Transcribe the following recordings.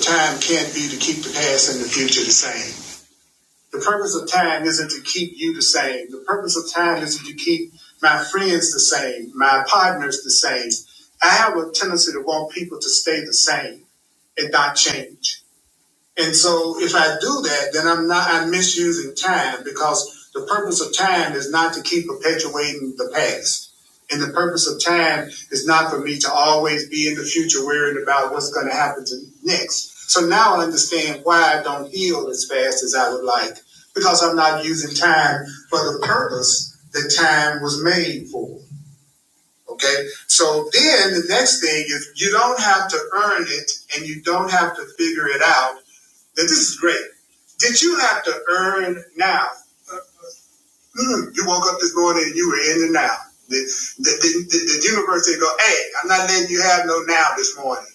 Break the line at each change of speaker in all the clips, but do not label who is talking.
Time can't be to keep the past and the future the same. The purpose of time isn't to keep you the same. The purpose of time isn't to keep my friends the same, my partners the same. I have a tendency to want people to stay the same and not change. And so if I do that, then I'm not, I'm misusing time because the purpose of time is not to keep perpetuating the past. And the purpose of time is not for me to always be in the future worrying about what's going to happen to next. So now I understand why I don't heal as fast as I would like because I'm not using time for the purpose that time was made for. Okay. So then the next thing is you don't have to earn it and you don't have to figure it out that this is great. Did you have to earn now? Uh, Mm, you woke up this morning and you were in the now. The, the, the, the, the universe didn't go, hey, I'm not letting you have no now this morning.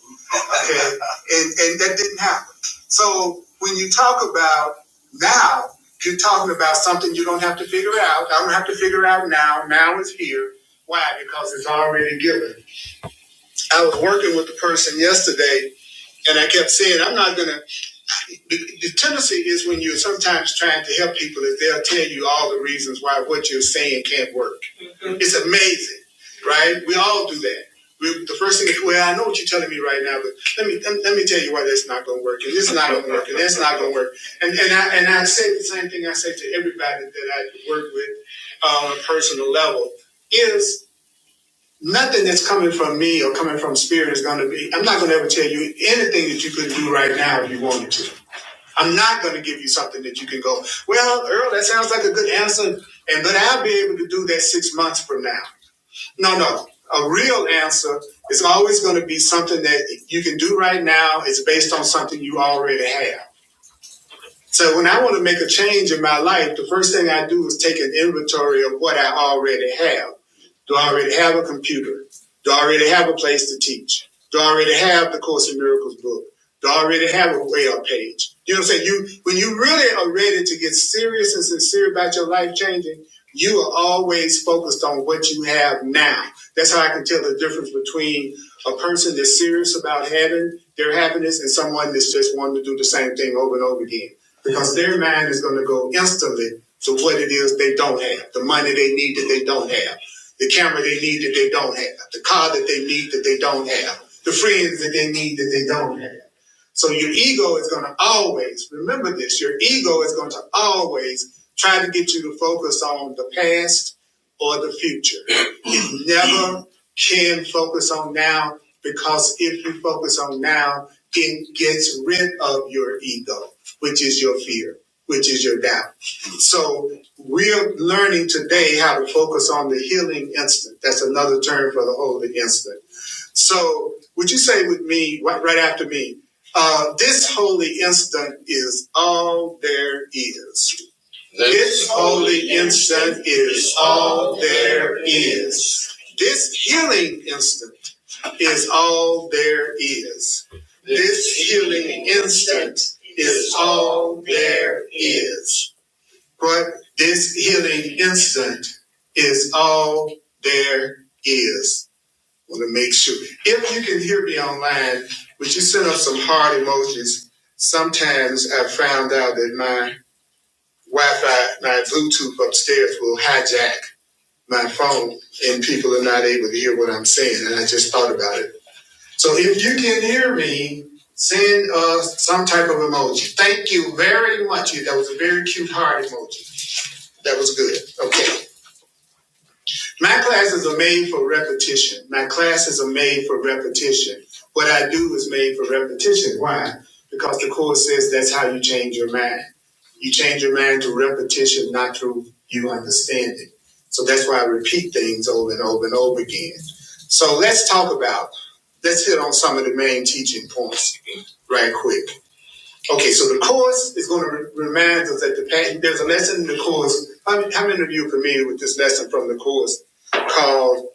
Okay? and, and that didn't happen. So when you talk about now, you're talking about something you don't have to figure out. I don't have to figure out now. Now is here. Why? Because it's already given. I was working with a person yesterday and I kept saying, I'm not going to the, the tendency is when you're sometimes trying to help people is they'll tell you all the reasons why what you're saying can't work. It's amazing, right? We all do that. We, the first thing is, well, I know what you're telling me right now, but let me let, me tell you why that's not going to work, and this is not going to work, and that's not going to work. And and I and I say the same thing I say to everybody that I work with uh, on a personal level is nothing that's coming from me or coming from spirit is going to be. I'm not going to ever tell you anything that you could do right now if you wanted to I'm not going to give you something that you can go, well, Earl, that sounds like a good answer, and but I'll be able to do that six months from now. No, no. A real answer is always going to be something that you can do right now. It's based on something you already have. So when I want to make a change in my life, the first thing I do is take an inventory of what I already have. Do I already have a computer? Do I already have a place to teach? Do I already have the Course in Miracles book? Do I already have a web page? You know what I'm saying? You when you really are ready to get serious and sincere about your life changing, you are always focused on what you have now. That's how I can tell the difference between a person that's serious about having their happiness and someone that's just wanting to do the same thing over and over again because their mind is going to go instantly to what it is they don't have, the money they need that they don't have, the camera they need that they don't have, the car that they need that they don't have, the friends that they need that they don't have. So your ego is going to always, remember this, your ego is going to always try to get you to focus on the past or the future never can focus on now because if you focus on now, it gets rid of your ego, which is your fear, which is your doubt. So we're learning today how to focus on the healing instant. That's another term for the holy instant. So would you say with me, right, right after me, uh, this holy instant is all there is. This holy instant is all there is. This healing instant is all there is. This healing instant is all there is. What? This healing instant is all there is. I Want to make sure. If you can hear me online, would you send up some heart emojis? Sometimes I found out that my Wi-Fi, my Bluetooth upstairs will hijack my phone, and people are not able to hear what I'm saying. And I just thought about it. So if you can hear me, send us some type of emoji. Thank you very much. That was a very cute heart emoji. That was good. Okay. My classes are made for repetition. My classes are made for repetition. What I do is made for repetition. Why? Because the Course says that's how you change your mind. You change your mind through repetition, not through you understanding. So that's why I repeat things over and over and over again. So let's talk about, let's hit on some of the main teaching points right quick. Okay, so the course is going to remind us that the there's a lesson in the course. How, many- how many of you are familiar with this lesson from the course called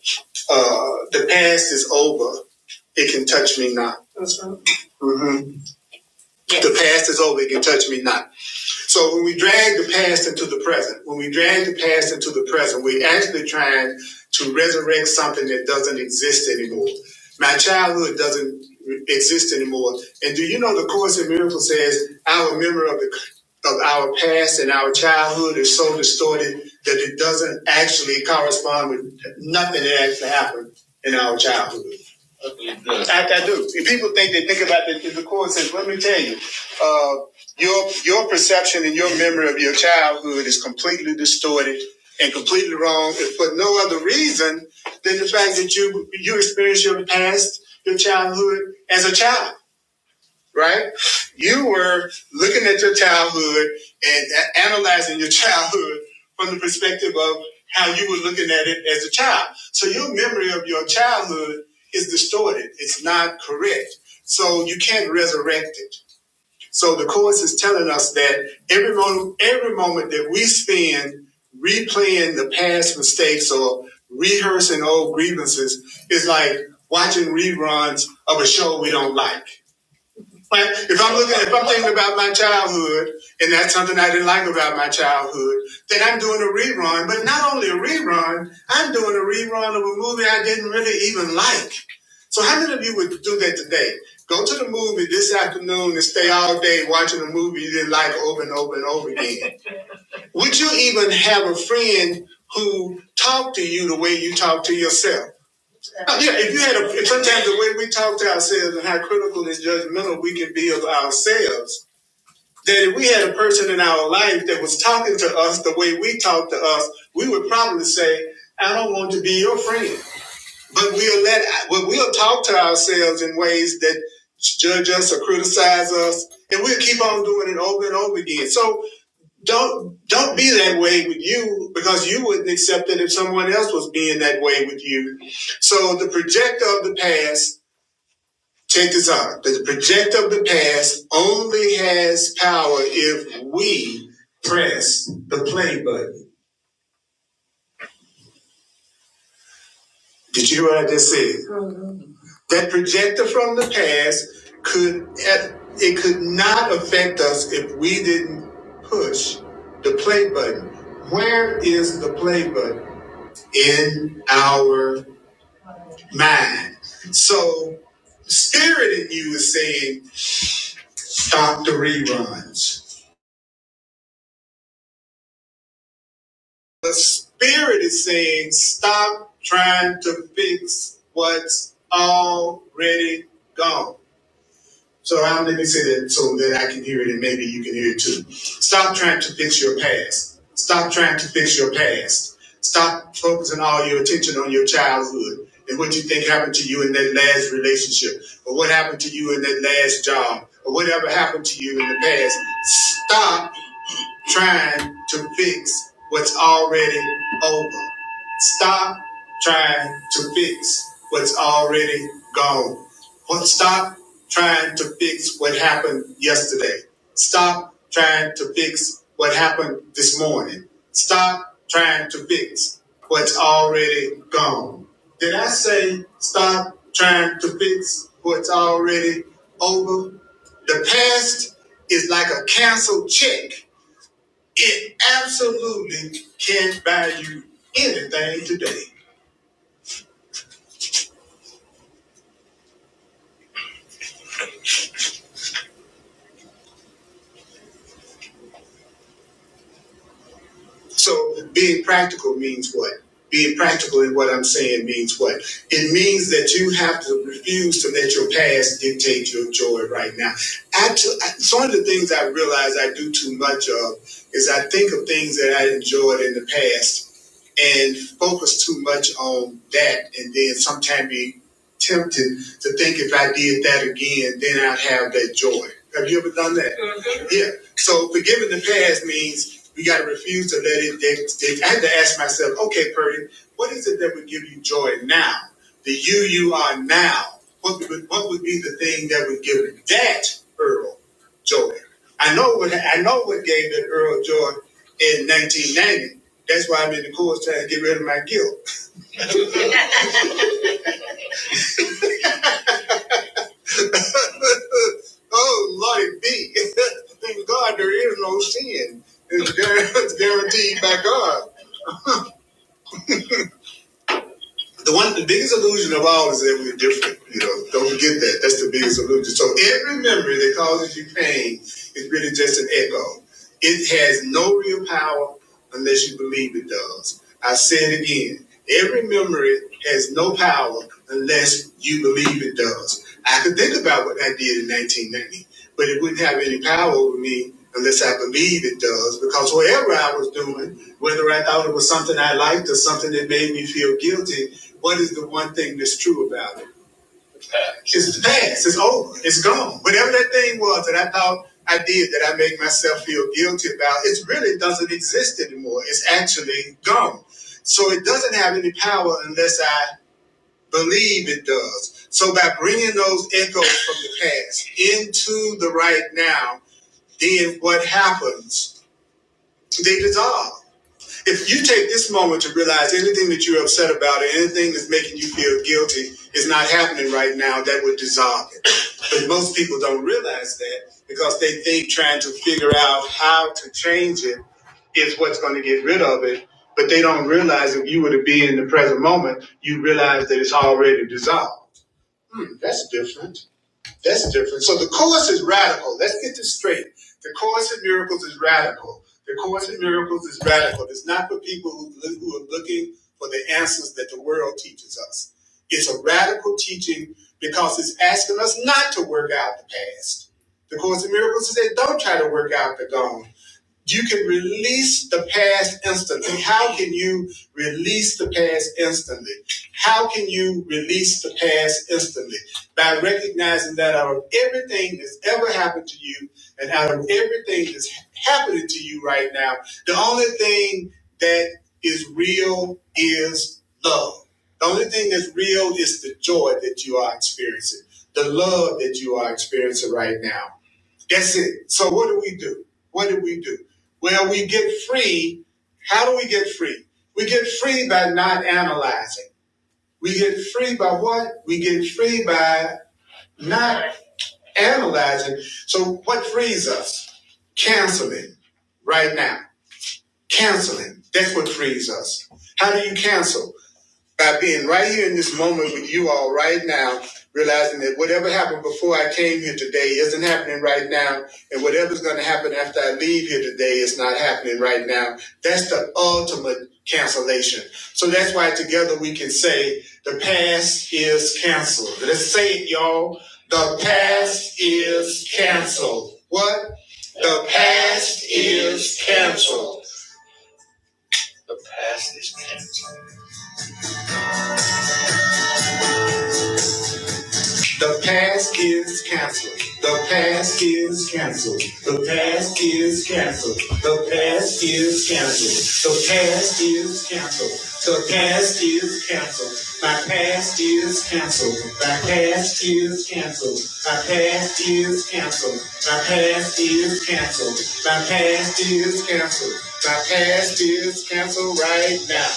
uh, "The Past Is Over, It Can Touch Me Not"? hmm The past is over; it can touch me not. So when we drag the past into the present, when we drag the past into the present, we're actually trying to resurrect something that doesn't exist anymore. My childhood doesn't exist anymore. And do you know the Course in Miracles says our memory of the of our past and our childhood is so distorted that it doesn't actually correspond with nothing that actually happened in our childhood. Yes. I, I do. If people think they think about it in the course and says, let me tell you, uh, your your perception and your memory of your childhood is completely distorted and completely wrong for no other reason than the fact that you you experienced your past, your childhood as a child right? You were looking at your childhood and a- analyzing your childhood from the perspective of how you were looking at it as a child. So your memory of your childhood is distorted. It's not correct. So you can't resurrect it. So the course is telling us that every moment, every moment that we spend replaying the past mistakes or rehearsing old grievances is like watching reruns of a show we don't like like if I'm looking, if I'm thinking about my childhood, and that's something I didn't like about my childhood, then I'm doing a rerun. But not only a rerun, I'm doing a rerun of a movie I didn't really even like. So how many of you would do that today? Go to the movie this afternoon and stay all day watching a movie you didn't like over and over and over again. would you even have a friend who talked to you the way you talk to yourself? Oh, Yeah, if you had a, sometimes the way we talk to ourselves and how critical and judgmental we can be of ourselves, that if we had a person in our life that was talking to us the way we talk to us, we would probably say, I don't want to be your friend. But we'll let, but we'll talk to ourselves in ways that judge us or criticize us, and we'll keep on doing it over and over again. So don't don't be that way with you because you wouldn't accept it if someone else was being that way with you. So the projector of the past, check this out. The projector of the past only has power if we press the play button. Did you hear what I just said? That projector from the past could it could not affect us if we didn't push the play button. Where is the play button? In our mind. So spirit in you is saying stop the reruns. The spirit is saying stop trying to fix what's already gone. So um, let me say that so that I can hear it and maybe you can hear it too. Stop trying to fix your past. Stop trying to fix your past. Stop focusing all your attention on your childhood and what you think happened to you in that last relationship or what happened to you in that last job or whatever happened to you in the past. Stop trying to fix what's already over. Stop trying to fix what's already gone. Well, Stop trying to fix what happened yesterday. Stop trying to fix what happened this morning. Stop trying to fix what's already gone. Did I say stop trying to fix what's already over? The past is like a canceled check it absolutely can buy you anything today. So being practical means what? Being practical in what I'm saying means what? It means that you have to refuse to let your past dictate your joy right now. Actually, it's one of the things I realize I do too much of is I think of things that I enjoyed in the past and focus too much on that. And then sometimes be tempted to think if I did that again, then I'd have that joy. Have you ever done that? Mhm. Yeah. So forgiving the past means we got to refuse to let it. They, I had to ask myself, okay, Purdy, what is it that would give you joy now? The you you are now. What would, what would be the thing that would give that Earl joy? I know what I know what gave that Earl joy in 1990 that's why I'm in the course trying to get rid of my guilt. oh, Lordy B. In God, there is no sin. it's guaranteed by God. The one, the biggest illusion of all is that we're different. You know, don't forget that. That's the biggest illusion. So every memory that causes you pain is really just an echo. It has no real power unless you believe it does. I say it again. Every memory has no power unless you believe it does. I could think about what I did in 1990, but it wouldn't have any power over me unless I believe it does, because whatever I was doing, whether I thought it was something I liked or something that made me feel guilty, what is the one thing that's true about it? It's past, it's over, it's gone. Whatever that thing was that I thought I did that I made myself feel guilty about, it really doesn't exist anymore. It's actually gone. So it doesn't have any power unless I believe it does. So by bringing those echoes from the past into the right now, then what happens? They dissolve. If you take this moment to realize anything that you're upset about or anything that's making you feel guilty is not happening right now, that would dissolve it. But most people don't realize that because they think trying to figure out how to change it is what's going to get rid of it. But they don't realize if you were to be in the present moment, you realize that it's already dissolved. Hmm, that's different. That's different. So the course is radical. Let's get this straight. The course in miracles is radical. The course in miracles is radical. It's not for people who, who are looking for the answers that the world teaches us. It's a radical teaching because it's asking us not to work out the past. The course in miracles is that don't try to work out the gone. You can release the past instantly. How can you release the past instantly? How can you release the past instantly? By recognizing that out of everything that's ever happened to you and out of everything that's happening to you right now, the only thing that is real is love. The only thing that's real is the joy that you are experiencing, the love that you are experiencing right now. That's it. So what do we do? What do we do? Well, we get free. How do we get free? We get free by not analyzing. We get free by what? We get free by not analyzing. So what frees us? Canceling right now. Canceling. That's what frees us. How do you cancel? by being right here in this moment with you all right now, realizing that whatever happened before I came here today isn't happening right now, and whatever's going to happen after I leave here today is not happening right now. That's the ultimate cancellation. So that's why together we can say the past is canceled. Let's say it, y'all. The past is canceled. What? The past is canceled. The past is canceled. The past is canceled. The past is canceled. The past is canceled. The past is canceled. The past is canceled. My past is canceled. My past is canceled. My past is canceled. My past is canceled. My past is canceled. My past is canceled right now.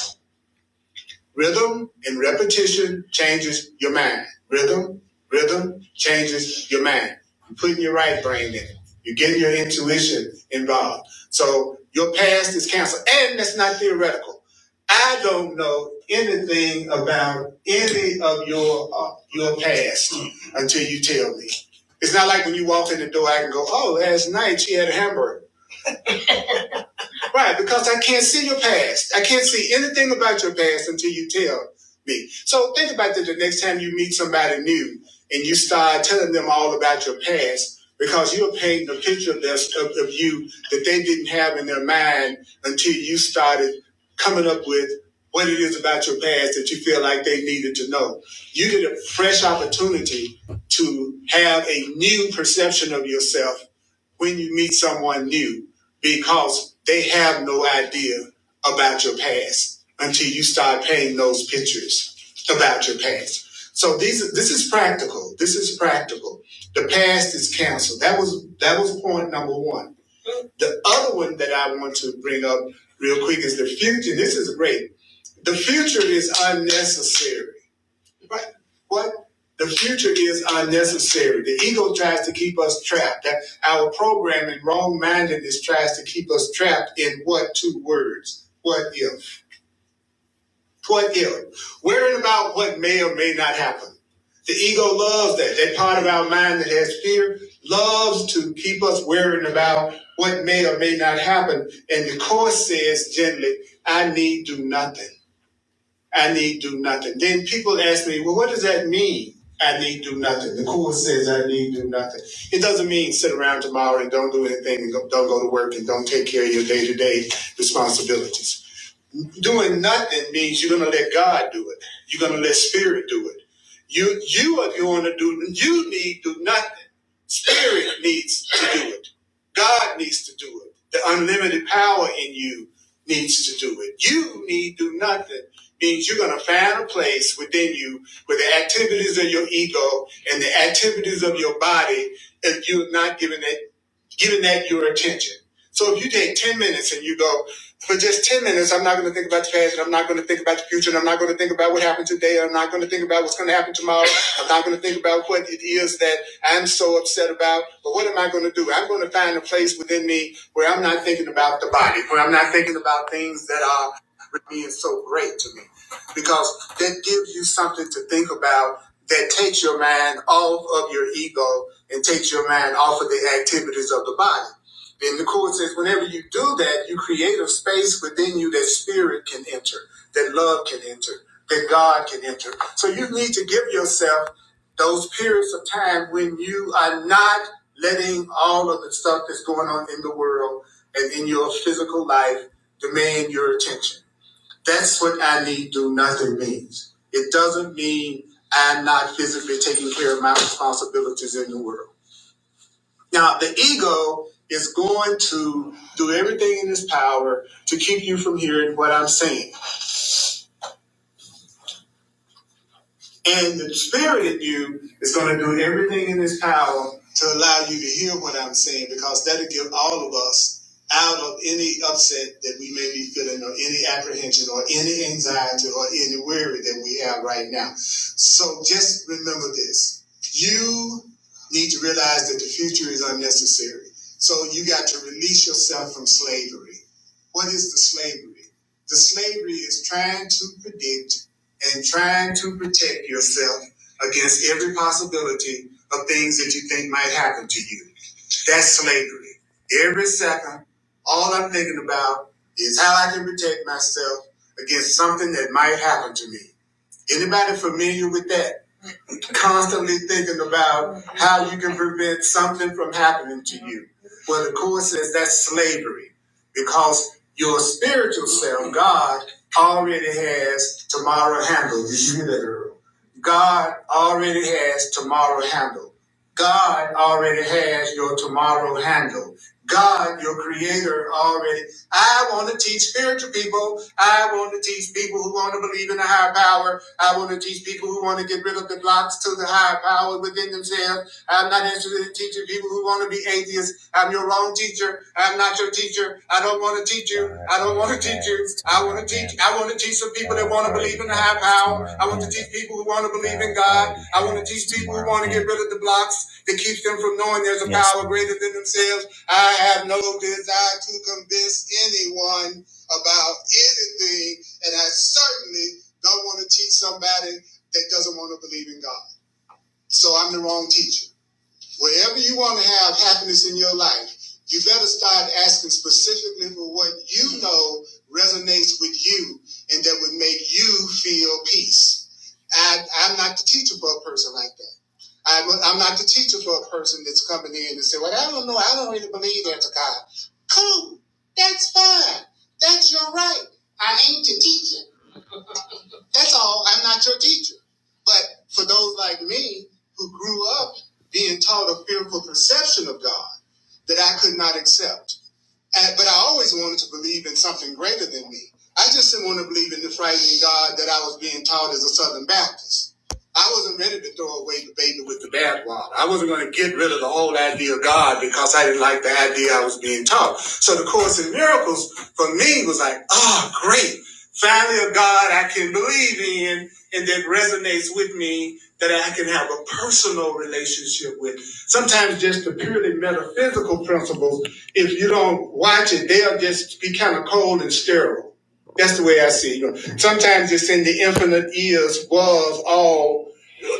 Rhythm and repetition changes your mind. Rhythm, rhythm changes your mind. You're putting your right brain in it. You're getting your intuition involved. So your past is canceled. And that's not theoretical. I don't know anything about any of your uh, your past until you tell me. It's not like when you walk in the door, I can go, oh, last night she had a hamburger. Right, because I can't see your past. I can't see anything about your past until you tell me. So think about that the next time you meet somebody new and you start telling them all about your past because you're painting a picture of, this, of, of you that they didn't have in their mind until you started coming up with what it is about your past that you feel like they needed to know. You get a fresh opportunity to have a new perception of yourself when you meet someone new because they have no idea about your past until you start painting those pictures about your past. So these this is practical. This is practical. The past is canceled. That was that was point number one. The other one that I want to bring up real quick is the future. This is great. The future is unnecessary. Right. What the future is unnecessary. The ego tries to keep us trapped. That our programming, wrong mindedness, tries to keep us trapped in what two words? What if? What if? Worrying about what may or may not happen. The ego loves that. That part of our mind that has fear loves to keep us worrying about what may or may not happen. And the course says gently, I need do nothing. I need do nothing. Then people ask me, well, what does that mean? I need do nothing. The course says I need do nothing. It doesn't mean sit around tomorrow and don't do anything and don't go to work and don't take care of your day to day responsibilities. Doing nothing means you're gonna let God do it. You're gonna let Spirit do it. You you are going to do. You need to do nothing. Spirit needs to do it. God needs to do it. The unlimited power in you needs to do it. You need to do nothing means you're gonna find a place within you where the activities of your ego and the activities of your body, if you're not giving giving that your attention. So if you take 10 minutes and you go, for just 10 minutes, I'm not going to think about the past and I'm not going to think about the future and I'm not going to think about what happened today. and I'm not going to think about what's going to happen tomorrow. I'm not going to think about what it is that I'm so upset about. But what am I going to do? I'm going to find a place within me where I'm not thinking about the body, where I'm not thinking about things that are being so great to me because that gives you something to think about that takes your mind off of your ego and takes your mind off of the activities of the body. Then the court says, whenever you do that, you create a space within you that spirit can enter, that love can enter, that God can enter. So you need to give yourself those periods of time when you are not letting all of the stuff that's going on in the world and in your physical life demand your attention. That's what I need do nothing means. It doesn't mean I'm not physically taking care of my responsibilities in the world. Now, the ego is going to do everything in its power to keep you from hearing what I'm saying. And the spirit in you is going to do everything in His power to allow you to hear what I'm saying because that'll get all of us out of any upset that we may be feeling or any apprehension or any anxiety or any worry that we have right now. So just remember this. You need to realize that the future is unnecessary. So you got to release yourself from slavery. What is the slavery? The slavery is trying to predict and trying to protect yourself against every possibility of things that you think might happen to you. That's slavery. Every second, all I'm thinking about is how I can protect myself against something that might happen to me. Anybody familiar with that? constantly thinking about how you can prevent something from happening to you. Well, the Course says that's slavery because your spiritual self, God, already has tomorrow handled. Did you hear that, Earl? God already has tomorrow handled. God already has your tomorrow handled. God, your creator, already. I want to teach spiritual people. I want to teach people who want to believe in a higher power. I want to teach people who want to get rid of the blocks to the higher power within themselves. I'm not interested in teaching people who want to be atheists. I'm your wrong teacher. I'm not your teacher. I don't want to teach you. I don't want to teach you. I want to teach. I want to teach some people that want to believe in the higher power. I want to teach people who want to believe in God. I want to teach people who want to get rid of the blocks that keeps them from knowing there's a yes. power greater than themselves. I have no desire to convince anyone about anything, and I certainly don't want to teach somebody that doesn't want to believe in God. So I'm the wrong teacher. Wherever you want to have happiness in your life, you better start asking specifically for what you know resonates with you and that would make you feel peace. I, I'm not the teacher for a person like that. I'm, I'm not the teacher for a person that's coming in and say, "Well, I don't know. I don't really believe there's a God." Cool, that's fine. That's your right. I ain't your teacher. That's all. I'm not your teacher. But for those like me who grew up being taught a fearful perception of God that I could not accept, and, but I always wanted to believe in something greater than me. I just didn't want to believe in the frightening God that I was being taught as a Southern Baptist. I wasn't ready to throw away the baby with the bathwater. I wasn't going to get rid of the whole idea of God because I didn't like the idea I was being taught. So the Course in Miracles for me was like, "Oh, great. Finally, a God I can believe in and that resonates with me, that I can have a personal relationship with. Sometimes just the purely metaphysical principles if you don't watch it, they'll just be kind of cold and sterile. That's the way I see it. You know, Sometimes it's in the infinite is, was, all.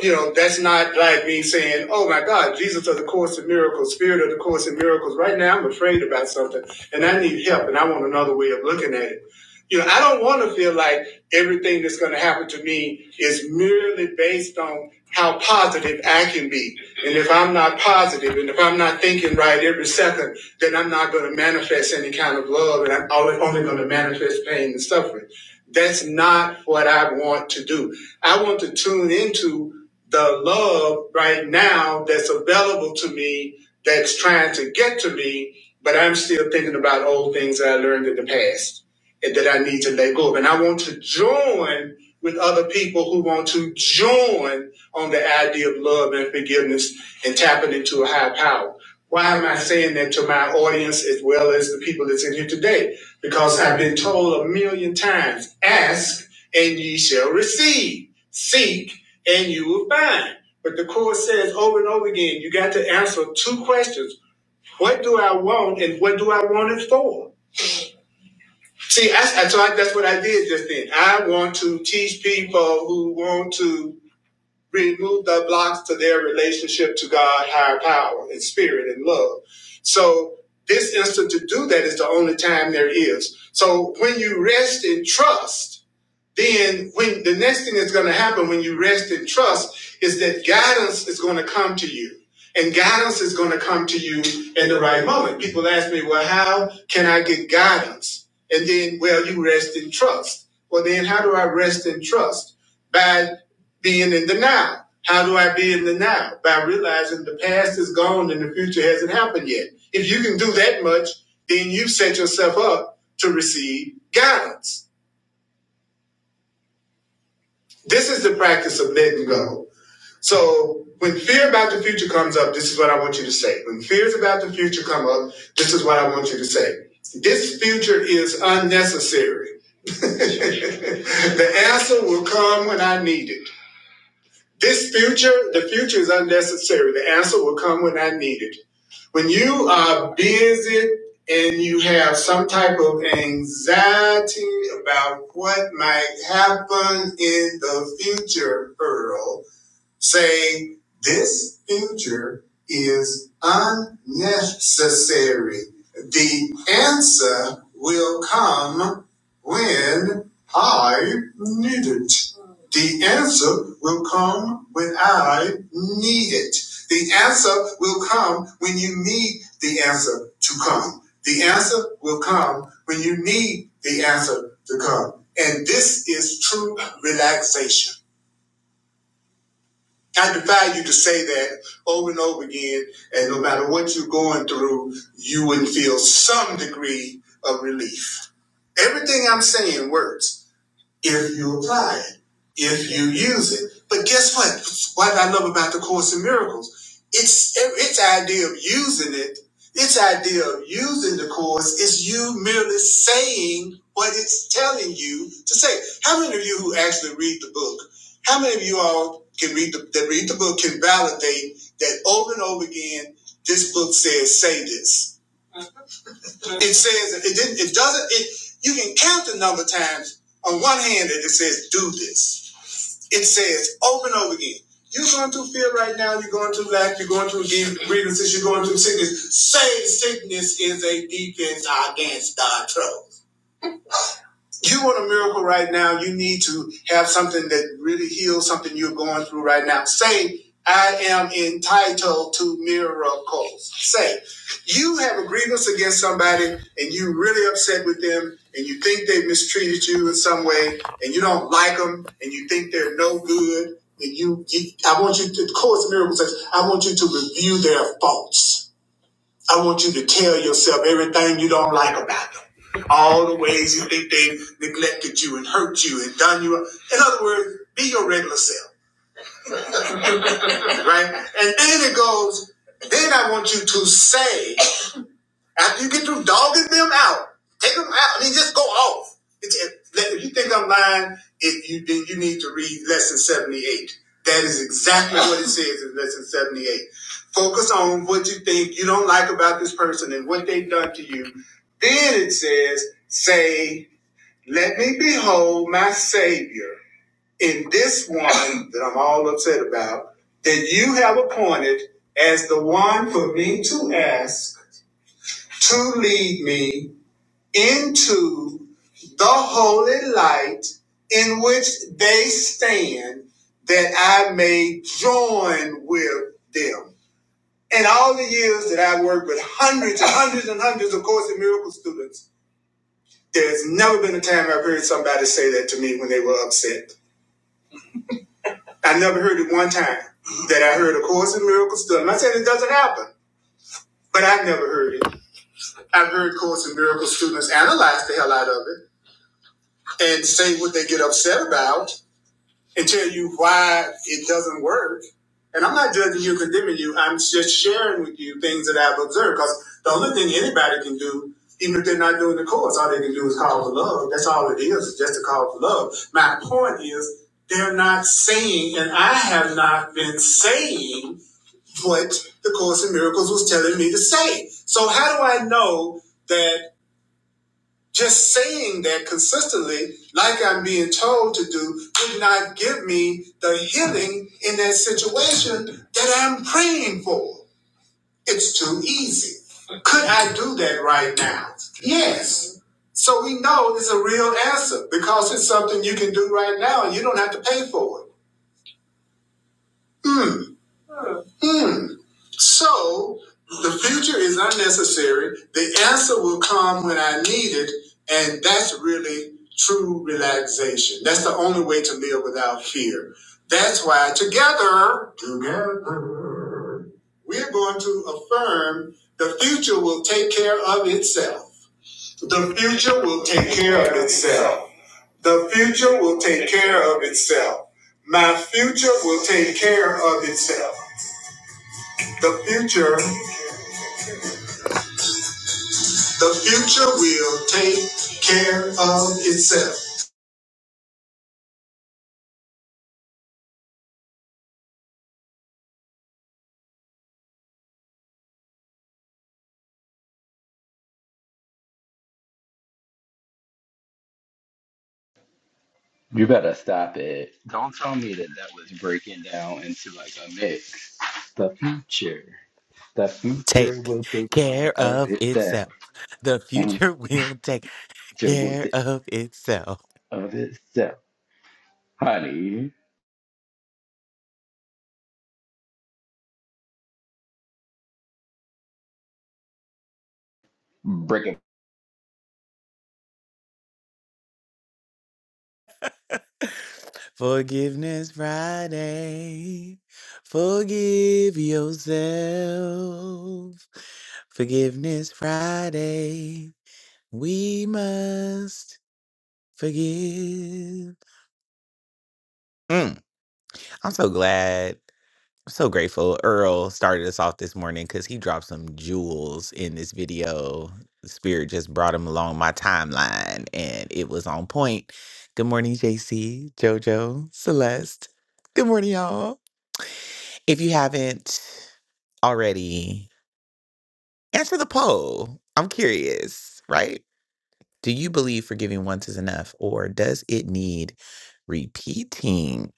You know, that's not like me saying, oh my God, Jesus of the Course in Miracles, Spirit of the Course in Miracles. Right now I'm afraid about something and I need help and I want another way of looking at it. You know, I don't want to feel like everything that's going to happen to me is merely based on how positive I can be. And if I'm not positive and if I'm not thinking right every second, then I'm not going to manifest any kind of love and I'm only, going to manifest pain and suffering. That's not what I want to do. I want to tune into the love right now that's available to me, that's trying to get to me, but I'm still thinking about old things that I learned in the past and that I need to let go of. And I want to join with other people who want to join on the idea of love and forgiveness and tapping into a higher power. Why am I saying that to my audience as well as the people that's in here today? Because I've been told a million times ask and ye shall receive, seek and you will find. But the Course says over and over again, you got to answer two questions What do I want and what do I want it for? See, I, I, so I, that's what I did just then. I want to teach people who want to remove the blocks to their relationship to God, higher power, and spirit and love. So this instant to do that is the only time there is. So when you rest in trust, then when the next thing that's going to happen when you rest and trust is that guidance is going to come to you and guidance is going to come to you in the right moment people ask me well how can i get guidance and then well you rest in trust well then how do i rest in trust by being in the now how do i be in the now by realizing the past is gone and the future hasn't happened yet if you can do that much then you set yourself up to receive guidance this is the practice of letting go. So when fear about the future comes up, this is what I want you to say. When fears about the future come up, this is what I want you to say. This future is unnecessary. the answer will come when I need it. This future, the future is unnecessary. The answer will come when I need it. When you are busy and you have some type of anxiety about what might happen in the future, Earl, saying, This future is unnecessary. The answer will come when I need it. The answer will come when I need it. The answer will come when you need the answer to come. The answer will come when you need the answer to come. And this is true relaxation. I defy you to say that over and over again, and no matter what you're going through, you wouldn't feel some degree of relief. Everything I'm saying works if you apply it, if you use it. But guess what? What I love about the Course in Miracles, it's its idea of using it, its idea of using the Course is you merely saying what it's telling you to say. How many of you who actually read the book? How many of you all can read the that read the book can validate that over and over again? This book says say this. It says it didn't. It doesn't. It you can count the number of times on one hand that it says do this. It says over and over again. You're going through fear right now. You're going through lack. You're going through grievances. You're going through sickness. Say sickness is a defense against thy trouble you want a miracle right now, you need to have something that really heals something you're going through right now. Say, I am entitled to miracles. Say, you have a grievance against somebody and you're really upset with them and you think they mistreated you in some way and you don't like them and you think they're no good. And you, you I want you to, of course, miracles says, I want you to review their faults. I want you to tell yourself everything you don't like about them. All the ways you think they neglected you and hurt you and done you. In other words, be your regular self, right? And then it goes, then I want you to say after you get through dogging them out, take them out. I mean, just go off. It's, it, if you think I'm lying, if you then you need to read lesson seventy eight. That is exactly what it says in lesson seventy eight. Focus on what you think you don't like about this person and what they've done to you. Then it says, "Say, let me behold my Savior in this one that I'm all upset about, that you have appointed as the one for me to ask." to lead me into the holy light in which they stand, that I may join with them. In all the years that I've worked with hundreds and hundreds and hundreds of Course in Miracles students, there's never been a time I've heard somebody say that to me when they were upset. I never heard it one time that I heard a Course in Miracles student. I'm not saying it doesn't happen, but I've never heard it. I've heard Course in Miracles students analyze the hell out of it. and say what they get upset about and tell you why it doesn't work. And I'm not judging you, condemning you. I'm just sharing with you things that I've observed. Because the only thing anybody can do, even if they're not doing the course, all they can do is call for love. That's all it is, is just a call for love. My point is, they're not saying, and I have not been saying what the Course in Miracles was telling me to say. So how do I know that? Just saying that consistently, like I'm being told to do, would not give me the healing in that situation that I'm praying for. It's too easy. Could I do that right now? Yes. So we know it's a real answer because it's something you can do right now and you don't have to pay for it. Mm. Mm. So the future is unnecessary. The answer will come when I need it. And that's really true relaxation. That's the only way to live without fear. That's why together, together, we're going to affirm the future will take care of itself. The future will take care of itself. The future will take care of itself. My future will take care of itself. The future The future will take care of itself.
You better stop it. Don't tell me that that was breaking down into like a mix. The future. The future
Take
will take care
care
of
of
itself.
itself. The
Mhm.
future will take
Future will
care
take
of itself.
of itself. Honey, break it.
Forgiveness Friday. Forgive yourself. Forgiveness Friday. We must forgive. Mm, I'm so glad. so grateful Earl started us off this morning because he dropped some jewels in this video. Spirit just brought him along my timeline and it was on point. Good morning, JC, JoJo, Celeste. Good morning, y'all. If you haven't already, answer the poll. I'm curious, right? Do you believe forgiving once is enough or does it need repeating?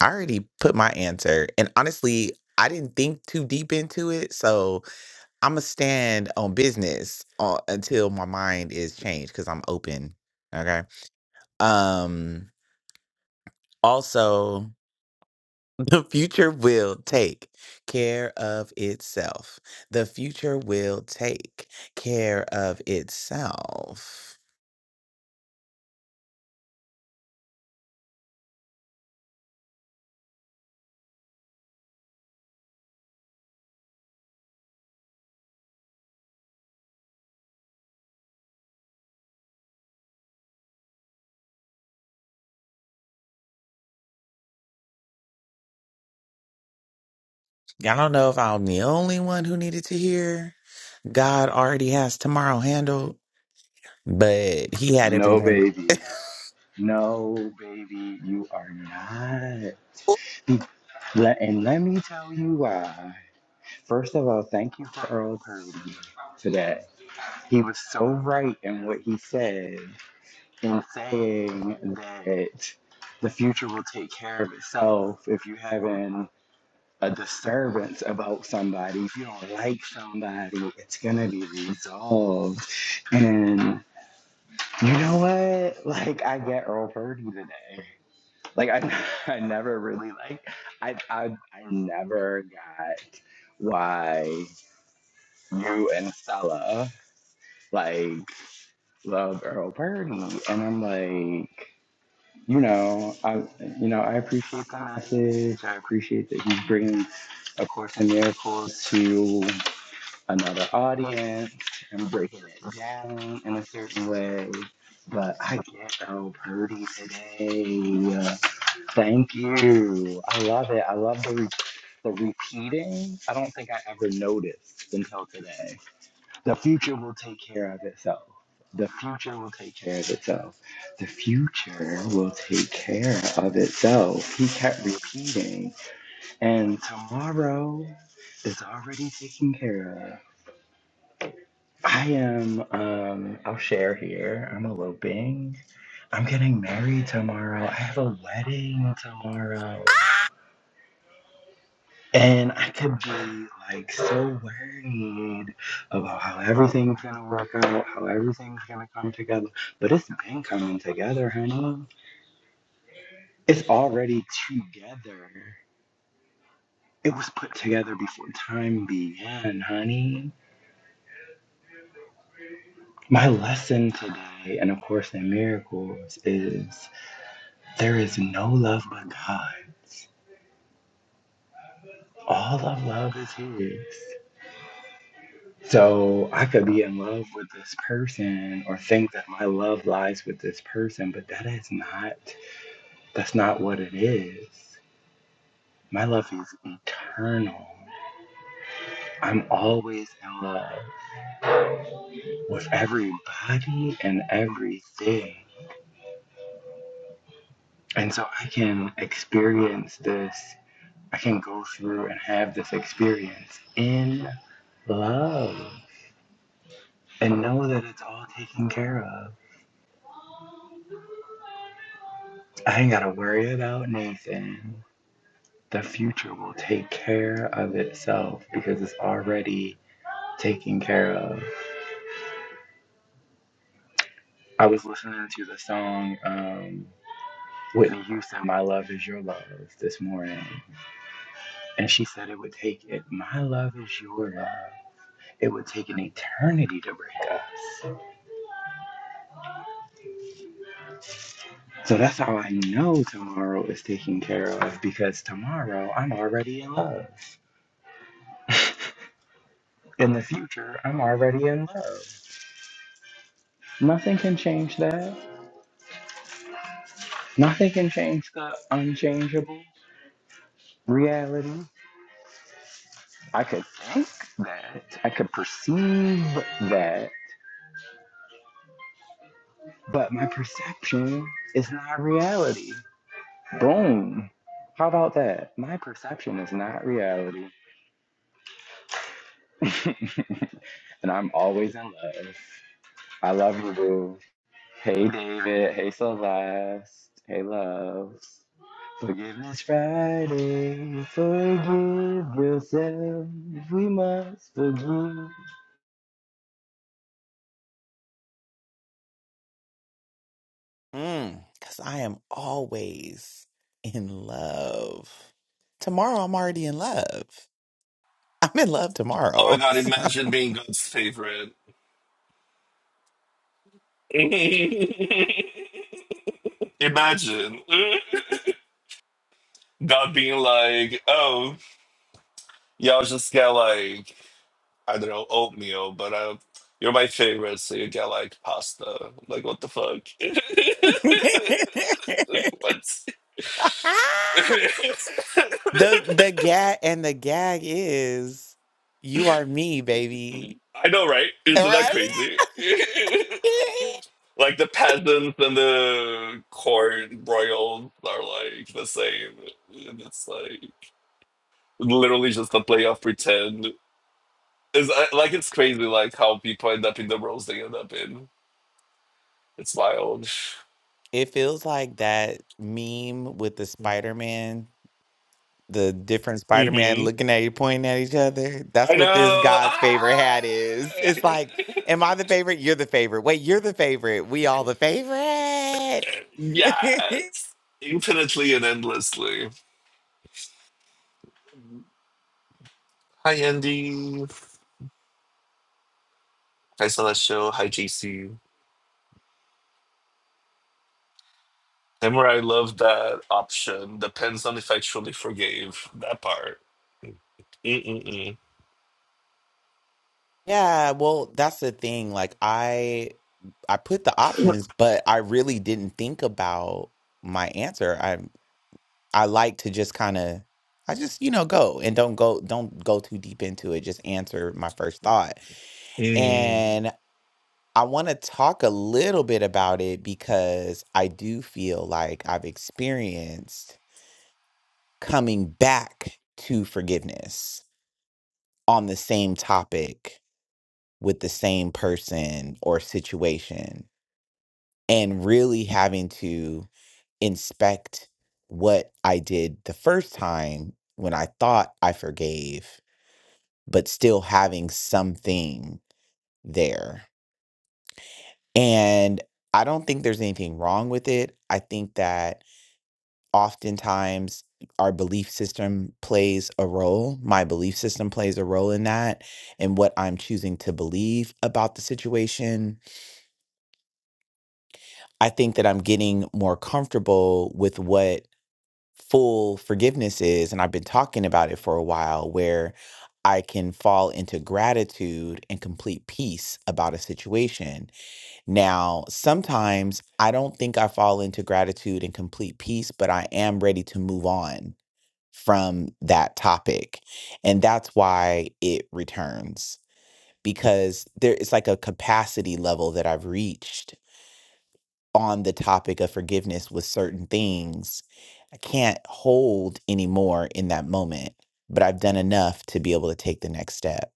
I already put my answer, and honestly, I didn't think too deep into it. So, I'm gonna stand on business uh, until my mind is changed because I'm open. Okay. Um. Also, the future will take care of itself. The future will take care of itself. I don't know if I'm the only one who needed to hear. God already has tomorrow handled, but He had
No,
everyone.
baby. No, baby, you are not. Let- And let me tell you why. First of all, thank you for Earl Purdy today. He was so right in what he said. in saying that the future will take care of itself if you're having a disturbance about somebody, if you don't like somebody, it's gonna be resolved. And you know what? Like I get Earl purdy today. Like I, I never really like I I I never got why you and Stella like love Earl Purdy. And I'm like, you know, I you know I appreciate the message. I appreciate that he's bringing A Course in Miracles to another audience and breaking it down in a certain way. But I get so purdy today. Thank you. I love it. I love the re- the repeating. I don't think I ever noticed until today. The future will take care of itself. The future will take care of itself. The future will take care of itself. He kept repeating, and tomorrow is already taken care of. I am, um, I'll share here. I'm eloping. I'm getting married tomorrow. I have a wedding tomorrow. And I could be like so worried about how everything's gonna work out, how everything's gonna come together. But it's been coming together, honey. It's already together. It was put together before time began, honey. My lesson today, and of course in miracles, is there is no love but God's. All of love is His. So I could be in love with this person or think that my love lies with this person, but that is not, that's not what it is. My love is eternal. I'm always in love with everybody and everything. And so I can experience this, I can go through and have this experience in love and know that it's all taken care of. I ain't got to worry about Nathan. the future will take care of itself because it's already taken care of. I was listening to the song um, Whitney Houston, My Love Is Your Love, this morning, and she said it would take it, My Love Is Your Love. It would take an eternity to break us. So that's how I know tomorrow is taken care of because tomorrow I'm already in love. In the future, I'm already in love. Nothing can change that. Nothing can change the unchangeable. reality. I could think that. I could perceive that. But my perception is not reality. Boom. How about that? My perception is not reality. and I'm always in love. I love you, boo. Hey, David. Hey, Celeste. Hey, love. Forgiveness Friday. Forgive yourself. We must forgive.
Mm, cause I am always in love. Tomorrow I'm already in love. I'm in love
Oh my
tomorrow.
god,
So-
imagine being God's favorite. imagine. God being like, oh, y'all just get like, I don't know, oatmeal, but uh, you're my favorite, so you get like pasta. Like, what the fuck? like, what?
the the gag and the gag is you are me, baby.
I know, right? Isn't that
Right?
crazy? like, the peasants and the court royals are like the same. And it's like. literally just a playoff pretend. It's I- like it's crazy, like how people end up in the roles they end up in. It's wild.
It feels like that meme with the Spider-Man, the different Spider-Man
hmm
looking at you, pointing at each other. That's
I
what this
know.
God's favorite
Ah!
hat is. It's like, am I the favorite? You're the favorite. Wait, you're the favorite. We all the favorite.
yes, infinitely and endlessly. Hi, Andy. Hi, Celestial. Hi, JC. Tamara, I love that option. Depends on if I truly forgave that part. Mm-mm-mm.
Yeah, well, that's the thing. Like I I put the options, but I really didn't think about my answer. I I like to just kind of I just, you know, go and don't go don't go too deep into it. Just answer my first thought.
Mm.
And I want to talk a little bit about it because I do feel like I've experienced coming back to forgiveness on the same topic with the same person or situation and really having to inspect what I did the first time when I thought I forgave, but still having something there. And I don't think there's anything wrong with it. I think that oftentimes our belief system plays a role. My belief system plays a role in that and what I'm choosing to believe about the situation. I think that I'm getting more comfortable with what full forgiveness is. And I've been talking about it for a while where I can fall into gratitude and complete peace about a situation Now, sometimes I don't think I fall into gratitude and complete peace, but I am ready to move on from that topic. And that's why it returns because there it's like a capacity level that I've reached on the topic of forgiveness with certain things I can't hold anymore in that moment, but I've done enough to be able to take the next step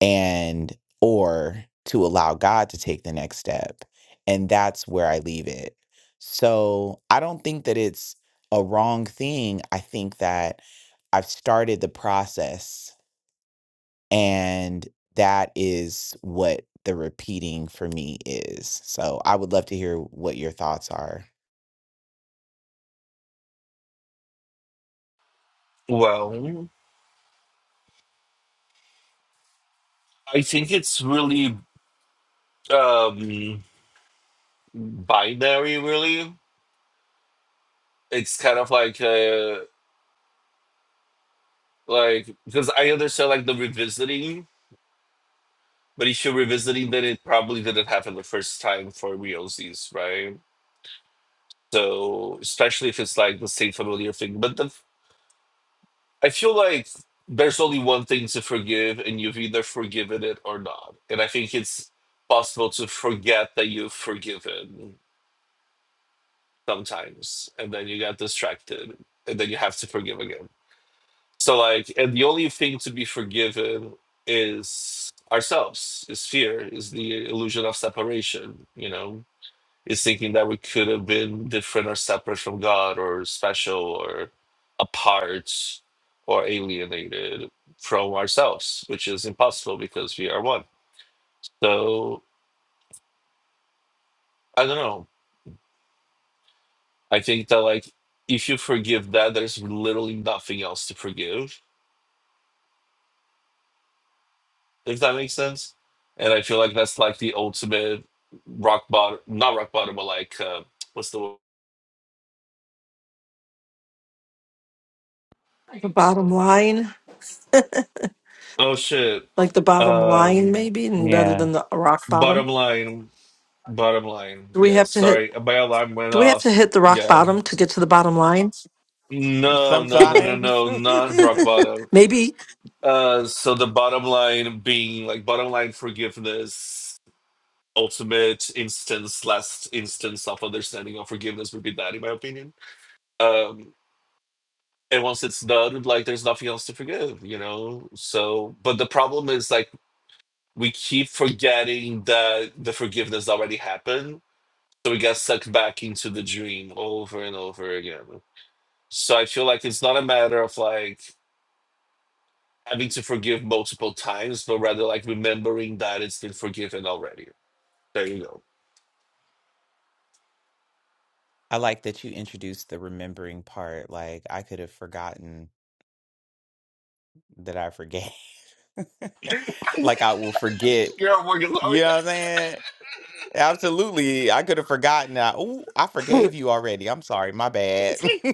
and or to allow God to take the next step. And that's where I leave it. So I don't think that it's a wrong thing. I think that I've started the process and that is what the repeating for me is. So I would love to hear what your thoughts are.
Well, I think it's really. Um, binary really it's kind of like uh like because i understand like the revisiting but if you're revisiting then it probably didn't happen the first time for realsies right so especially if it's like the same familiar thing but the i feel like there's only one thing to forgive and you've either forgiven it or not and i think it's possible to forget that you've forgiven sometimes and then you got distracted and then you have to forgive again So like, and the only thing to be forgiven is ourselves, is fear, is the illusion of separation, you know, is thinking that we could have been different or separate from God or special or apart or alienated from ourselves, which is impossible because we are one. So I don't know. I think that like if you forgive that, there's literally nothing else to forgive if that makes sense. And I feel like that's like the ultimate rock bottom, not rock bottom, but like uh, what's the word?
The bottom line,
oh shit,
like the bottom line,
um,
maybe, and rather
Yeah.
than the rock
bottom
bottom.
line, bottom line.
Do we have
Yes,
to hit?
sorry, my alarm went
Do we have to
off.
hit the rock
Yeah,
bottom to get to the bottom line?
no, no, no, no,
Sometimes.
no, not rock bottom.
Maybe,
Uh, so the bottom line being like bottom line forgiveness, ultimate instance, last instance of understanding of forgiveness would be that, in my opinion. Um, and once it's done like there's nothing else to forgive you know so but the problem is like we keep forgetting that the forgiveness already happened so we get sucked back into the dream over and over again so i feel like it's not a matter of like having to forgive multiple times but rather like remembering that it's been forgiven already there you go
I like that you introduced the remembering part. Like I could have forgotten that I forget. like I will forget.
Girl, we're gonna-
You know what I'm saying? Absolutely. I could have forgotten that. Oh, I forgave you already. I'm sorry. My bad.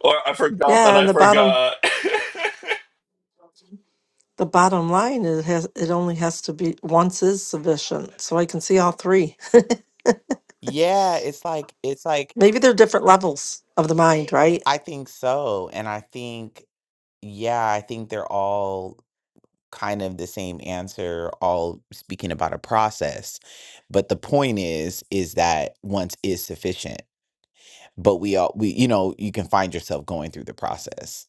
or i forgot that
yeah.
i
And the bottom,
forgot
the bottom line is has it only has to be once is sufficient. So I can see all three.
yeah, it's like it's like
Maybe they're different levels of the mind, right?
I think so. And I think yeah, I think they're all kind of the same answer, all speaking about a process. But the point is is that once is sufficient. but we all we you know you can find yourself going through the process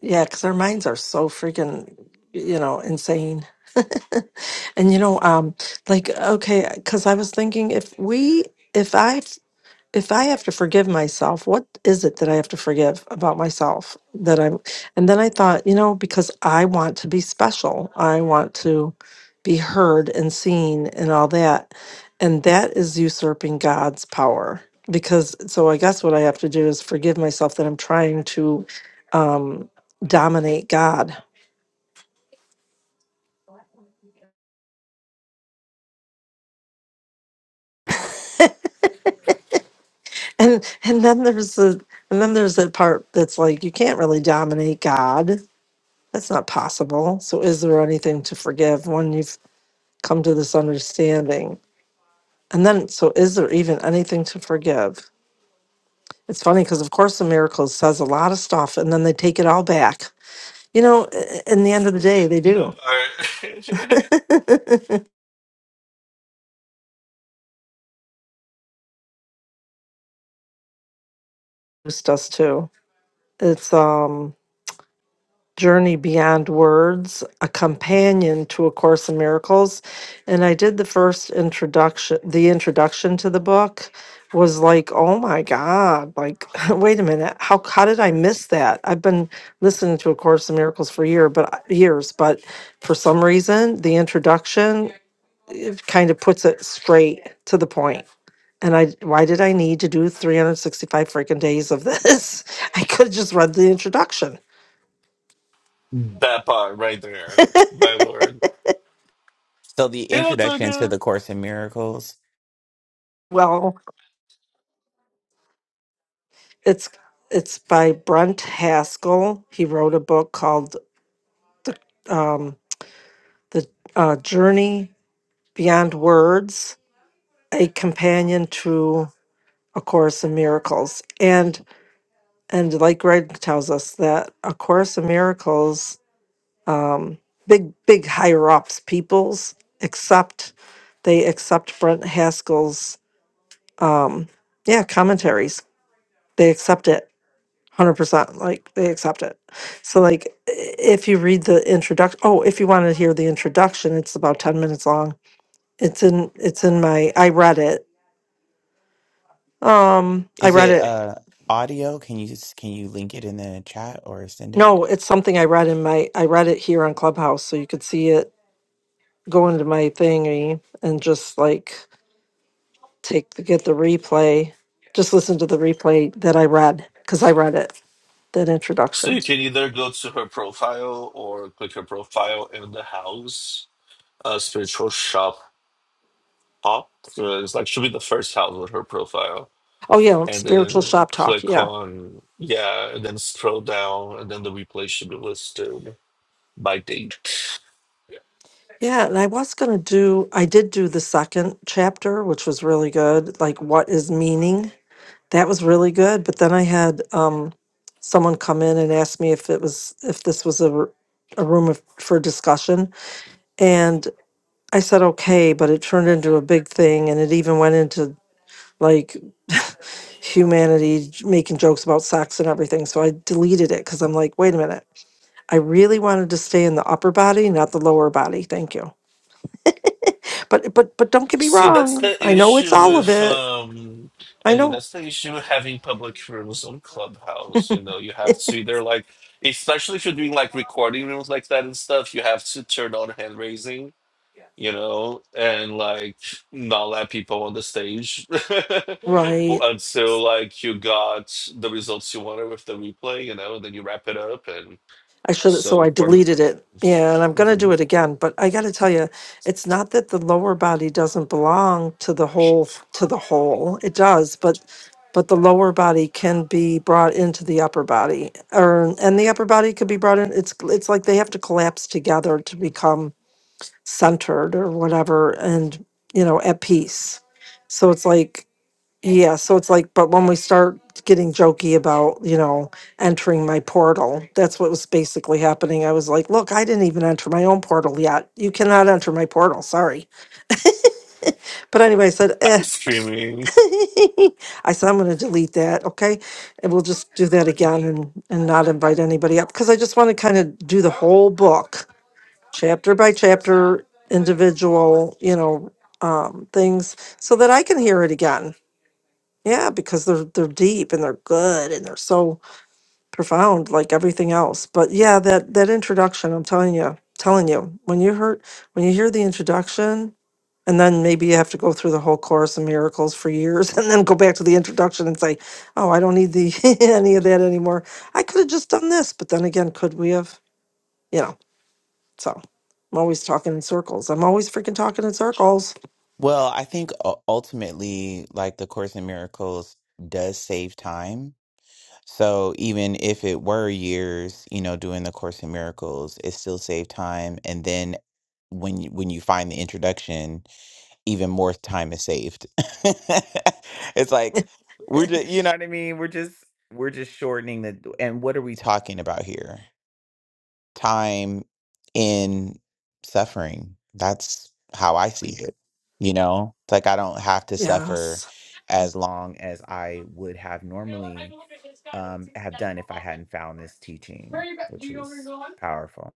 Yeah, because our minds are so freaking, you know, insane. and you know, um, like okay, because I was thinking if we, if I if I have to forgive myself, what is it that I have to forgive about myself that I'm? And then I thought, you know, because I want to be special, I want to be heard and seen and all that. And that is usurping God's power. Because so I guess what I have to do is forgive myself that I'm trying to um, dominate God. And and then there's the and then there's that part that's like you can't really dominate God That's not possible. So, is there anything to forgive when you've come to this understanding? And then, so is there even anything to forgive? It's funny because, of course, the miracles says a lot of stuff and then they take it all back. You know, i- i- in the end of the day, they
All
do.
right.
Just us too. It's, um, Journey Beyond Words, a companion to A Course in Miracles. And I did the first introduction, the introduction to the book was like, oh my God, like, wait a minute, how, how did I miss that? I've been listening to A Course in Miracles for year, but uh, years, but for some reason, the introduction it kind of puts it straight to the point. And I, why did I need to do 365 freaking days of this? I could have just read the introduction.
That part right there, my lord.
so the
Hello,
introduction to
Tanya.
the course in miracles
Well, It's it's by Brent Haskell. He wrote a book called the um, the uh, Journey Beyond Words: A Companion to A Course in Miracles. And and like Greg tells us that A Course in Miracles, um, big big higher ups, peoples accept they accept Brent Haskell's um, yeah commentaries. They accept it 100% like they accept it so like i- if you read the introduction oh if you want to hear the introduction it's about 10 minutes long it's in it's in my i read it um i
is
read
it
it
uh audio can you s- can you link it in the chat or send it
no it's something i read in my i read it here on clubhouse so you could see it go into my thingy and just like take the get the replay just listen to the replay that i read because i read it that
So
introduction
you can either go to her profile or click her profile in the house, uh, spiritual shop hop. So it's like she'll be the first house with her profile,
oh yeah
and
spiritual
then
shop talk
click
yeah.
on yeah, and then scroll down, and then the replay should be listed by date.
Yeah, and I was going to do, I did do the second chapter, which was really good. Like, what is meaning? That was really good. But then I had um, someone come in and ask me if it was, if this was a, r- a room of, for discussion. And I said, okay, but it turned into a big thing. And it even went into like humanity j- making jokes about sex and everything. So I deleted it because I'm like, wait a minute. I really wanted to stay in the upper body, not the lower body. Thank you. But but but don't get me
See, that's
wrong.
the
I know it's
issue
all of
with
it.
um
I
and
know,
that's the issue with having public rooms on Clubhouse. You know, you have to either like especially if you're doing like recording rooms like that and stuff, you have to turn on hand raising, you know, and like not let people on the stage But
right?
until like you got the results you wanted with the replay, you know, and then you wrap it up and
I should. So
so
I
for the
deleted it. Yeah, and I'm gonna do it again. But I gotta tell you, it's not that the lower body doesn't belong to the whole to the whole. It does, but but the lower body can be brought into the upper body, or and the upper body could be brought in. It's it's like they have to collapse together to become centered or whatever, and you know at peace. So it's like Yeah, so it's like, but when we start getting jokey about, you know, entering my portal, that's what was basically happening. I was like, look, I didn't even enter my own portal yet. You cannot enter my portal. Sorry. But anyway, I said,
I'm
eh.
screaming.
I said, I'm going to delete that. Okay. And we'll just do that again and, and not invite anybody up because I just want to kind of do the whole book, chapter by chapter, individual, you know, um, things so that I can hear it again. Yeah, because they're they're deep and they're good and they're so profound, like everything else. But yeah, that that introduction, I'm telling you, telling you, when you heard when you hear the introduction, and then maybe you have to go through the whole course of miracles for years, and then go back to the introduction and say, "Oh, I don't need the any of that anymore. I could have just done this." But then again, could we have? You know. So I'm always talking in circles. I'm always freaking talking in circles.
well i think u- ultimately like the course in miracles does save time So even if it were years, you know, doing the Course in Miracles, it still saved time. And then when you, when you find the introduction, even more time is saved. it's like we're just, you know what I mean? We're just we're just shortening the. And what are we talking about here? time in suffering. That's how I see it. You know, it's like I don't have to suffer
Yes.
as long as I would have normally um, have done if I hadn't found this teaching, which is powerful.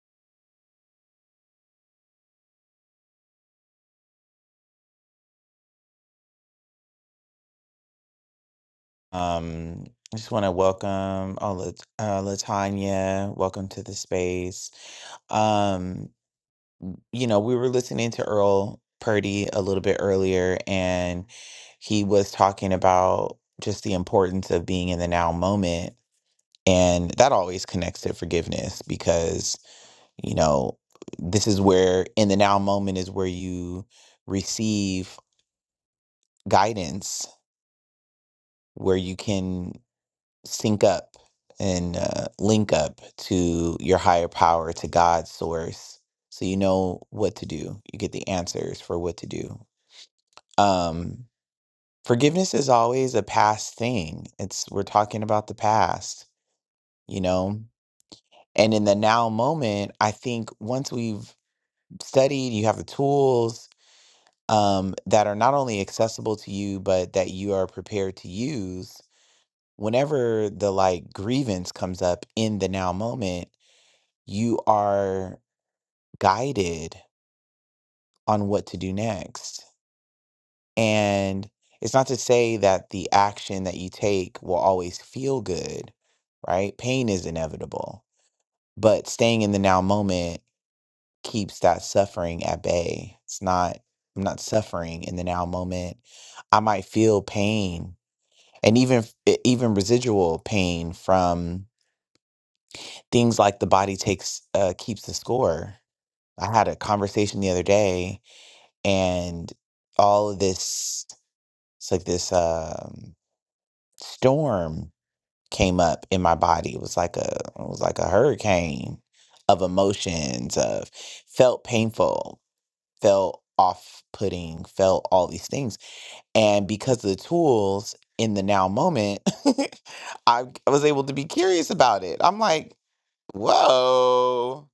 Um, I just want to welcome oh, Lat- uh, Latanya. Welcome to the space. Um, you know, we were listening to Earl Purdy a little bit earlier, and he was talking about just the importance of being in the now moment. And that always connects to forgiveness because, you know, this is where in the now moment is where you receive guidance, where you can sync up and uh, link up to your higher power, to God's source. So you know what to do. You get the answers for what to do um forgiveness is always a past thing it's we're talking about the past you know and in the now moment i think once we've studied you have the tools um that are not only accessible to you but that you are prepared to use whenever the like grievance comes up in the now moment you are guided on what to do next And it's not to say that the action that you take will always feel good, right? Pain is inevitable, but staying in the now moment keeps that suffering at bay. It's not, I'm not suffering in the now moment. I might feel pain and even f- e- even residual pain from things like the body takes uh, keeps the score. I had a conversation the other day and all of this it's like this um, storm came up in my body. It was like a it was like a hurricane of emotions of felt painful, felt off putting, felt all these things. And because of the tools in the now moment, I, I was able to be curious about it. I'm like, whoa,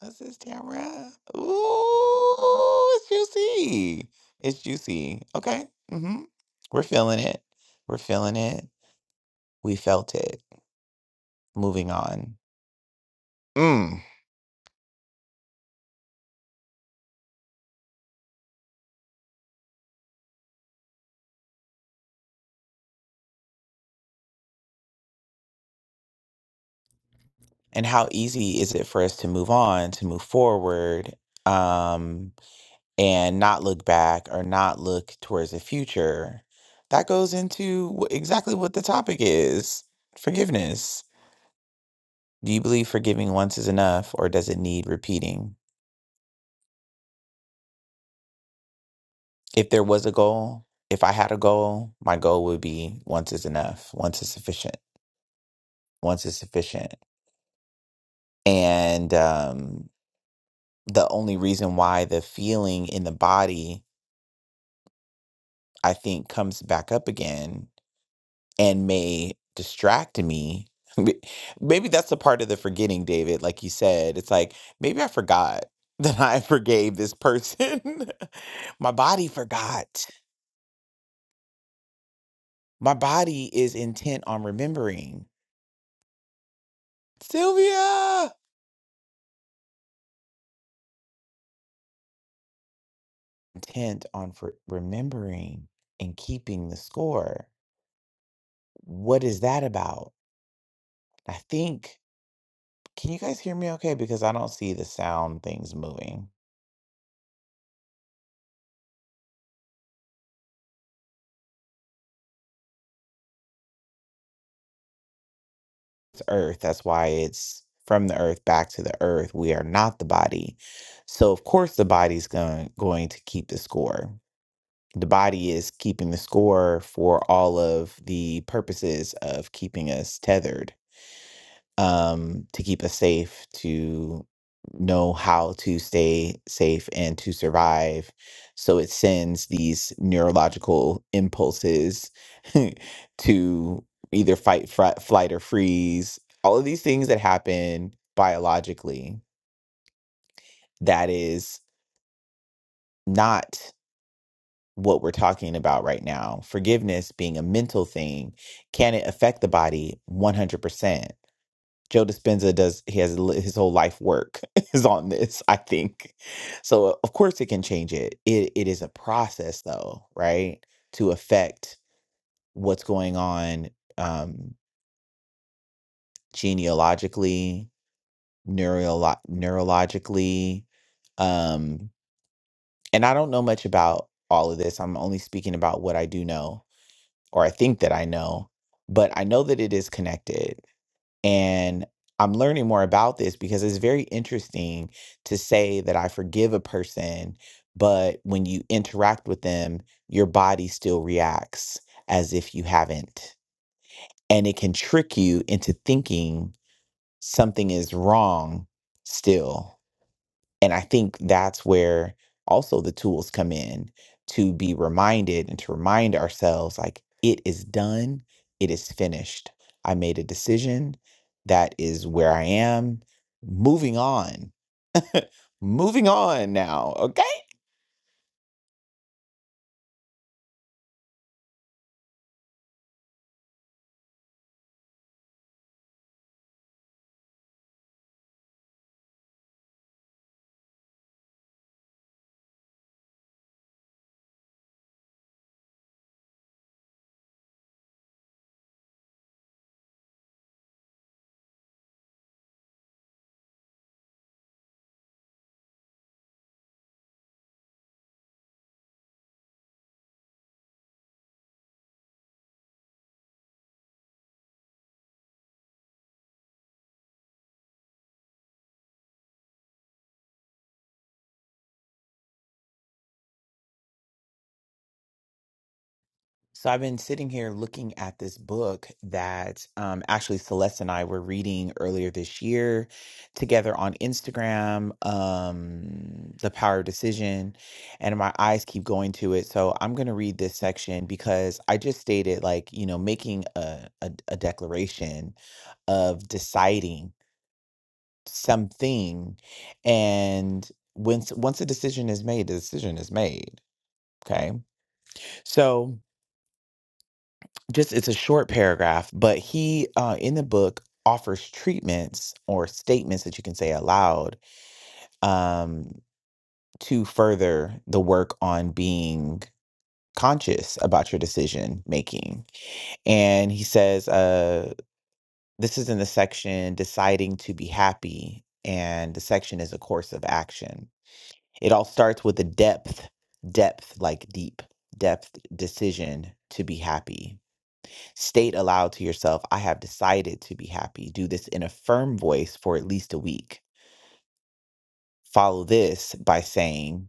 what's this Tamara? Ooh, it's juicy. It's juicy. Okay. mm hmm We're feeling it. We're feeling it. We felt it. Moving on. Mm. and how easy is it for us to move on to move forward um and not look back or not look towards the future that goes into wh- exactly what the topic is forgiveness do you believe forgiving once is enough or does it need repeating if there was a goal if i had a goal my goal would be once is enough once is sufficient once is sufficient and um the only reason why the feeling in the body I think comes back up again and may distract me. May- Maybe that's a part of the forgetting, David. Like you said, it's like maybe I forgot that I forgave this person. My body forgot. My body is intent on remembering. Sylvia! Intent on for remembering and keeping the score. What is that about? I think, can you guys hear me okay? Because I don't see the sound things moving. the earth. That's why it's from the earth back to the earth. We are not the body. So, of course, the body's going, going to keep the score. The body is keeping the score for all of the purposes of keeping us tethered um, to keep us safe, to know how to stay safe and to survive. So it sends these neurological impulses to either fight, fri- flight, or freeze. All of these things that happen biologically, that is not what we're talking about right now. Forgiveness being a mental thing, can it affect the body 100%? Joe Dispenza does he has li- his whole life work is on this, I think. So uh, of course it can change it. It it is a process though, right? To affect what's going on um genealogically, neurolo- neurologically. Um and I don't know much about all of this. I'm only speaking about what I do know or I think that I know, but I know that it is connected And I'm learning more about this because it's very interesting to say that I forgive a person, but when you interact with them, your body still reacts as if you haven't. And it can trick you into thinking something is wrong still. And I think that's where also the tools come in to be reminded and to remind ourselves like, it is done, it is finished. I made a decision. That is where I am. Moving on. Moving on now. Okay. So I've been sitting here looking at this book that um, actually Celeste and I were reading earlier this year together on Instagram, um, The Power of Decision, and my eyes keep going to it. So I'm going to read this section because I just stated like, you know, making a, a, a declaration of deciding something and once once a decision is made, the decision is made. Okay. So just it's a short paragraph, but he uh, in the book offers treatments or statements that you can say aloud um, to further the work on being conscious about your decision making. And he says, uh, this is in the section deciding to be happy, and the section is a course of action. It all starts with the depth, depth like deep, depth decision to be happy State aloud to yourself, I have decided to be happy. Do this in a firm voice for at least a week. Follow this by saying,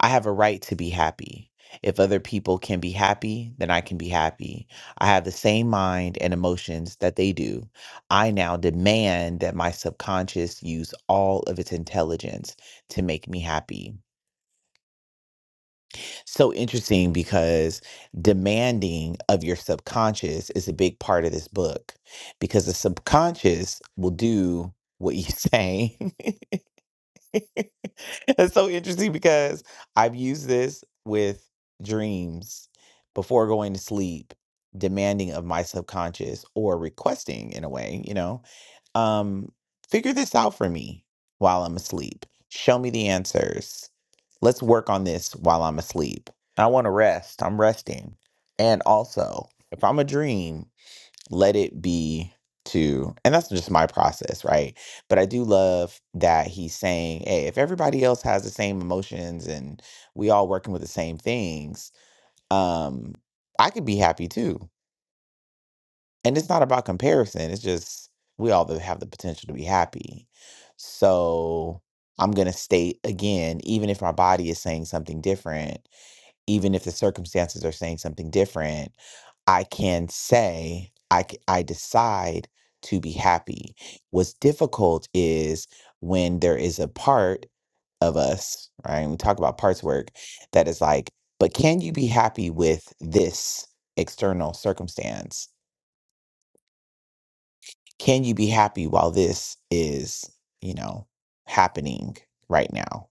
I have a right to be happy. If other people can be happy, then I can be happy. I have the same mind and emotions that they do. I now demand that my subconscious use all of its intelligence to make me happy. so interesting because demanding of your subconscious is a big part of this book because the subconscious will do what you say. it's so interesting because I've used this with dreams before going to sleep, demanding of my subconscious or requesting in a way, you know um, figure this out for me while I'm asleep. Show me the answers. Let's work on this while I'm asleep. I want to rest. I'm resting. And also, if I'm a dream, let it be to, and that's just my process, right? But I do love that he's saying, hey, if everybody else has the same emotions and we all working with the same things, um, I could be happy too and it's not about comparison it's just we all have the potential to be happy so i'm going to state again even if my body is saying something different even if the circumstances are saying something different i can say i c- I decide to be happy what's difficult is when there is a part of us right And we talk about parts work that is like but can you be happy with this external circumstance can you be happy while this is, you know, happening right now?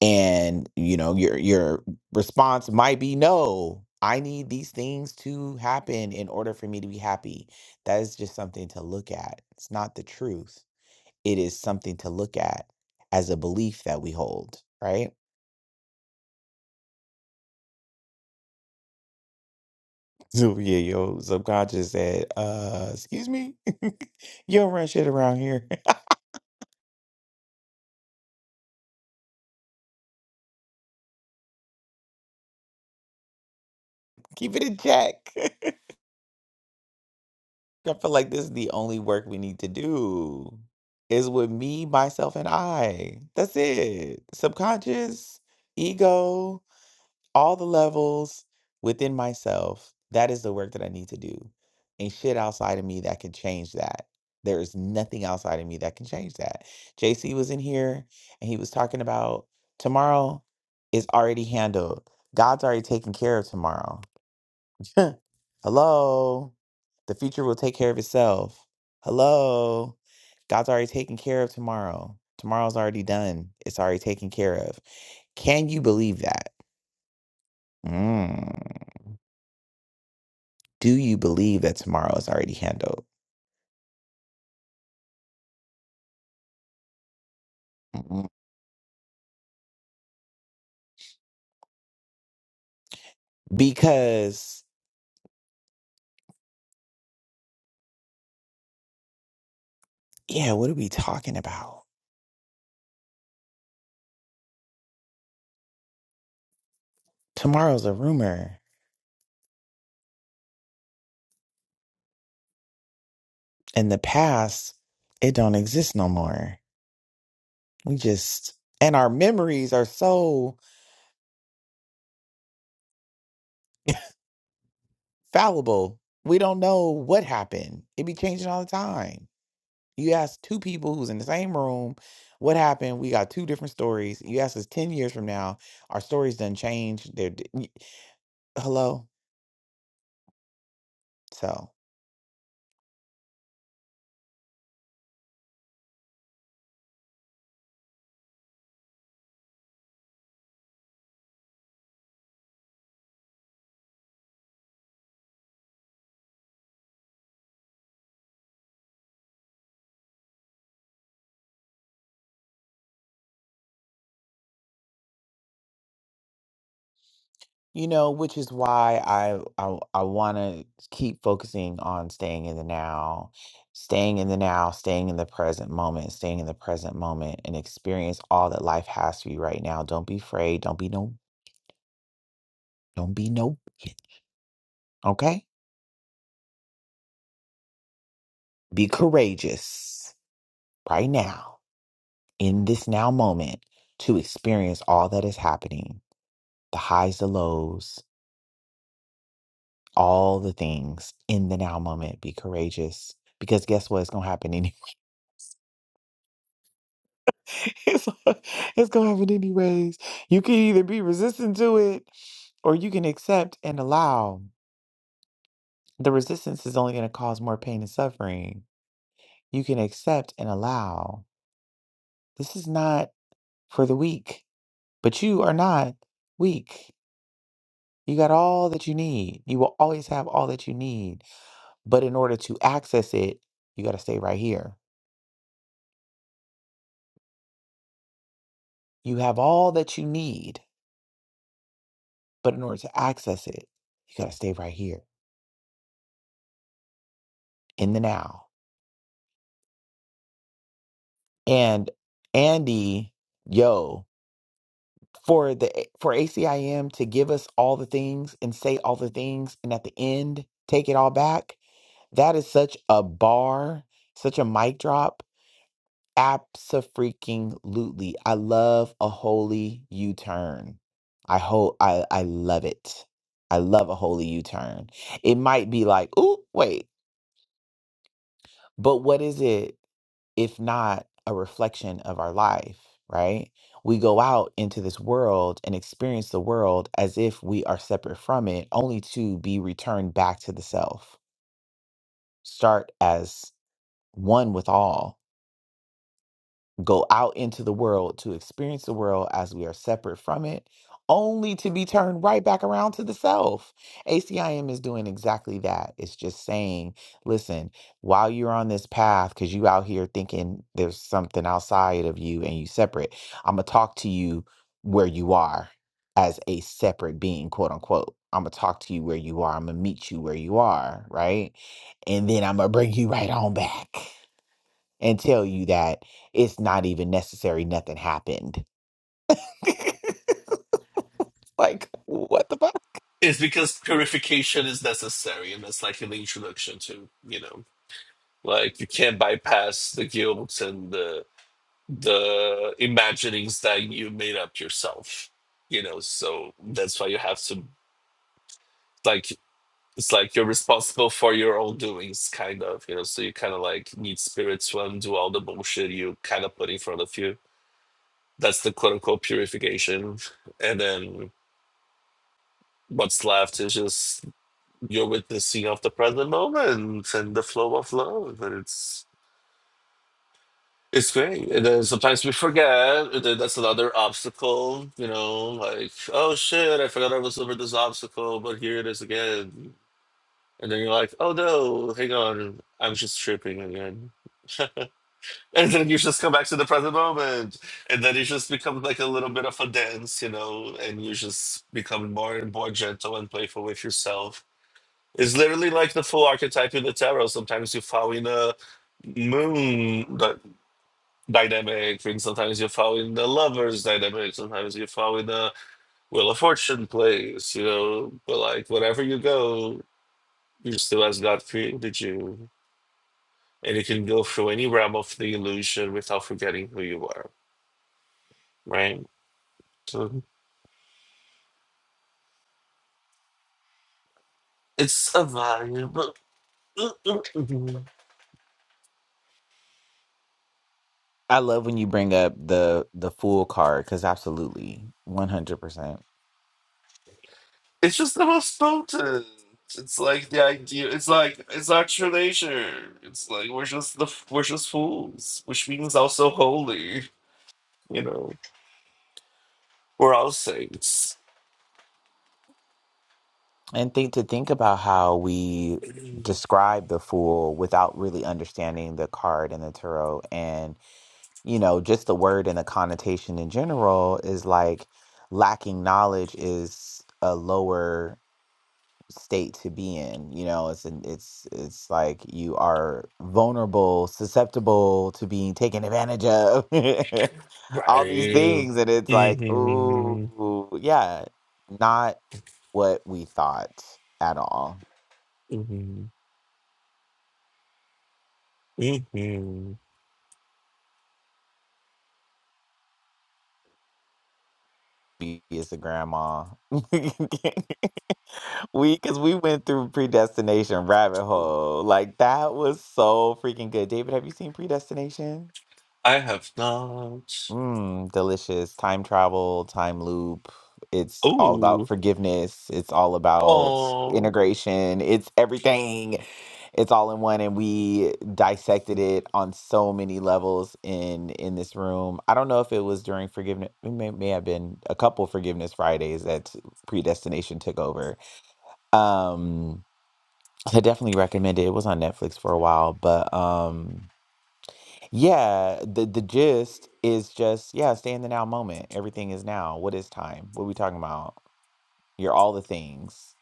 And you know, your your response might be no. I need these things to happen in order for me to be happy. That is just something to look at. It's not the truth. It is something to look at as a belief that we hold, right? So yeah, your subconscious said, uh, excuse me, you don't run shit around here. Keep it in check. I feel like this is the only work we need to do is with me, myself, and I. That's it. Subconscious, ego, all the levels within myself. That is the work that I need to do. And shit outside of me that can change that. There is nothing outside of me that can change that. JC was in here and he was talking about tomorrow is already handled. God's already taken care of tomorrow. Hello. The future will take care of itself. Hello. God's already taken care of tomorrow. Tomorrow's already done. It's already taken care of. Can you believe that? Mm. Do you believe that tomorrow is already handled? Mm. Because, yeah, what are we talking about? Tomorrow's a rumor. In the past, it don't exist no more. We just, and our memories are so fallible. We don't know what happened. It be changing all the time. You ask two people who's in the same room what happened. We got two different stories. You ask us 10 years from now, our stories done changed. They're di- y- hello. So, you know, which is why I I, I want to keep focusing on staying in the now, staying in the now, staying in the present moment, staying in the present moment and experience all that life has for you right now. Don't be afraid. Don't be no don't be no okay? Be courageous right now in this now moment to experience all that is happening the highs, the lows, all the things in the now moment. Be courageous because guess what? It's going to happen anyway. it's going to happen anyways. You can either be resistant to it or you can accept and allow. The resistance is only going to cause more pain and suffering. You can accept and allow. This is not for the weak, but you are not weak. You got all that you need. You will always have all that you need. But in order to access it, you got to stay right here. You have all that you need, but in order to access it, you got to stay right here in the now. And Andy, yo, for the eh, for ACIM to give us all the things and say all the things and at the end take it all back, that is such a bar, such a mic drop Abso-freaking-lutely. I love a holy U-turn. I hope I I love it. I love a holy U-turn. It might be like, "Ooh, wait." But what is it if not a reflection of our life, right? We go out into this world and experience the world as if we are separate from it, only to be returned back to the self. Start as one with all go out into the world to experience the world as we are separate from it, only to be turned right back around to the self. ACIM is doing exactly that. It's just saying, listen, while you're on this path, because you out here thinking there's something outside of you and you separate, I'm gonna talk to you where you are as a separate being, quote unquote. I'm gonna talk to you where you are. I'm gonna meet you where you are, right? And then I'm gonna bring you right on back and tell you that it's not even necessary, nothing happened. like, what the fuck?
It's because purification is necessary, and that's like an introduction to you know, like you can't bypass the guilt and the the imaginings that you made up yourself. You know, so that's why you have to like it's like you're responsible for your own doings, kind of. You know, so you kind of like need spirit to undo all the bullshit you kind of put in front of you. That's the quote unquote purification, and then what's left is just you're witnessing of the present moment and the flow of love and it's it's great and then sometimes we forget and then that's another obstacle you know like oh shit i forgot i was over this obstacle but here it is again and then you're like oh no hang on i'm just tripping again and then you just come back to the present moment and then it just becomes like a little bit of a dance you know and you just become more and more gentle and playful with yourself It's literally like the full archetype in the tarot. Sometimes you fall in a moon dy- dynamic, and sometimes you fall in the lover's dynamic, sometimes you fall in a Wheel of Fortune place, you know. But like, wherever you go, you're still as God created you. And you can go through any realm of the illusion without forgetting who you are, right? So it's a vibe.
I love when you bring up the the fool card because absolutely, one hundred percent.
It's just the most potent. It's like the idea. It's like it's actual nature. It's like we're just the we're just fools, which means also holy. You know, we're all saints.
And think to think about how we describe the fool without really understanding the card and the tarot, and you know, just the word and the connotation in general is like lacking knowledge is a lower. state to be in you know it's an it's it's like you are vulnerable susceptible to being taken advantage of all these
Right.
things and it's like
hmm
ooh yeah not what we thought at all
hmm hmm
be as a grandma we because we went through predestination rabbit hole like that was so freaking good david have you seen predestination
I have not.
Mm, delicious. Time travel, time loop. It's all about
Oh,
forgiveness. It's all about
oh,
integration. It's everything. It's all in one. And we dissected it on so many levels in in this room. I don't know if it was during forgiveness. It may, may have been a couple forgiveness Fridays that predestination took over. Um, I definitely recommend it. It was on Netflix for a while, but um yeah, the the gist is just yeah, stay in the now moment. Everything is now. What is time? What are we talking about? You're all the things.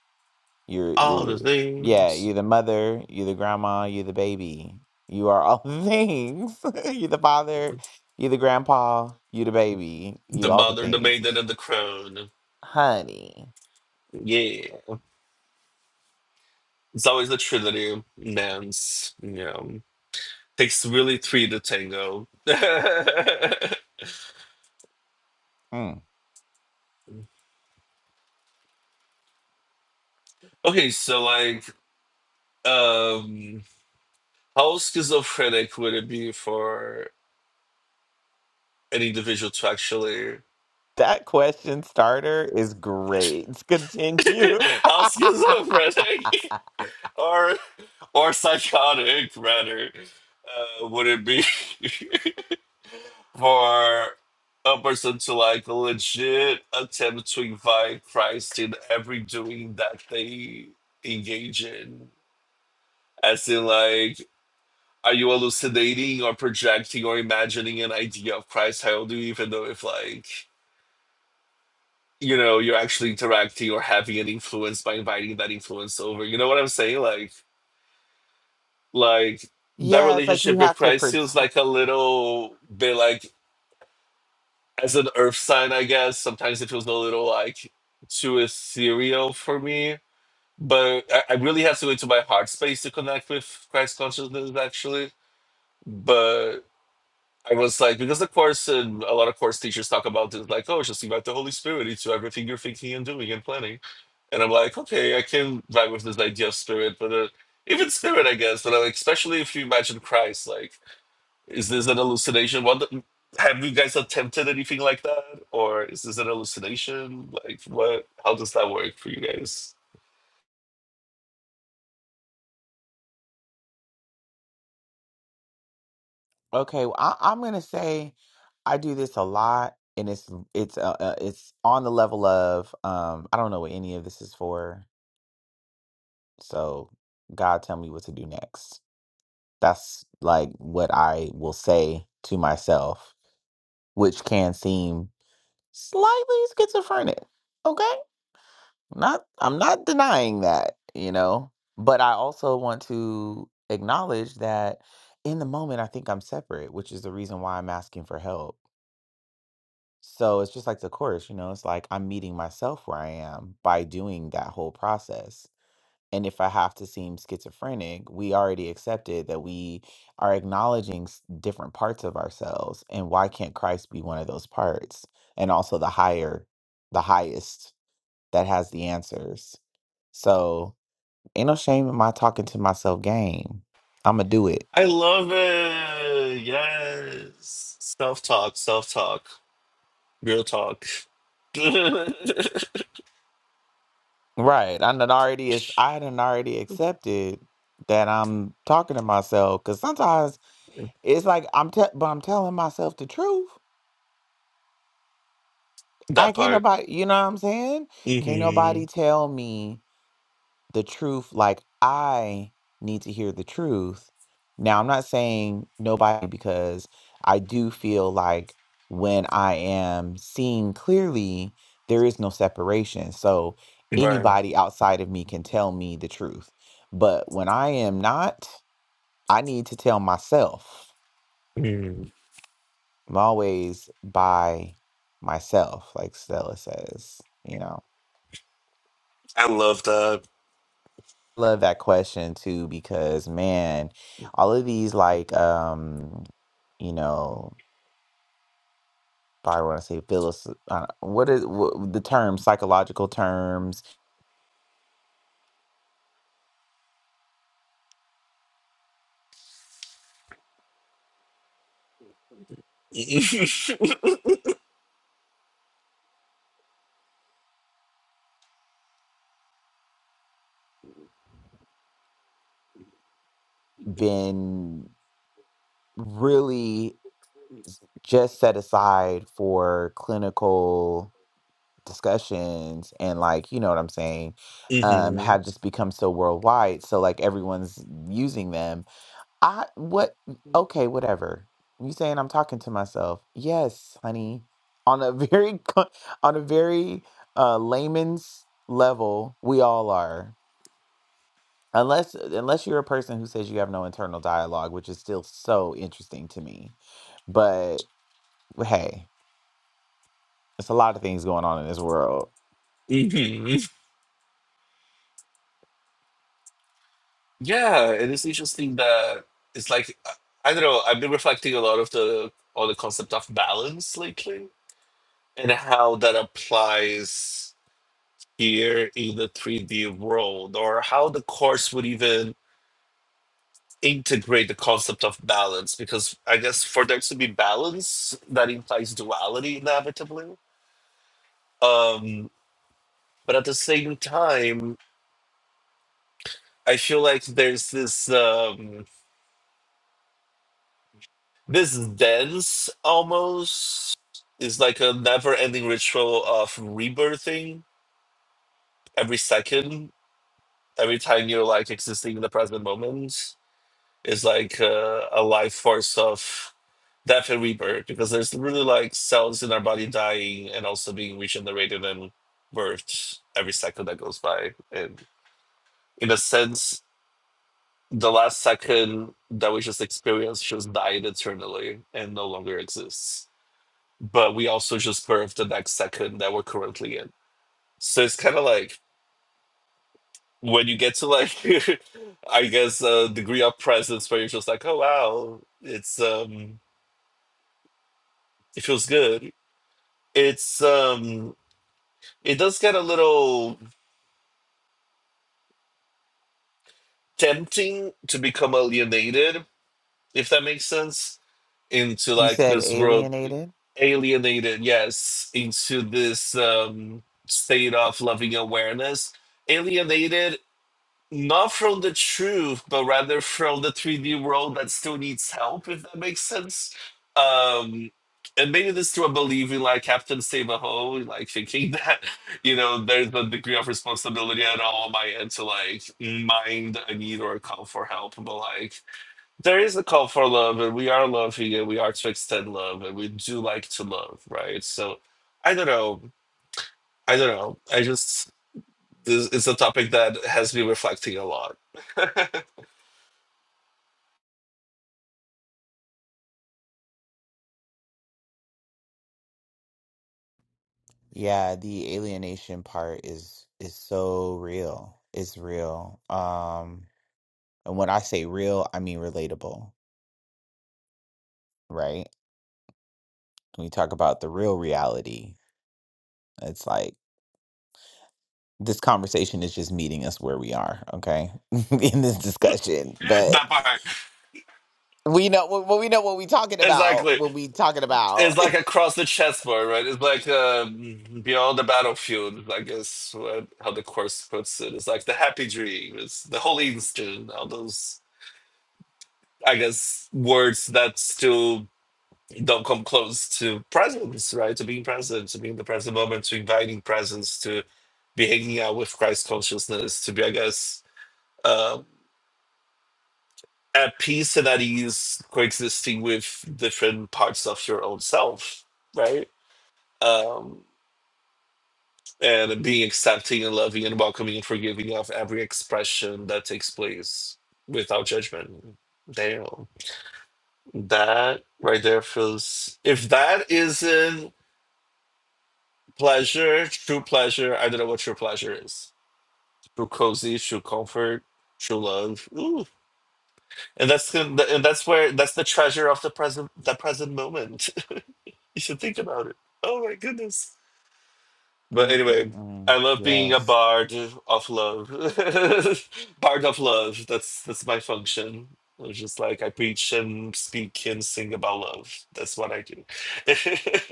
You're
all
you're
the
yeah,
things.
you're the mother, you're the grandma, you're the baby. You are all the things. You're the father, you're the grandpa, you the baby,
The
you all the
mother, the maiden,
things.
and the crone.
Honey.
Yeah, it's always the trinity, man's. Yeah. takes really three to tango.
Mm.
okay, so like, um, how schizophrenic would it be for an individual to actually
That question starter is great. Continue.
how schizophrenic or or psychotic rather uh, would it be for a person to like legit attempt to invite Christ in every doing that they engage in? As in like Are you elucidating or projecting or imagining an idea of Christ? How do you even know if like you know you're actually interacting or having an influence by inviting that influence over. You know what I'm saying? Like like that
Yeah, it's like you
relationship with
have to
Christ
pretend.
feels like a little bit like as an earth sign, I guess. Sometimes it feels a little like too ethereal for me. But I, I really have to go into my heart space to connect with Christ consciousness actually. But I was like, because the course and a lot of course teachers talk about this, like, oh, just invite the Holy Spirit into everything you're thinking and doing and planning. And I'm like, okay, I can vibe with this idea of spirit, but uh, even spirit, I guess. But like, especially if you imagine Christ, like, is this an hallucination? What the- have you guys attempted anything like that, or is this an hallucination? Like, what? How does that work for you guys?
Okay, well, I, I'm gonna say I do this a lot, and it's it's uh, uh, it's on the level of um I don't know what any of this is for, so God tell me what to do next. That's like what I will say to myself, which can seem slightly schizophrenic. Okay, not I'm not denying that, you know, but I also want to acknowledge that in the moment I think I'm separate, which is the reason why I'm asking for help So it's just like the course, you know, it's like I'm meeting myself where I am by doing that whole process. And if I have to seem schizophrenic, we already accepted that we are acknowledging s- different parts of ourselves. And why can't Christ be one of those parts? And also the higher, the highest that has the answers. So ain't no shame in my talking to myself game. I'm going to do it.
I love it. Yes, self talk, self talk, real talk.
Right. I done already is I done already accepted that I'm talking to myself because sometimes it's like I'm te- but I'm telling myself the truth. I
That
can't
part.
nobody you know what I'm saying? Can't
hmm
nobody tell me the truth like I need to hear the truth. Now, I'm not saying nobody because I do feel like when I am seeing clearly, there is no separation. So
Right.
anybody outside of me can tell me the truth. But when I am not, I need to tell myself.
Mm.
I'm always by myself, like Stella says, you know.
I love that.
love that question too because man, all of these like um, you know, I want to say philosoph- uh, what is wh- the term psychological terms been really s- just set aside for clinical discussions and like you know what I'm saying um
hmm
have just become so worldwide so like everyone's using them I what okay, whatever. You saying I'm talking to myself. Yes, honey. On a very on a very uh layman's level, we all are. Unless unless you're a person who says you have no internal dialogue, which is still so interesting to me. But hey, it's a lot of things going on in this world.
hmm Yeah, it is interesting that it's like I I don't know. I've been reflecting a lot of the on the concept of balance lately and how that applies here in the three D world, or how the course would even integrate the concept of balance. Because I guess for there to be balance, that implies duality inevitably. Um, but at the same time i feel like there's this um this dance almost is like a never ending ritual of rebirthing every second every time you're like existing in the present moment is like uh, a life force of death and rebirth because there's really like cells in our body dying and also being regenerated and birthed every second that goes by and in a sense The last second that we just experienced just died eternally and no longer exists. But we also just birthed the next second that we're currently in. So it's kind of like when you get to like, I guess, a degree of presence where you're just like, oh wow, it's um, it feels good. It's um, it does get a little tempting to become alienated, if that makes sense into
You
like
said
this world
alienated?
alienated yes into this um state of loving awareness alienated not from the truth but rather from the 3d world that still needs help if that makes sense um and maybe this through a belief in like Captain Save a Ho, like thinking that, you know, there's a degree of responsibility at all on my end to like mind a need or a call for help. But like there is a call for love, and we are loving, and we are to extend love, and we do like to love, right? So, I don't know. I don't know. I just this is a topic that has me reflecting a lot. that
Yeah, the alienation part is is so real. It's real. Um, and when I say real, I mean relatable, right? When we talk about the real reality, it's like this conversation is just meeting us where we are, okay? In this discussion, but
part
we know well, well, we know what we're talking about
exactly.
when we talking about.
It's like across the chessboard, right? It's like um, beyond the battlefield. I guess what, how the course puts it. It's like the happy dream. It's the holy instant. All those, I guess, words that still don't come close to presence, right? To being present, to being the present moment, to inviting presence, to be hanging out with Christ consciousness, to be, I guess, um, at peace and at ease, coexisting with different parts of your own self, right? Um, and being accepting and loving and welcoming and forgiving of every expression that takes place without judgment. Damn. That right there feels if that isn't Pleasure, true pleasure. I don't know what true pleasure is. True cozy, true comfort, true love. Ooh. And that's and that's where that's the treasure of the present the present moment. You should think about it. Oh my goodness. But anyway,
Mm-mm-mm.
I love being a
Yes.
bard of love. bard of love. That's that's my function. It's just like I preach and speak and sing about love. That's what I do.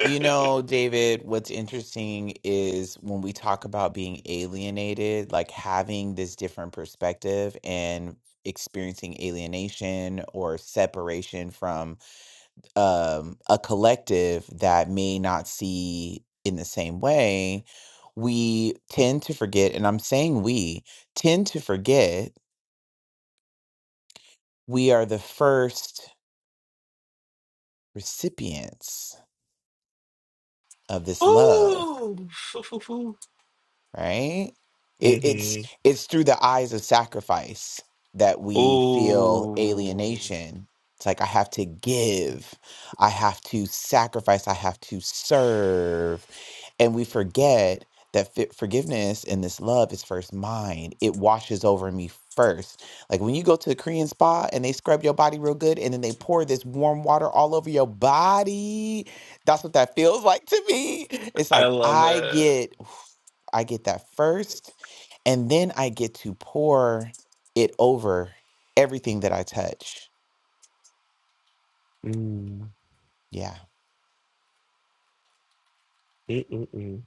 You know, David, what's interesting is when we talk about being alienated, like having this different perspective and experiencing alienation or separation from um, a collective that may not see in the same way, we tend to forget, and I'm saying we tend to forget we are the first recipients of this love.
Ooh.
right? It, it's
hmm
it's through the eyes of sacrifice that we feel
Oh,
alienation. It's like I have to give, I have to sacrifice, I have to serve, and we forget that fi- forgiveness and this love is first mine. It washes over me first. Like when you go to a Korean spa and they scrub your body real good, and then they pour this warm water all over your body. That's what that feels like to me. It's
I
like
love
I
it.
get. I get that first, and then I get to pour it over everything that I touch.
Mm.
Yeah.
Mm-mm-mm.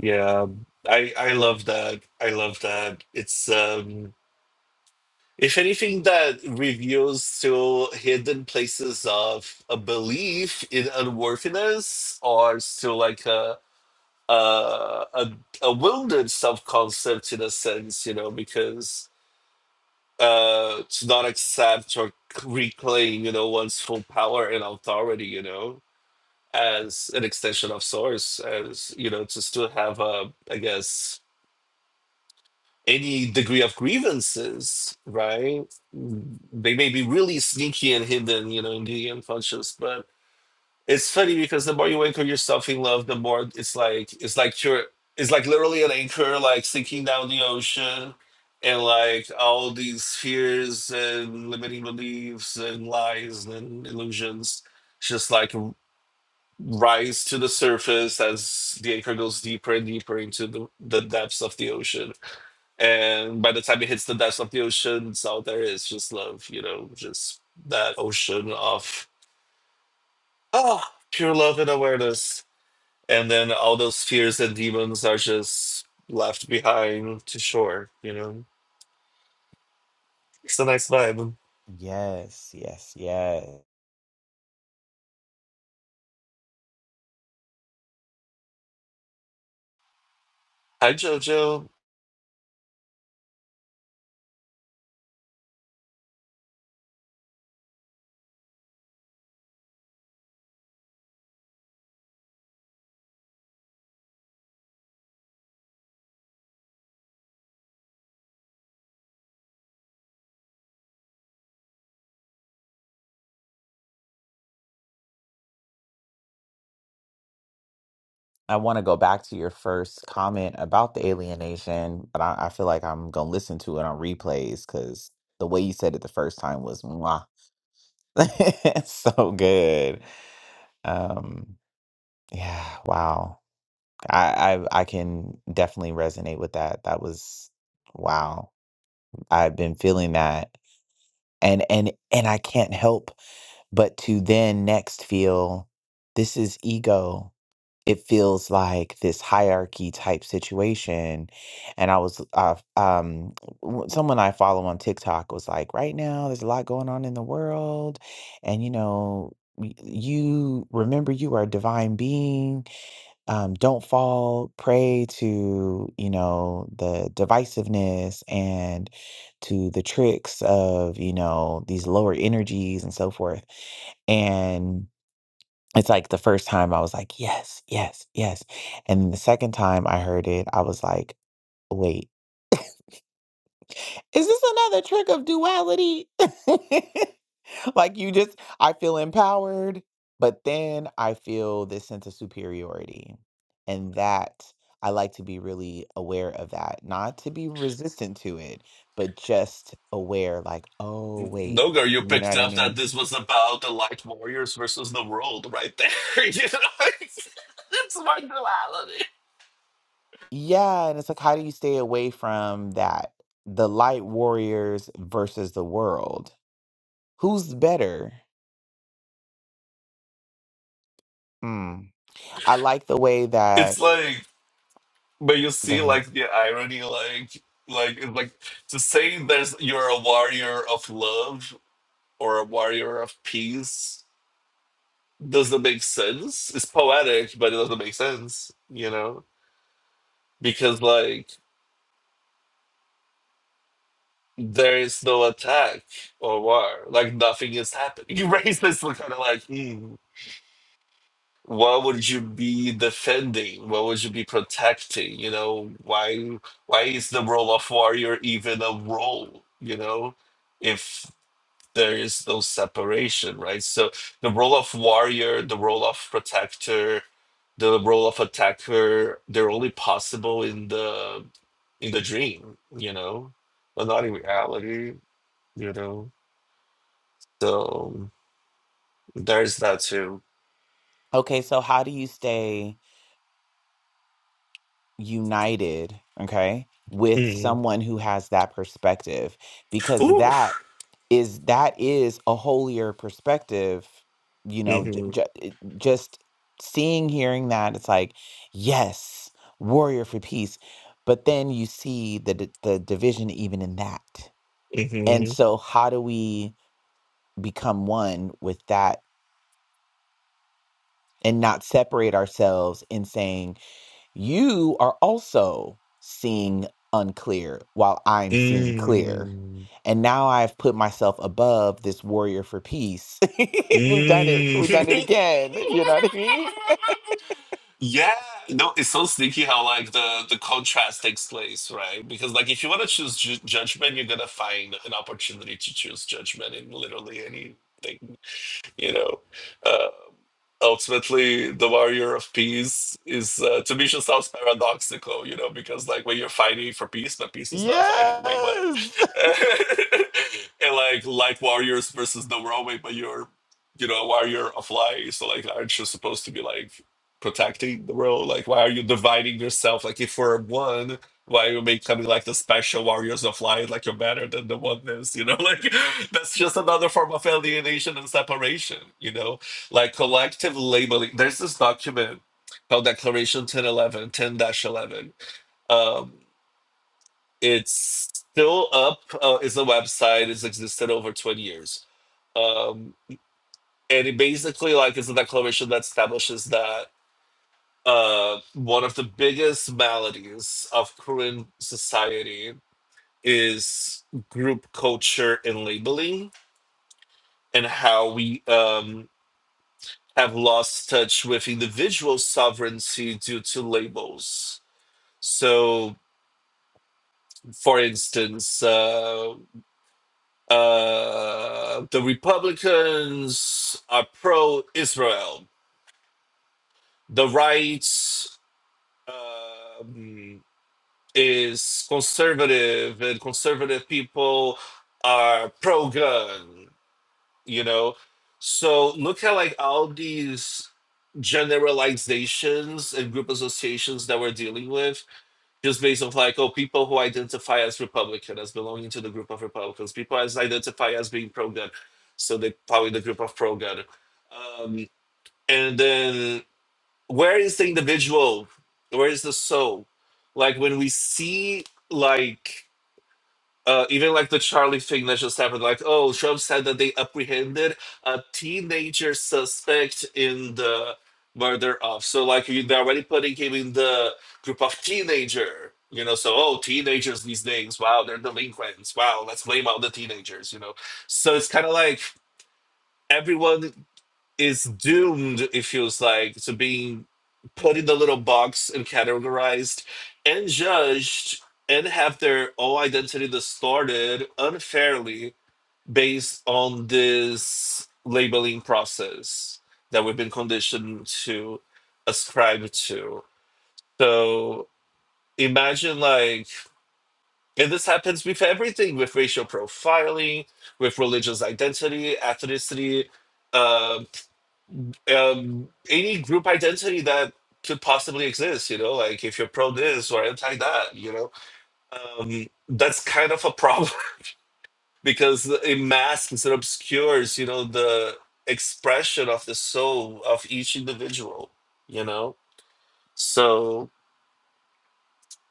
Yeah, I I love that. I love that. It's um, if anything, that reveals to hidden places of a belief in unworthiness, or still like a a a, a wounded self concept in a sense, you know, because uh to not accept or reclaim, you know, one's full power and authority, you know as an extension of source as you know to still have a i guess any degree of grievances right Mm, they may be really sneaky and hidden you know in the unconscious but it's funny because the more you anchor yourself in love the more it's like it's like you're it's like literally an anchor like sinking down the ocean and like all these fears and limiting beliefs and lies and illusions just like rise to the surface as the anchor goes deeper and deeper into the, the depths of the ocean. And by the time it hits the depths of the ocean, it's all there is just love, you know, just that ocean of ah, pure love and awareness. And then all those fears and demons are just left behind to shore, you know. It's a nice vibe.
Yes, yes, yes.
Hi, Jojo.
I want to go back to your first comment about the alienation, but I, I feel like I'm gonna listen to it on replays because the way you said it the first time was mwah. so good. Um, yeah, wow. I, I I can definitely resonate with that. That was wow. I've been feeling that and and and i can't help but to then next feel this is ego it feels like this hierarchy type situation and i was uh, um w- someone i follow on tiktok was like right now there's a lot going on in the world and you know y- you remember you are a divine being um, don't fall prey to you know the divisiveness and to the tricks of you know these lower energies and so forth and it's like the first time i was like yes yes yes and then the second time i heard it i was like wait is this another trick of duality like you just I feel empowered, but then I feel this sense of superiority. And that I like to be really aware of that, not to be resistant to it, but just aware like, oh wait,
Nogar, you
you know
picked
what I
up that
mean?
this was about the light warriors versus the world right there. You know, it's, it's my duality.
Yeah, and it's like how do you stay away from that? The light warriors versus the world. Who's better? Hmm. I like the way that
It's like, but you
go
see,
ahead.
like the irony, like, like, it's like to say there's you're a warrior of love or a warrior of peace doesn't make sense. It's poetic, but it doesn't make sense. You know, because like there is no attack or war. Like nothing is happening. You raise this kind of like. hmm. what would you be defending? What would you be protecting? You know, why why is the role of warrior even a role? You know, if there is no separation, right? So the role of warrior, the role of protector, the role of attacker, they're only possible in the in the dream, you know, but not in reality, you know. So there's that too.
Okay, so how do you stay united, okay, with
Mm.
someone who has that perspective because
Ooh.
that is that is a holier perspective, you know, j-
hmm
j- it- just seeing hearing that it's like yes, warrior for peace, but then you see the d- the division even in that. And
hmm
so how do we become one with that and not separate ourselves in saying You are also seeing unclear while I'm seeing clear.
Mm.
And now I've put myself above this warrior for peace. We've done it. We've done it
Mm.
again. You know what I mean?
yeah. No, it's so sneaky how like the the contrast takes place, right? Because like if you want to choose ju- judgment, you're gonna find an opportunity to choose judgment in literally anything, you know. Uh, ultimately the warrior of peace is uh, to me just sounds paradoxical you know because like when you're fighting for peace but peace is not fighting wait what
Yes.
and like like warriors versus the world wait but you're you know a warrior of light so like aren't you supposed to be like protecting the world like why are you dividing yourself like if we're one why are you becoming like the special warriors of light like you're better than the oneness you know like that's just another form of alienation and separation you know like collective labeling. There's this document called Declaration 1011, 10-11. Um, it's still up. Uh, it's a website. It's existed over 20 years. Um, and it basically like is a declaration that establishes that uh, one of the biggest maladies of current society is group culture and labeling and how we um, have lost touch with individual sovereignty due to labels. So, for instance, uh, uh, the Republicans are pro Israel, the right um, is conservative, and conservative people are pro gun, you know? So, look at like all these generalizations and group associations that we're dealing with just based on like, oh, people who identify as Republican, as belonging to the group of Republicans, people as identify as being pro-gun, so they probably the group of pro-gun. Um, and then where is the individual? Where is the soul? Like when we see like uh, even like the Charlie thing that just happened, like, oh, Trump said that they apprehended a teenager suspect in the murder of. So, like, you- they're already putting him in the group of teenager, you know. So, oh, teenagers these days, wow, they're delinquents. Wow, let's blame all the teenagers, you know. So, it's kind of like everyone is doomed, it feels like, to being put in the little box and categorized and judged and have their own identity distorted unfairly based on this labeling process that we've been conditioned to ascribe to. So imagine, like, and this happens with everything with racial profiling, with religious identity, ethnicity. um, um, any group identity that could possibly exist, you know, like if you're pro this or anti that, you know, um, that's kind of a problem because it masks and obscures, you know, the expression of the soul of each individual, you know. So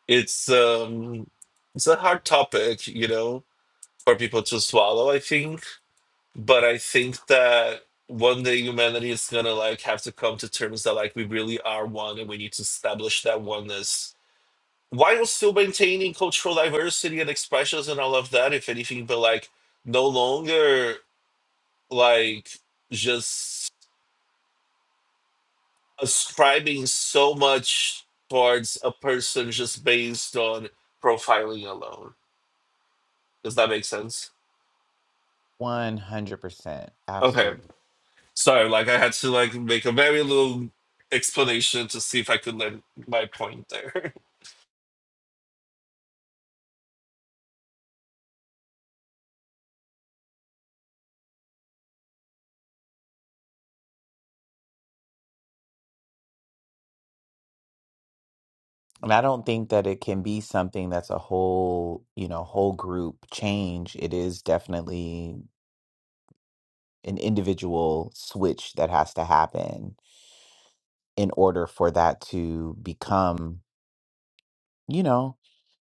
it's um, it's a hard topic, you know, for people to swallow. I think but I think that one day humanity is gonna like have to come to terms that like we really are one and we need to establish that oneness while still maintaining cultural diversity and expressions and all of that, if anything, but like no longer like just ascribing so much towards a person just based on profiling alone. Does that make sense?
100%.
Okay.
Absolutely.
So like I had to like make a very little explanation to see if I could land my point there.
And I don't think that it can be something that's a whole, you know, whole group change. It is definitely an individual switch that has to happen in order for that to become you know,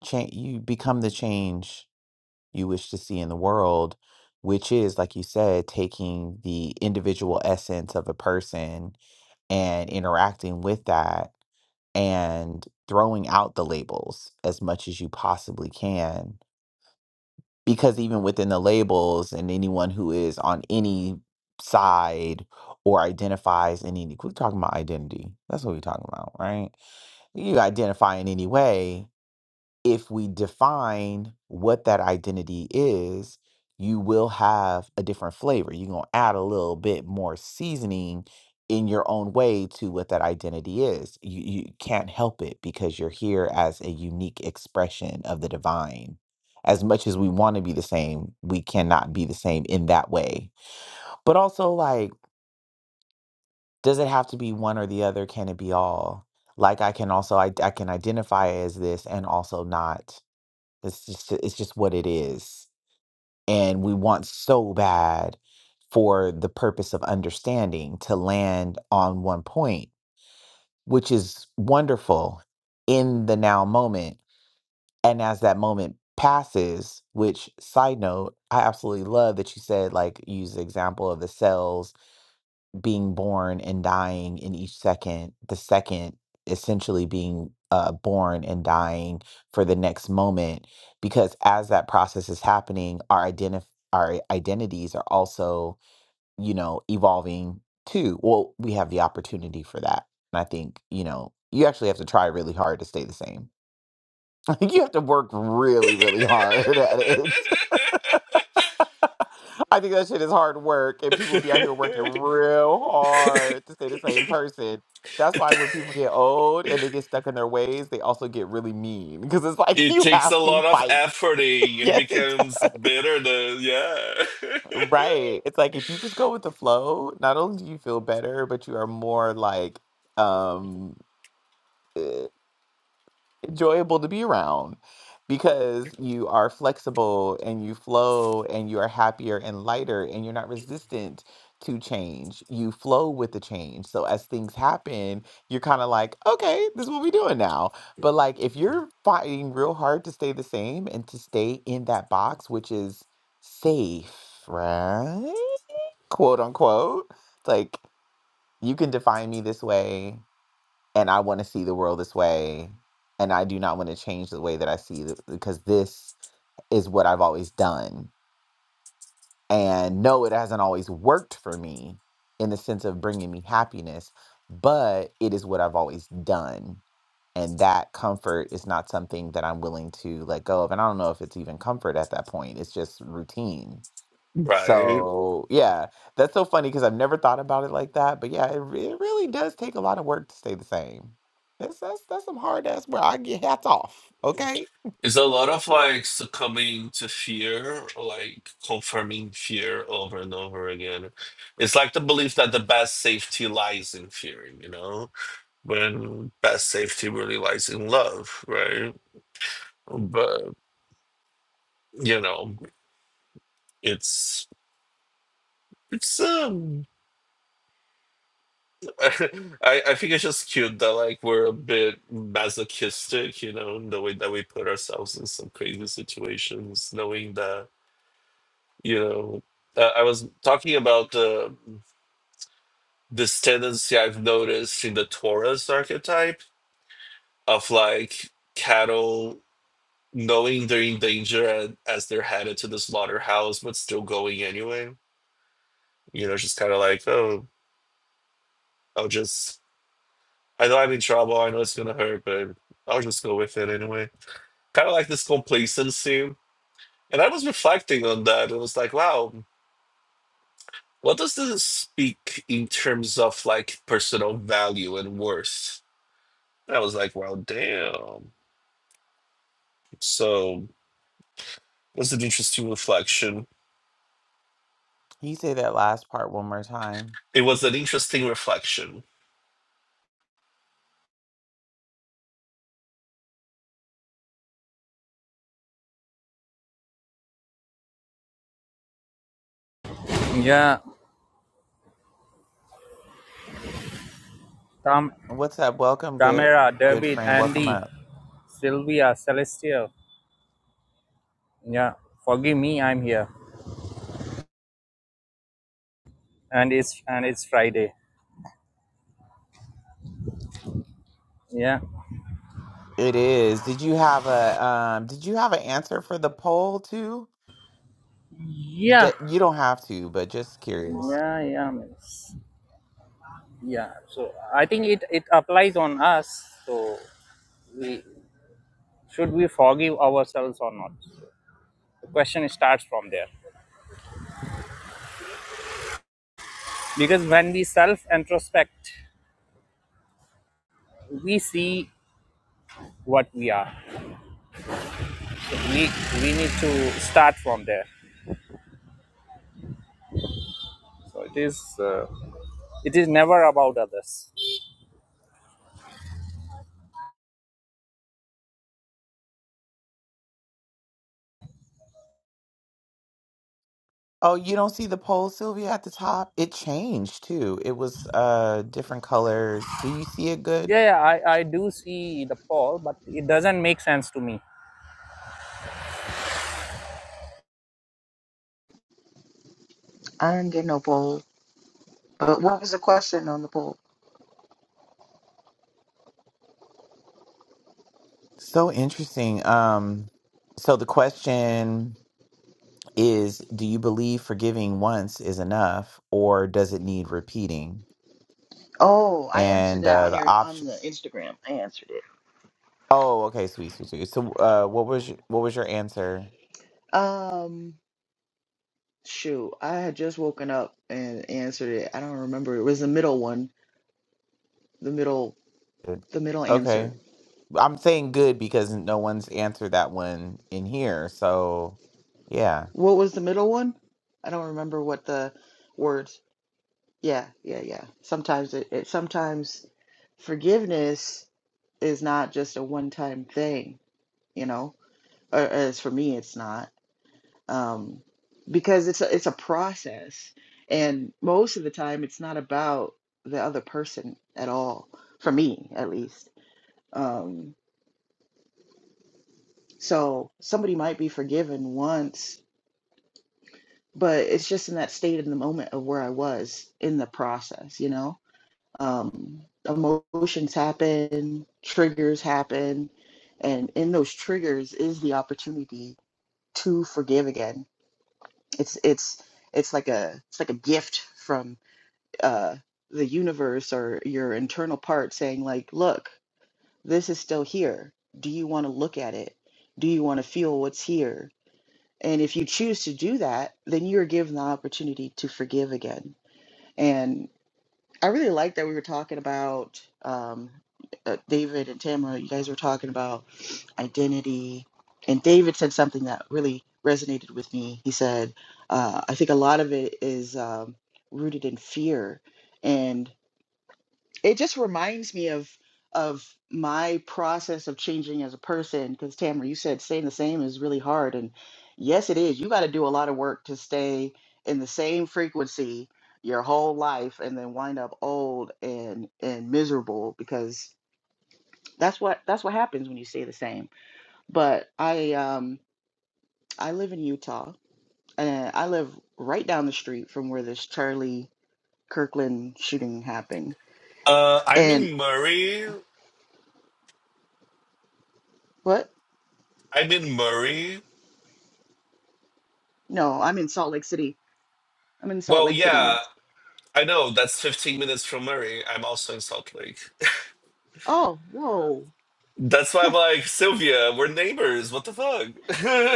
change you become the change you wish to see in the world, which is, like you said, taking the individual essence of a person and interacting with that and throwing out the labels as much as you possibly can. Because even within the labels, and anyone who is on any side or identifies in any, we're talking about identity. That's what we're talking about, right? You identify in any way if we define what that identity is, you will have a different flavor. You're going to add a little bit more seasoning in your own way to what that identity is. You, you can't help it because you're here as a unique expression of the divine. As much as we want to be the same, we cannot be the same in that way. But also, like, does it have to be one or the other? Can it be all? Like, I can also I, I can identify as this and also not it's just it's just what it is. And we want so bad for the purpose of understanding to land on one point, which is wonderful in the now moment. And as that moment passes, which side note, I absolutely love that you said like use the example of the cells being born and dying in each second, the second essentially being uh, born and dying for the next moment. Because as that process is happening, our identif- our identities are also, you know, evolving too. Well, we have the opportunity for that. And I think, you know, you actually have to try really hard to stay the same. Like you have to work really, really hard at it. I think that shit is hard work, and people be out here working real hard to stay the same person. That's why when people get old and they get stuck in their ways, they also get really mean because it's like
It
you
takes a
have to
lot of
fight.
efforting and it
yes, it
becomes
does.
bitter than yeah.
Right. It's like if you just go with the flow, not only do you feel better, but you are more like um eh, enjoyable to be around because you are flexible and you flow and you are happier and lighter and you're not resistant to change. You flow with the change. So as things happen, you're kind of like, okay, this is what we're doing now. But like if you're fighting real hard to stay the same and to stay in that box, which is safe, right? Quote unquote, like you can define me this way and I want to see the world this way, and I do not want to change the way that I see it because this is what I've always done. And no, it hasn't always worked for me in the sense of bringing me happiness, but it is what I've always done. And that comfort is not something that I'm willing to let go of. And I don't know if it's even comfort at that point, it's just routine.
right.
So, yeah, that's so funny because I've never thought about it like that. But yeah, it, re- it really does take a lot of work to stay the same. That's that's that's some hard ass work. I get hats off. Okay.
It's a lot of like succumbing to fear, or like confirming fear over and over again. It's like the belief that the best safety lies in fear, you know? When best safety really lies in love, right? But you know, it's It's um, I I think it's just cute that like we're a bit masochistic, you know, in the way that we put ourselves in some crazy situations, knowing that you know. Uh, I was talking about the this tendency I've noticed in the Taurus archetype of like cattle knowing they're in danger and, as they're headed to the slaughterhouse, but still going anyway. You know, just kind of like, oh, I'll just I know I'm in trouble. I know it's gonna hurt, but I'll just go with it anyway. Kind of like this complacency, and I was reflecting on that. and was like, wow, what does this speak in terms of like personal value and worth? And I was like, wow, damn. So it was an interesting reflection.
Can you say that last part one more time?
It was an interesting reflection.
Yeah, Tam,
What's up? Welcome, good
Tamara,
good
David,
friend. Welcome
Andy,
up.
Sylvia, Celestia. Yeah, forgive me, I'm here, and it's and it's Friday. Yeah,
It is. Did you have a um? Did you have an answer for the poll too? D-
yeah,
you don't have to, but just curious.
yeah, yeah, miss. yeah. So I think it it applies on us. So we should we forgive ourselves or not? The question starts from there because when we self introspect, we see what we are. So we we need to start from there. So it is. Uh, it is never about others
Oh, you don't see the poll, Sylvia, at the top? It changed too. It was uh different colors. Do you see it good?
yeah, yeah I, I do see the poll but it doesn't make sense to me
I didn't get no poll. But what was the question on the poll?
So interesting. Um, so the question is, do you believe forgiving once is enough, or does it need repeating?
Oh, I answered
And
that
uh,
on
the
your on
option.
the Instagram. I answered it.
Oh, okay, sweet, sweet, sweet. So, uh, what was your, what was your answer?
Um, shoot, I had just woken up and answered it. I don't remember. It was the middle one. The middle,
Good.
the middle
Okay,
answer.
I'm saying good because no one's answered that one in here. So, yeah,
What was the middle one? I don't remember what the words. Yeah, yeah, yeah. Sometimes it, it sometimes forgiveness is not just a one-time thing, you know. Or as for me, it's not. um, because it's a, it's a process, and most of the time it's not about the other person at all. For me, at least. Um, so somebody might be forgiven once, but it's just in that state in the moment of where I was in the process. You know, um, emotions happen, triggers happen, and in those triggers is the opportunity to forgive again. It's it's it's like a it's like a gift uh, the universe or your internal part saying like look this is still here do you want to look at it do you want to feel what's here and if you choose to do that then you're given the opportunity to forgive again and i really like that we were talking about um, uh, david and tamara you guys were talking about identity and david said something that really resonated with me he said uh, i think a lot of it is um, rooted in fear and it just reminds me of of my process of changing as a person because tamara you said staying the same is really hard and yes it is you got to do a lot of work to stay in the same frequency your whole life and then wind up old and and miserable because that's what that's what happens when you stay the same but i um i live in utah and i live right down the street from where this charlie kirkland shooting happened
Uh, I'm
and
in Murray.
what
I'm in Murray.
no i'm in salt lake city I'm in Salt
Well,
Lake City.
yeah, I know that's 15 minutes from Murray. I'm also in Salt Lake.
Oh, whoa.
That's why I'm like, Sylvia, we're neighbors. What the fuck?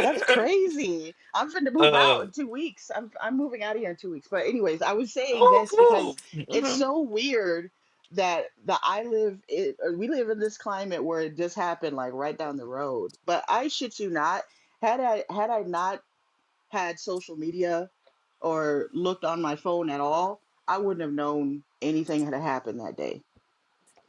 That's crazy. I'm finna move out
uh,
in two weeks. I'm I'm moving out of here in two weeks. But anyways, I was saying
oh,
this
cool.
because it's
Mhm.
so weird that the I live it or we live in this climate where it just happened like right down the road. But I shit you not, had I had I not had social media or looked on my phone at all, I wouldn't have known anything had happened that day.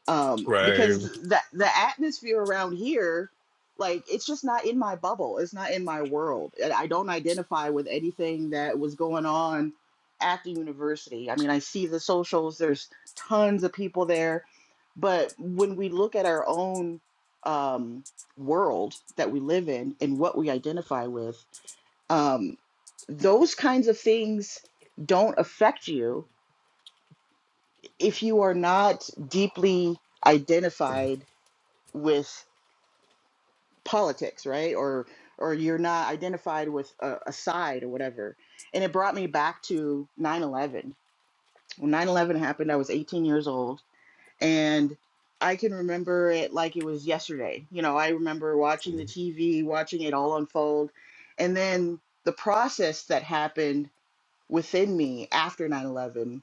um
Right.
because the the atmosphere around here like it's just not in my bubble it's not in my world and i don't identify with anything that was going on at the university i mean i see the socials there's tons of people there but when we look at our own um world that we live in and what we identify with um those kinds of things don't affect you if you are not deeply identified with politics, right? Or or you're not identified with a, a side or whatever. And it brought me back to nine eleven. When nine eleven happened, I was 18 years old, and I can remember it like it was yesterday. You know, I remember watching the TV, watching it all unfold, and then the process that happened within me after nine eleven.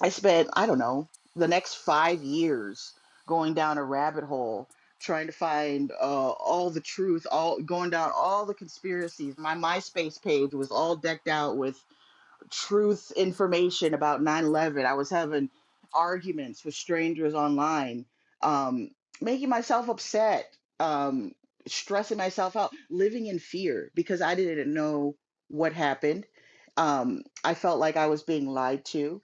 I spent, I don't know, the next five years going down a rabbit hole trying to find uh, all the truth, all going down all the conspiracies. My MySpace page was all decked out with truth information about nine eleven. i was having arguments with strangers online um, making myself upset um, stressing myself out living in fear because i didn't know what happened um, i felt like i was being lied to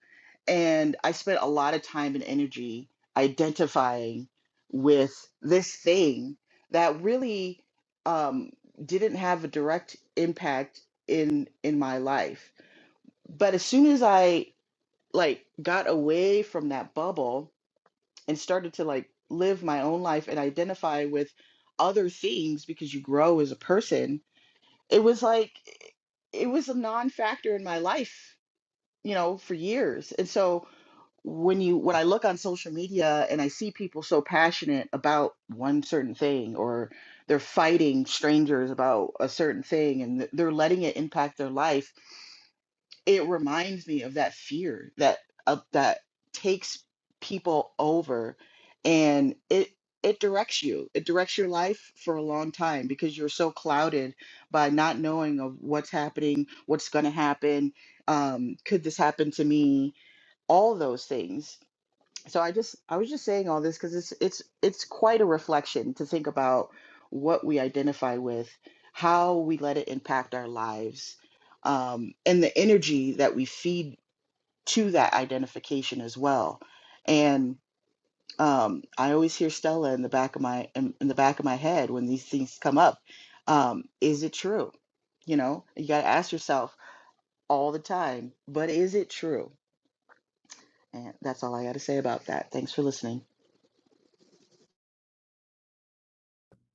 and i spent a lot of time and energy identifying with this thing that really um, didn't have a direct impact in in my life but as soon as I like got away from that bubble and started to like live my own life and identify with other things because you grow as a person, it was like it was a non-factor in my life, you know, for years. And so when you when I look on social media and I see people so passionate about one certain thing or they're fighting strangers about a certain thing and th- they're letting it impact their life it reminds me of that fear that of that takes people over and it it directs you it directs your life for a long time because you're so clouded by not knowing of what's happening what's going to happen um, could this happen to me all those things so i just i was just saying all this because it's it's it's quite a reflection to think about what we identify with how we let it impact our lives um, and the energy that we feed to that identification as well and um, i always hear stella in the back of my in, in the back of my head when these things come up um, is it true you know you got to ask yourself all the time but is it true and that's all i got to say about that thanks for listening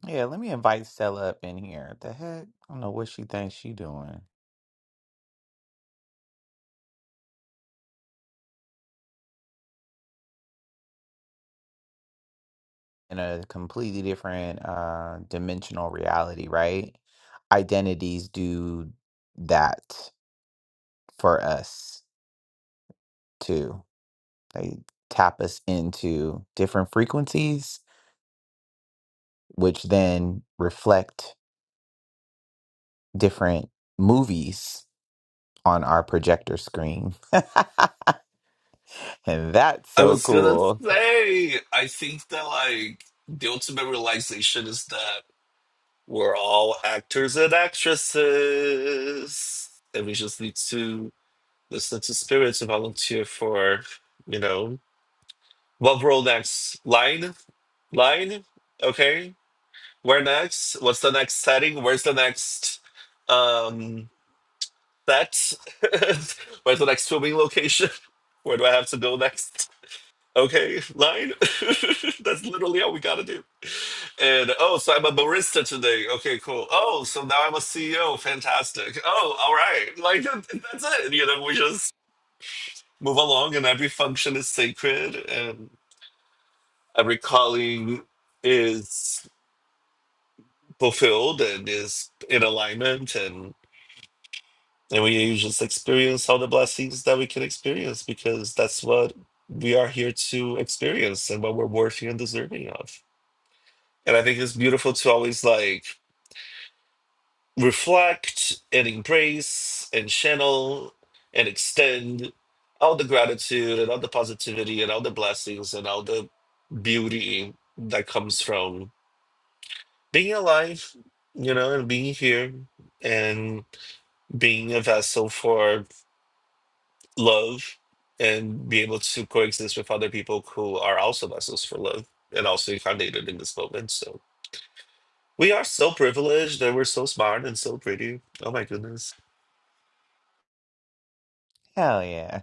yeah. Let me invite Stella up in here. What the heck? I don't know what she thinks she doing. in a completely different uh, dimensional reality, right? Identities do that for us too. They tap us into different frequencies, which then reflect different movies on our projector screen. and that's
I
so
was gonna
cool.
say, I think that, like, the ultimate realization is that we're all actors and actresses. And we just need to listen to spirit to volunteer for, you know, what role next? Line? Line? okay. Where next? What's the next setting? Where's the next um set? Where's the next filming location? Where do I have to go next? Okay, line. That's literally all we gotta do. And oh, so I'm a barista today. Okay, cool. Oh, so now I'm a CEO. Fantastic. Oh, all right. Like that- that's it. You know, we just move along, and every function is sacred, and every calling is fulfilled and is in alignment, and. And we just experience all the blessings that we can experience because that's what we are here to experience and what we're worthy and deserving of. And I think it's beautiful to always like reflect and embrace and channel and extend all the gratitude and all the positivity and all the blessings and all the beauty that comes from being alive, you know, and being here and being a vessel for love and be able to coexist with other people who are also vessels for love and also incarnated in this moment. So we are so privileged and we're so smart and so pretty. Oh my goodness.
Hell yeah.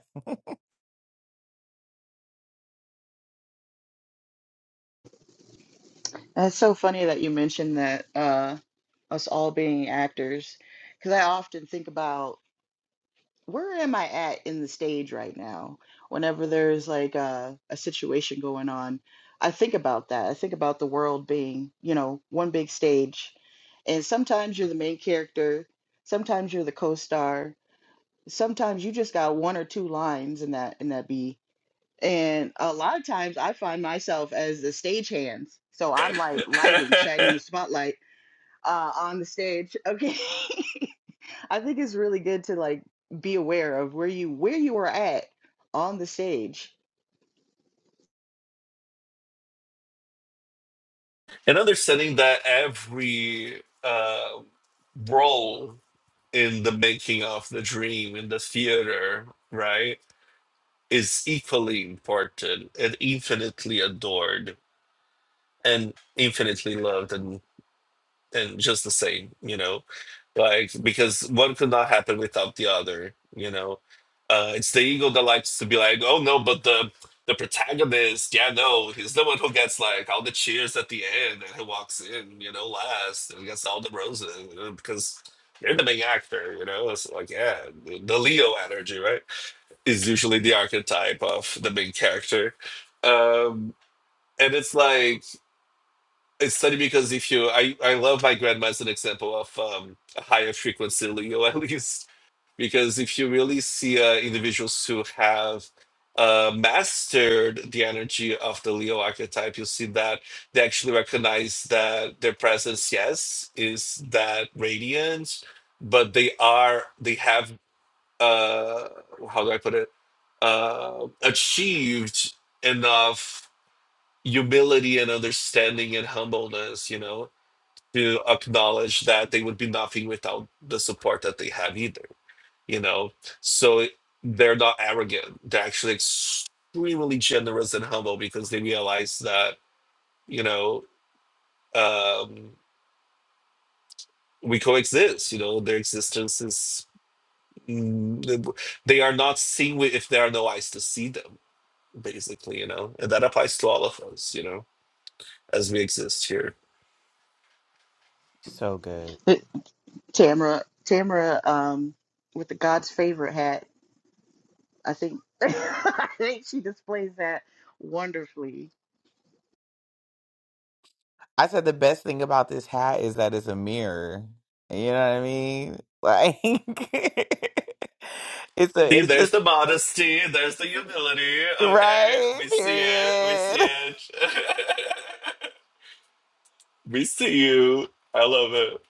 That's so funny that you mentioned that uh, us all being actors, because I often think about where am I at in the stage right now? Whenever there's like a, a situation going on, I think about that. I think about the world being, you know, one big stage. And sometimes you're the main character, sometimes you're the co-star, sometimes you just got one or two lines in that in that B. And a lot of times I find myself as the stagehands. So I'm like lighting, shining the spotlight uh, on the stage. Okay, I think it's really good to like be aware of where you where you are at on the stage.
and understanding that every uh, role in the making of the dream, in the theater, right, is equally important and infinitely adored and infinitely loved and. and just the same, you know, like because one could not happen without the other, you know. Uh, it's the ego that likes to be like, oh no, but the the protagonist, yeah, no, he's the one who gets like all the cheers at the end, and he walks in, you know, last and gets all the roses you know, because they're the main actor, you know. It's like, yeah, the the Leo energy, right, is usually the archetype of the main character. Um, and it's like it's funny because if you, I, I love my grandma as an example of um, a higher frequency Leo, at least, because if you really see uh, individuals who have uh, mastered the energy of the Leo archetype, you see that they actually recognize that their presence, yes, is that radiance, but they are, they have, uh, how do I put it, uh, achieved enough humility and understanding and humbleness, you know to acknowledge that they would be nothing without the support that they have either you know so they're not arrogant they're actually extremely generous and humble because they realize that you know um, we coexist you know their existence is mm, they are not seen with if there are no eyes to see them basically you know and that applies to all of us you know as we exist here
So good.
But Tamara, Tamara, um, with the God's favorite hat, I think I think she displays that wonderfully.
I said the best thing about this hat is that it's a mirror. You know what I mean? Like it's a
See,
it's
there's the
just
modesty, there's the humility. Okay,
right,
we see it, we see
period.
it, we see you. I love it.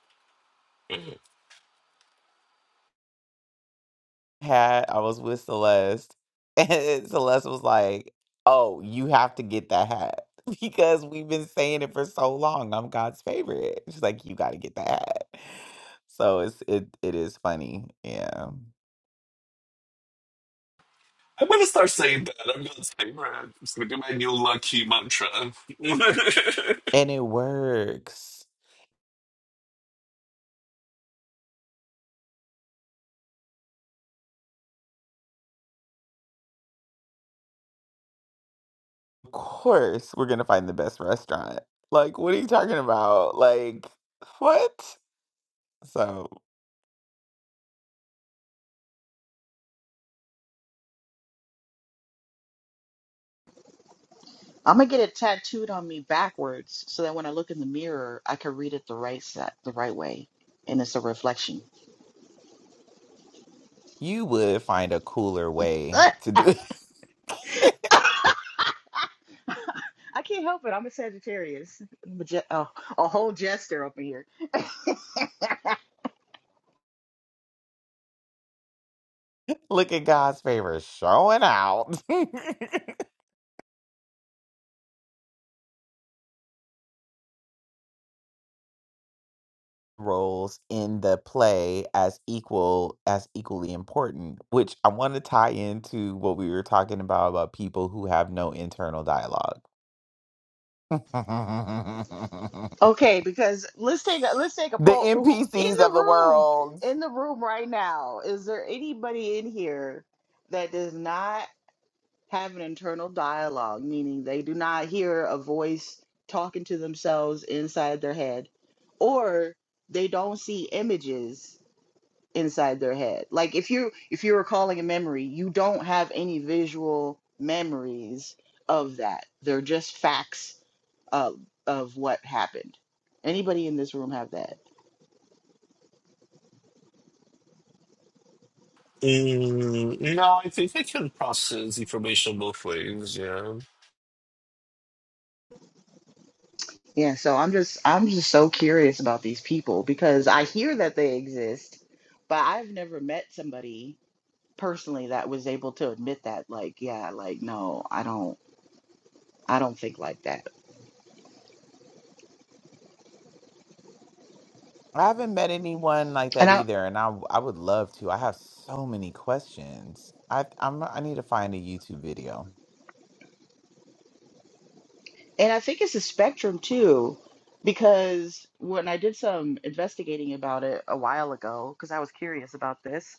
Hat, I was with Celeste and Celeste was like, Oh, you have to get that hat because we've been saying it for so long. I'm God's favorite. She's like, You gotta get that hat. So it's it it is funny. Yeah.
I'm gonna start saying that. I'm gonna say that. I'm just gonna do my new lucky mantra.
And it works. course we're gonna find the best restaurant. Like, what are you talking about? Like, what? So
I'm gonna get it tattooed on me backwards so that when I look in the mirror, I can read it the right side, the right way, and it's a reflection.
you would find a cooler way to
I
do it.
can't help it. I'm a Sagittarius. I'm a, je- oh, a whole jester up in here.
Look at God's favor showing out. Roles in the play as equal as equally important, which I want to tie into what we were talking about about people who have no internal dialogue. the
Okay, because let's take a let's take a poll. Who in
NPCs
the
of the
room?
world.
In the room right now, is there anybody in here that does not have an internal dialogue, meaning they do not hear a voice talking to themselves inside their head, or they don't see images inside their head. Like if you if you're recalling a memory, you don't have any visual memories of that. They're just facts of of what happened. Anybody in this room have that?
Mm, no, I think I can process information both ways. Yeah,
Yeah, so I'm just I'm just so curious about these people because I hear that they exist, but I've never met somebody personally that was able to admit that like, yeah, like no, I don't I don't think like that.
I haven't met anyone like
And
that
I.
either, and I w- I would love to. I have so many questions. I I'm I need to find a YouTube video.
And I think it's a spectrum too, because when I did some investigating about it a while ago, because I was curious about this,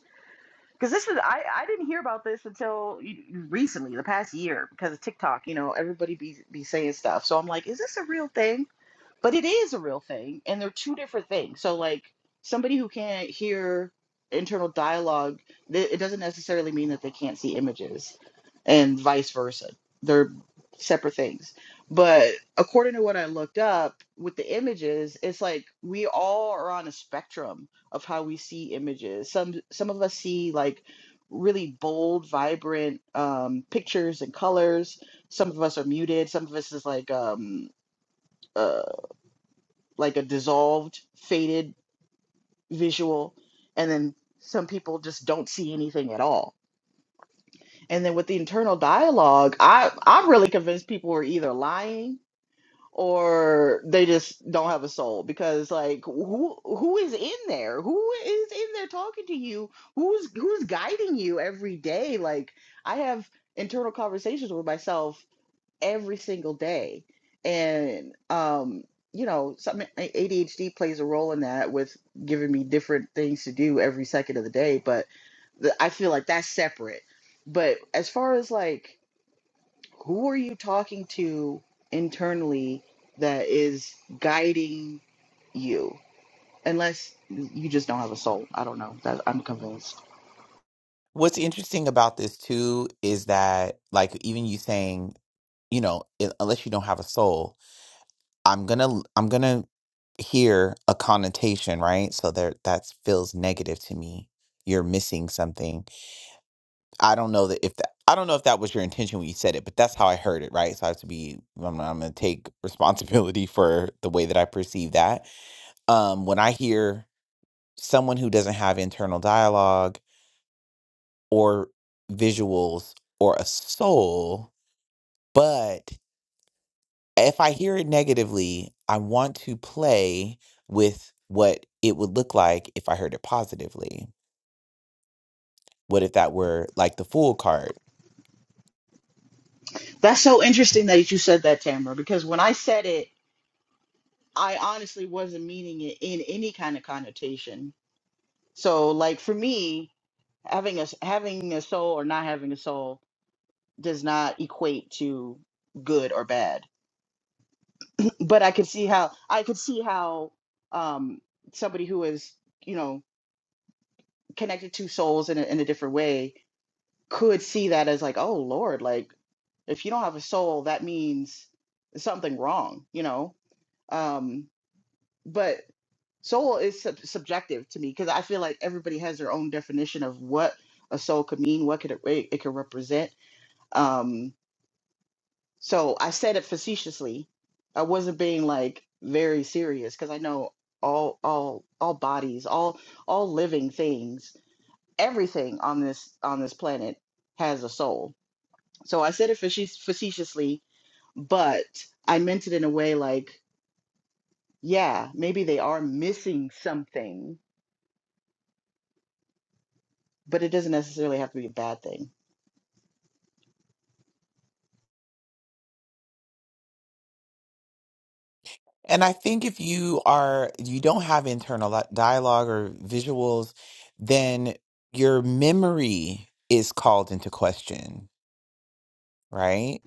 because this was I, I didn't hear about this until y- recently, the past year, because of TikTok. You know, everybody be be saying stuff, so I'm like, is this a real thing? but it is a real thing and they're two different things so like somebody who can't hear internal dialogue th- it doesn't necessarily mean that they can't see images and vice versa they're separate things but according to what i looked up with the images it's like we all are on a spectrum of how we see images some some of us see like really bold vibrant um, pictures and colors some of us are muted some of us is like um uh, like a dissolved, faded visual, and then some people just don't see anything at all. And then with the internal dialogue, I I'm really convinced people are either lying or they just don't have a soul because like who who is in there? Who is in there talking to you? Who's who's guiding you every day? Like I have internal conversations with myself every single day. And, um, you know, something ADHD plays a role in that with giving me different things to do every second of the day. But the, I feel like that's separate. But as far as like, who are you talking to internally that is guiding you? Unless you just don't have a soul. I don't know. That, I'm convinced.
What's interesting about this too is that like even you saying, you know, i- unless you don't have a soul, I'm gonna l- I'm gonna hear a connotation, right? So there that feels negative to me. You're missing something. I don't know that if that I don't know if that was your intention when you said it, but that's how I heard it, right? So I have to be I'm, I'm going to take responsibility for the way that I perceive that. Um when I hear someone who doesn't have internal dialogue or visuals or a soul, but if I hear it negatively, I want to play with what it would look like if I heard it positively. What if that were like the fool card?
That's so interesting that you said that, Tamara, because when I said it, I honestly wasn't meaning it in any kind of connotation. So, like for me, having a s- having a soul or not having a soul does not equate to good or bad. But I could see how I could see how um, somebody who is you know connected to souls in a, in a different way could see that as like, oh Lord, like if you don't have a soul, that means something wrong, you know. Um, but soul is sub- subjective to me because I feel like everybody has their own definition of what a soul could mean, what could it, it, it could represent. Um, so I said it facetiously. I wasn't being like very serious because I know all all all bodies, all all living things, everything on this on this planet has a soul. So I said it faci- facetiously, but I meant it in a way like, yeah, maybe they are missing something but it doesn't necessarily have to be a bad thing.
And I think if you are you don't have internal li- dialogue or visuals, then your memory is called into question, right?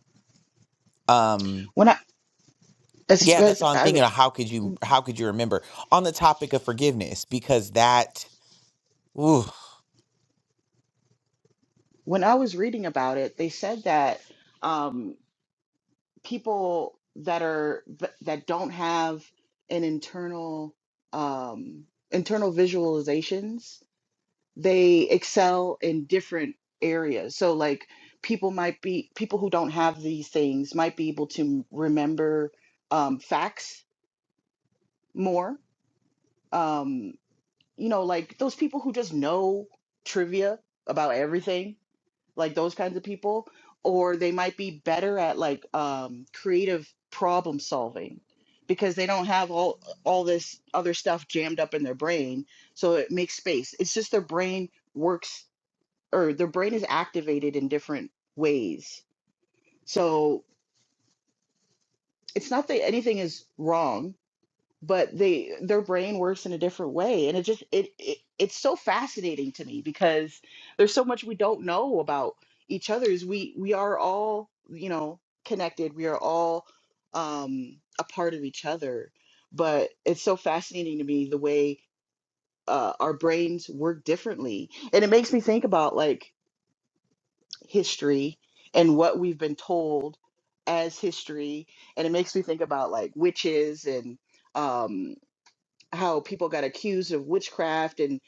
Um
When I as,
yeah, that's
as
all I'm
I
thinking of. How could you how could you remember on the topic of forgiveness? Because that ooh.
when I was reading about it, they said that um, people that are that don't have an internal um, internal visualizations, they excel in different areas. So like people might be people who don't have these things might be able to remember um, facts more. Um, you know, like those people who just know trivia about everything, like those kinds of people, or they might be better at like um, creative problem solving because they don't have all all this other stuff jammed up in their brain, so it makes space. It's just their brain works or their brain is activated in different ways. So it's not that anything is wrong but they their brain works in a different way and it just it, it it's so fascinating to me because there's so much we don't know about each other's we we are all you know connected we are all um a part of each other but it's so fascinating to me the way uh, our brains work differently and it makes me think about like history and what we've been told as history and it makes me think about like witches and um how people got accused of witchcraft and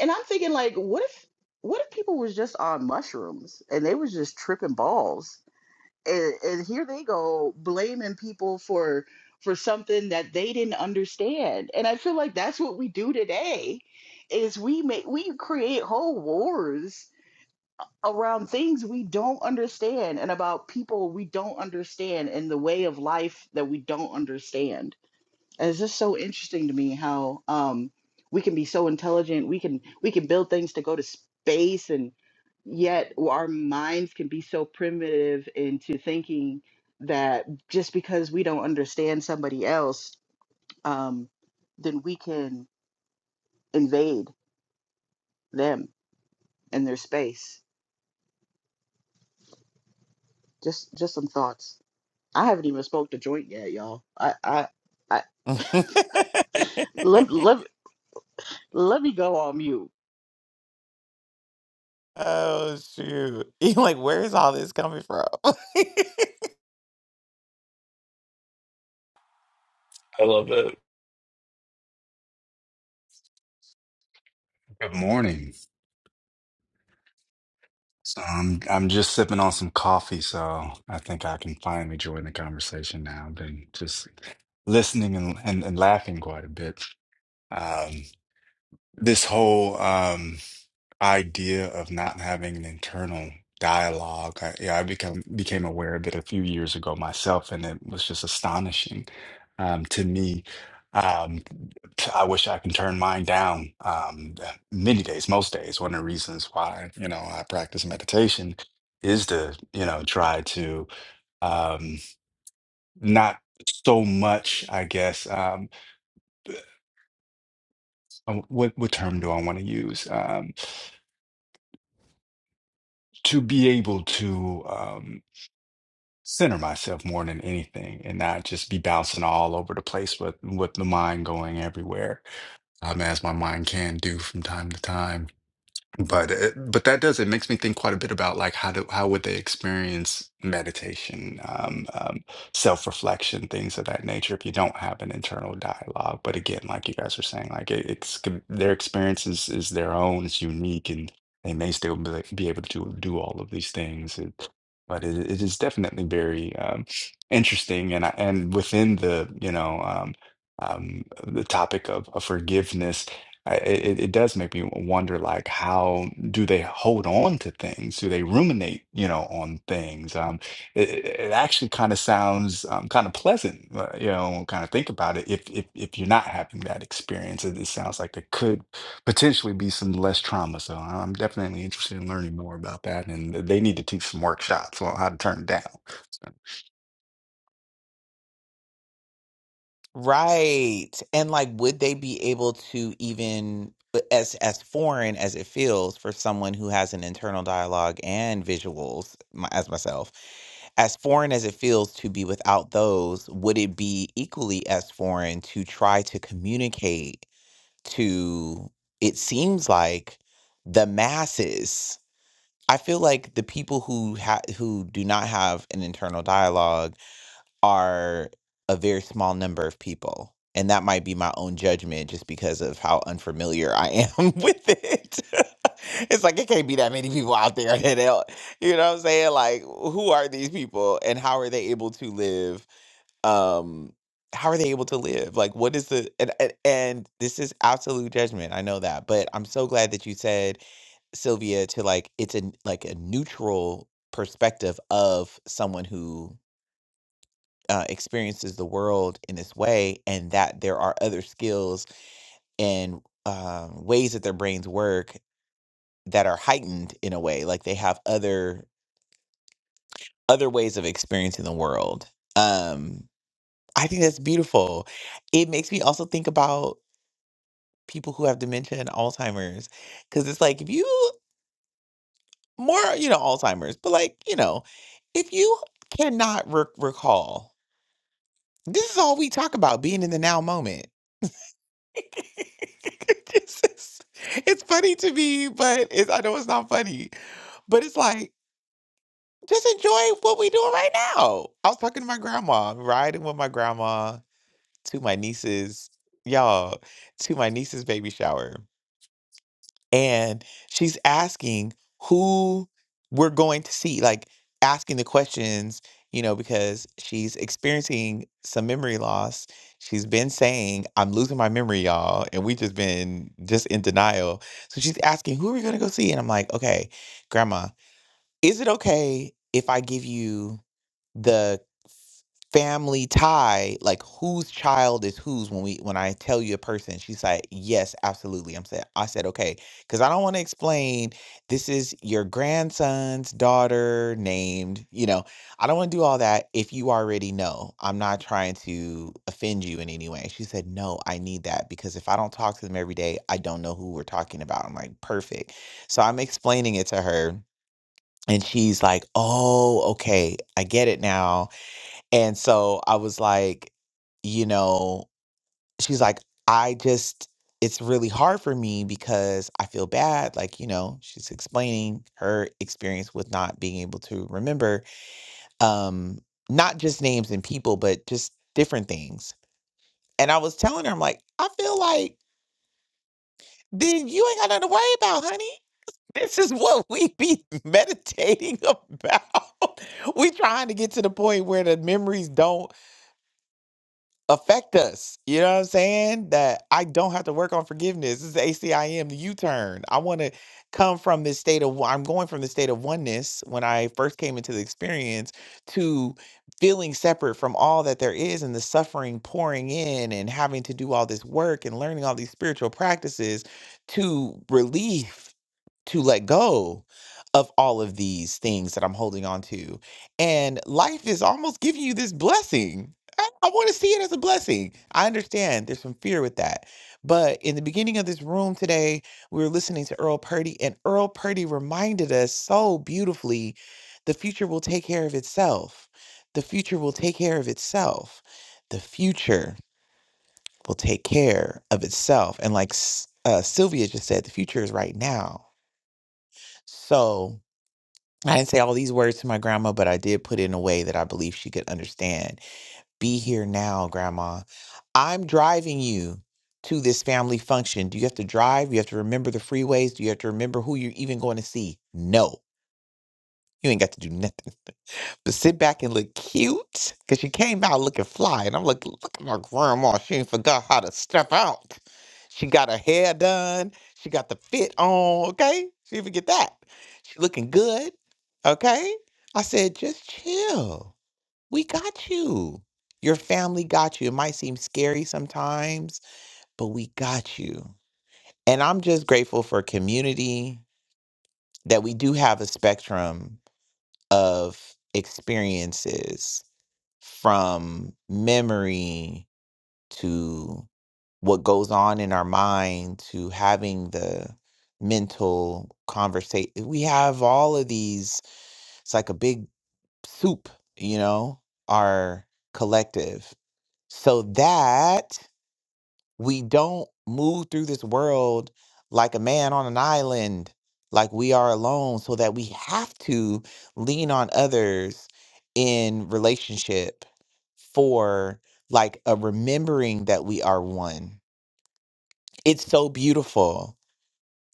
and I'm thinking like what if what if people was just on mushrooms and they was just tripping balls and, and here they go blaming people for for something that they didn't understand and I feel like that's what we do today is we make we create whole wars around things we don't understand and about people we don't understand and the way of life that we don't understand it's just so interesting to me how um we can be so intelligent we can we can build things to go to space and yet our minds can be so primitive into thinking that just because we don't understand somebody else um then we can invade them and their space just just some thoughts i haven't even spoke to joint yet y'all i i i let, let, let me go on mute
oh shoot. You're like, where is all this coming from?
I love it.
Good morning. So I'm I'm just sipping on some coffee, so I think I can finally join the conversation now. I've been just listening and and, and laughing quite a bit. Um, this whole um, idea of not having an internal dialogue, I, yeah, I become became aware of it a few years ago myself, and it was just astonishing um, to me. Um, I wish I can turn mine down um, uh, many days, most days. One of the reasons why, you know, I practice meditation is to, you know, try to um, not so much, I guess. Um, uh, what what term do I want to use? Um, to be able to um, center myself more than anything, and not just be bouncing all over the place with with the mind going everywhere, um, as my mind can do from time to time But it, but that does it makes me think quite a bit about like how do how would they experience meditation, um, um, self-reflection, things of that nature if you don't have an internal dialogue. But again, like you guys are saying, like it, it's com- their experience is, is their own, it's unique, and they may still be, like, be able to do all of these things. It, but it, it is definitely very um, interesting, and I, and within the you know um, um, the topic of, of forgiveness I, it, it does make me wonder, like, how do they hold on to things? Do they ruminate, you know, on things? Um, it, it it actually kind of sounds um, kind of pleasant, uh, you know, kind of think about it. If if if you're not having that experience, it, it sounds like there could potentially be some less trauma. So I'm definitely interested in learning more about that, and they need to teach some workshops on how to turn it down. So
Right. And like would they be able to even uh, as as foreign as it feels for someone who has an internal dialogue and visuals my, as myself, as foreign as it feels to be without those, would it be equally as foreign to try to communicate to it seems like the masses? I feel like the people who ha- who do not have an internal dialogue are a very small number of people. And that might be my own judgment just because of how unfamiliar I am with it. it's like, it can't be that many people out there that, help. you know what I'm saying? Like, who are these people and how are they able to live? Um, how are they able to live? Like, what is the, and, and, and this is absolute judgment. I know that, but I'm so glad that you said Sylvia to like it's a like a neutral perspective of someone who uh, experiences the world in this way, and that there are other skills and um, ways that their brains work that are heightened in a way, like they have other other ways of experiencing the world. Um, I think that's beautiful. It makes me also think about people who have dementia and Alzheimer's, because it's like if you more, you know, Alzheimer's, but like you know, if you cannot re- recall, this is all we talk about: being in the now moment It's just- it's funny to me, but it's, I know it's not funny. But it's like, just enjoy what we doing right now. I was talking to my grandma, riding with my grandma to my niece's, y'all, to my niece's baby shower and she's asking who we're going to see like asking the questions you know because she's experiencing some memory loss she's been saying i'm losing my memory y'all and we just been just in denial so she's asking who are we going to go see and i'm like okay grandma is it okay if i give you the family tie like whose child is whose when we when i tell you a person she's like yes absolutely i'm saying i said okay because i don't want to explain this is your grandson's daughter named you know i don't want to do all that if you already know i'm not trying to offend you in any way she said no i need that because if i don't talk to them every day i don't know who we're talking about i'm like perfect so i'm explaining it to her and she's like oh okay i get it now and so I was like, you know, she's like, I just, it's really hard for me because I feel bad. Like, you know, she's explaining her experience with not being able to remember, um, not just names and people, but just different things. And I was telling her, I'm like, I feel like then you ain't got nothing to worry about, honey. This is what we be meditating about. we trying to get to the point where the memories don't affect us. You know what I'm saying? That I don't have to work on forgiveness. This is ACIM, the U-turn. I want to come from this state of I'm going from the state of oneness when I first came into the experience to feeling separate from all that there is and the suffering pouring in and having to do all this work and learning all these spiritual practices to relief to let go of all of these things that I'm holding on to. And life is almost giving you this blessing. I, I want to see it as a blessing. I understand there's some fear with that. But in the beginning of this room today, we were listening to Earl Purdy, and Earl Purdy reminded us so beautifully the future will take care of itself. The future will take care of itself. The future will take care of itself. And like S- uh, Sylvia just said, the future is right now. So I didn't say all these words to my grandma, but I did put it in a way that I believe she could understand. Be here now, grandma. I'm driving you to this family function. Do you have to drive? You have to remember the freeways? Do you have to remember who you're even going to see? No, you ain't got to do nothing. But sit back and look cute because she came out looking fly. And I'm like, look at my grandma. She ain't forgot how to step out. She got her hair done. She got the fit on. Okay. She didn't forget that. She looking good. Okay. I said, just chill. We got you. Your family got you. It might seem scary sometimes, but we got you. And I'm just grateful for community that we do have a spectrum of experiences from memory to what goes on in our mind to having the mental conversation we have all of these it's like a big soup you know our collective so that we don't move through this world like a man on an island, like we are alone, so that we have to lean on others in relationship for like a remembering that we are one. It's so beautiful.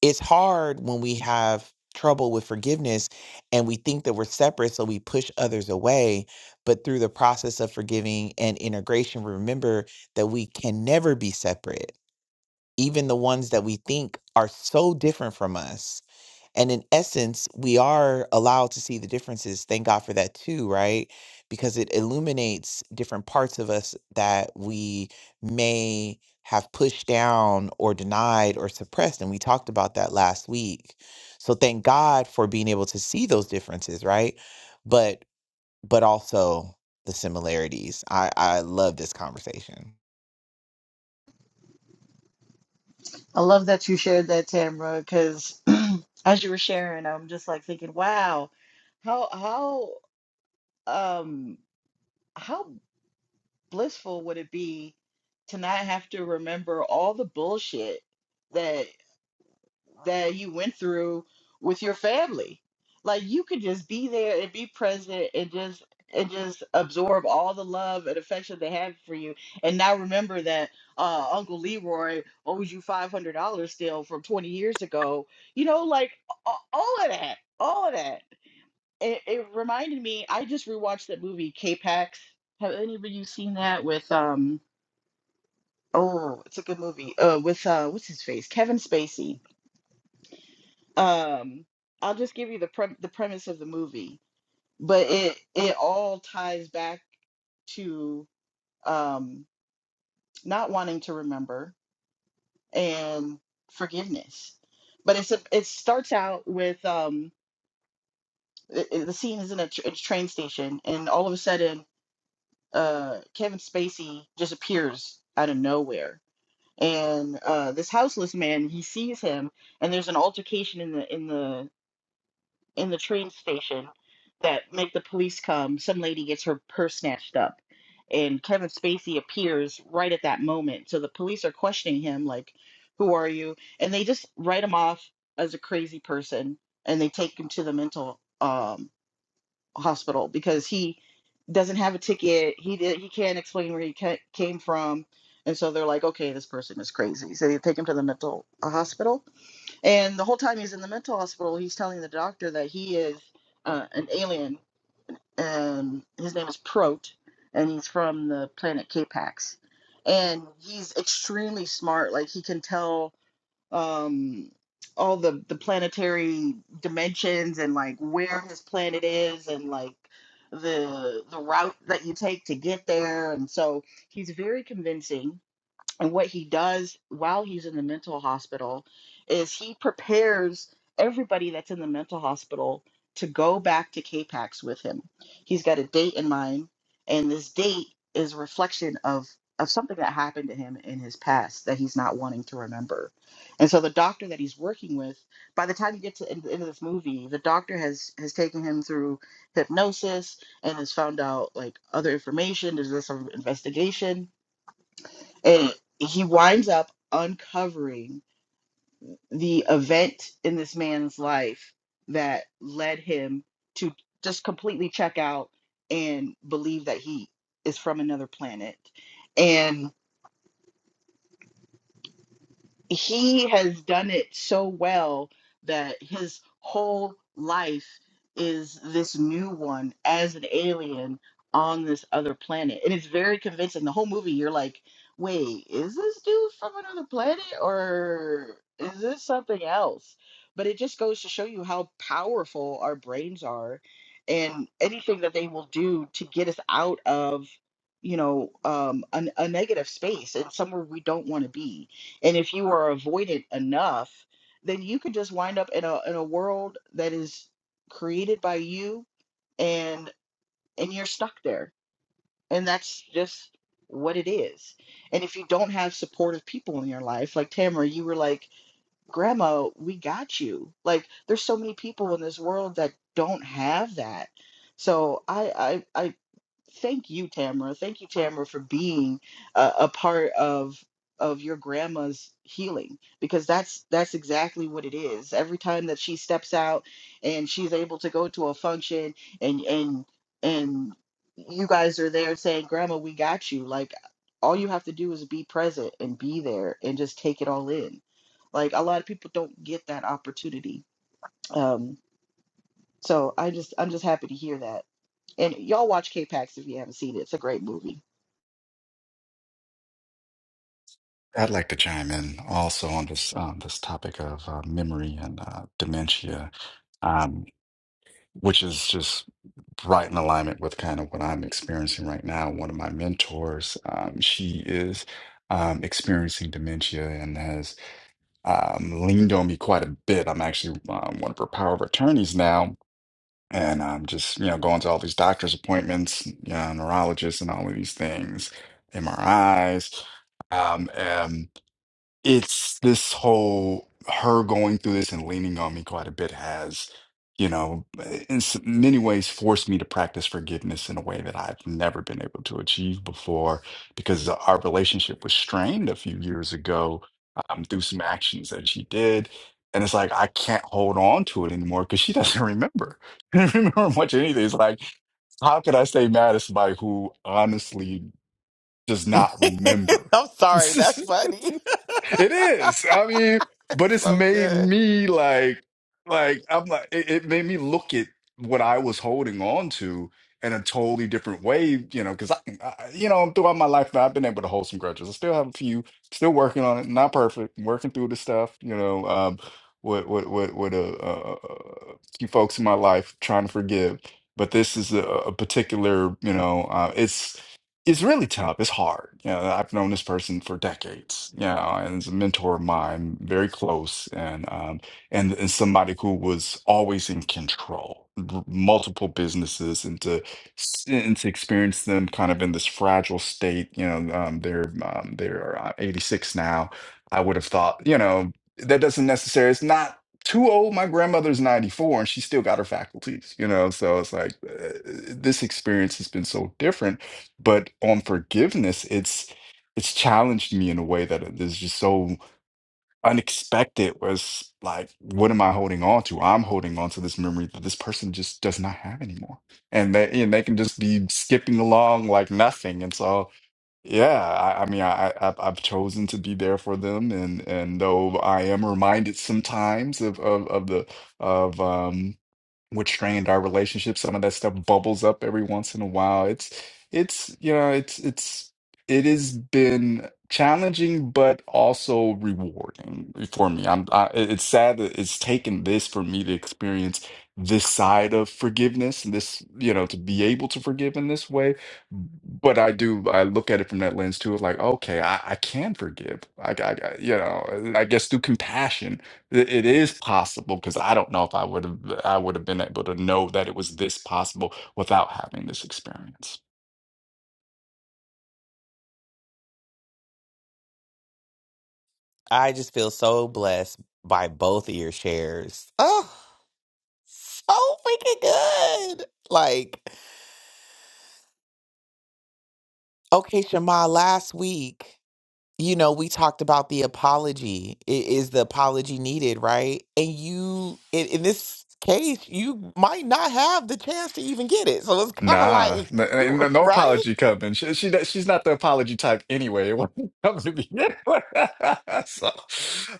It's hard when we have trouble with forgiveness and we think that we're separate, so we push others away. But through the process of forgiving and integration, remember that we can never be separate even the ones that we think are so different from us. And in essence, we are allowed to see the differences. Thank God for that too, right? Because it illuminates different parts of us that we may have pushed down or denied or suppressed. And we talked about that last week. So thank God for being able to see those differences, right? But but also the similarities. I, I love this conversation.
I love that you shared that, Tamra, because as you were sharing, I'm just like thinking, wow, how how um how blissful would it be to not have to remember all the bullshit that you went through with your family. Like you could just be there and be present and just and just absorb all the love and affection they have for you. And now remember that uh, Uncle Leroy owes you five hundred dollars still from twenty years ago. You know, like a- all of that, all of that. It, it reminded me. I just rewatched that movie K-Pax. Have any of you seen that with um? Oh, it's a good movie. Uh, with uh, what's his face? Kevin Spacey um i'll just give you the pre- the premise of the movie but it it all ties back to um not wanting to remember and forgiveness but it's a, it starts out with um i- i- the scene is in a, tr- a train station and all of a sudden uh kevin spacey just appears out of nowhere and uh this houseless man he sees him and there's an altercation in the in the in the train station that make the police come. Some lady gets her purse snatched up, and Kevin Spacey appears right at that moment. So the police are questioning him, like, "Who are you?" And they just write him off as a crazy person, and they take him to the mental um, hospital because he doesn't have a ticket. He did, he can't explain where he ca- came from, and so they're like, "Okay, this person is crazy." So they take him to the mental uh, hospital and the whole time he's in the mental hospital, he's telling the doctor that he is uh, an alien, and his name is Prot, and he's from the planet Capax. And he's extremely smart. Like he can tell um, all the the planetary dimensions and like where his planet is, and like the the route that you take to get there. And so he's very convincing and what he does while he's in the mental hospital is he prepares everybody that's in the mental hospital to go back to K Pax with him. He's got a date in mind, and this date is a reflection of of something that happened to him in his past that he's not wanting to remember. And so the doctor that he's working with, by the time you get to the end- the end of this movie, the doctor has has taken him through hypnosis and has found out like other information. There's this sort of investigation and he winds up uncovering the event in this man's life that led him to just completely check out and believe that he is from another planet. And he has done it so well that his whole life is this new one as an alien on this other planet. And it's very convincing. The whole movie, you're like, wait, is this dude from another planet or is this something else? But it just goes to show you how powerful our brains are and anything that they will do to get us out of, you know, um, a, a negative space and somewhere we don't want to be and if you are avoided enough, then you could just wind up in a in a world that is created by you and and you're stuck there. And that's just what it is. And if you don't have supportive people in your life, like Tamara, you were like, Grandma, we got you. Like there's so many people in this world that don't have that. So I I, I thank you, Tamara. Thank you, Tamara, for being a, a part of of your grandma's healing because that's that's exactly what it is. Every time that she steps out and she's able to go to a function and and and you guys are there saying, "Grandma, we got you." Like all you have to do is be present and be there and just take it all in. Like a lot of people don't get that opportunity. Um so I just I'm just happy to hear that. And y'all watch K-Pax if you haven't seen it. It's a great movie.
I'd like to chime in also on this um, this topic of uh, memory and uh, dementia. Um, which is just right in alignment with kind of what I'm experiencing right now. One of my mentors, um, she is um, experiencing dementia and has um, leaned on me quite a bit. I'm actually um, one of her power of attorneys now. And I'm just, you know, going to all these doctor's appointments, you know, neurologists and all of these things, MRIs. Um, it's this whole her going through this and leaning on me quite a bit has, you know, in s- many ways forced me to practice forgiveness in a way that I've never been able to achieve before because our relationship was strained a few years ago um, through some actions that she did. And it's like, I can't hold on to it anymore because she doesn't remember. She doesn't remember much of anything. It's like, how could I stay mad at somebody who honestly just not remember.
I'm sorry,
it
that's funny.
is. I mean, but
it's
it's
so
made
good.
me like, like I'm like, it, it made me look at what I was holding on to in a totally different way. You know, because I, I, you know, throughout my life, I've been able to hold some grudges. I still have a few. Still working on it. Not perfect. Working through the stuff. You know, um, with with with, with a, uh a few folks in my life trying to forgive. But this is a, a particular, you know, uh, it's it's really tough. It's hard. You know, I've known this person for decades, you know, and it's a mentor of mine, very close, and um, and and somebody who was always in control, r- multiple businesses, and to s- and to experience them kind of in this fragile state. You know, um, they're um, they're uh, 86 now. I would have thought, you know, that doesn't necessarily. It's not too old. My grandmother's 94, and she still got her faculties. You know, so it's like uh, this experience has been so different but on forgiveness, it's it's challenged me in a way that it is just so unexpected, where it's like, what am I holding on to? I'm holding on to this memory that this person just does not have anymore. And they and they can just be skipping along like nothing. And so yeah, I, I mean I, I I've I've chosen to be there for them and and though I am reminded sometimes of of, of the of um which strained our relationship. Some of that stuff bubbles up every once in a while. It's it's you know it's it's it has been challenging, but also rewarding for me. I'm I, it- it's sad that it's taken this for me to experience this side of forgiveness and this you know to be able to forgive in this way but i do i look at it from that lens too of like okay i, I can forgive I, I I- you know i guess through compassion it it is possible because I don't know if I would have I would have been able to know that it was this possible without having this experience.
I just feel so blessed by both of your shares. Oh, so freaking good. Like, okay, Shema, last week. you know, we talked about the apology. I- Is the apology needed, right? And you, in, in this case, you might not have the chance to even get it. So it's kind of like,
Nah, no, no, no
right?
apology coming. She, she she's not the apology type anyway. It wasn't coming to begin with, So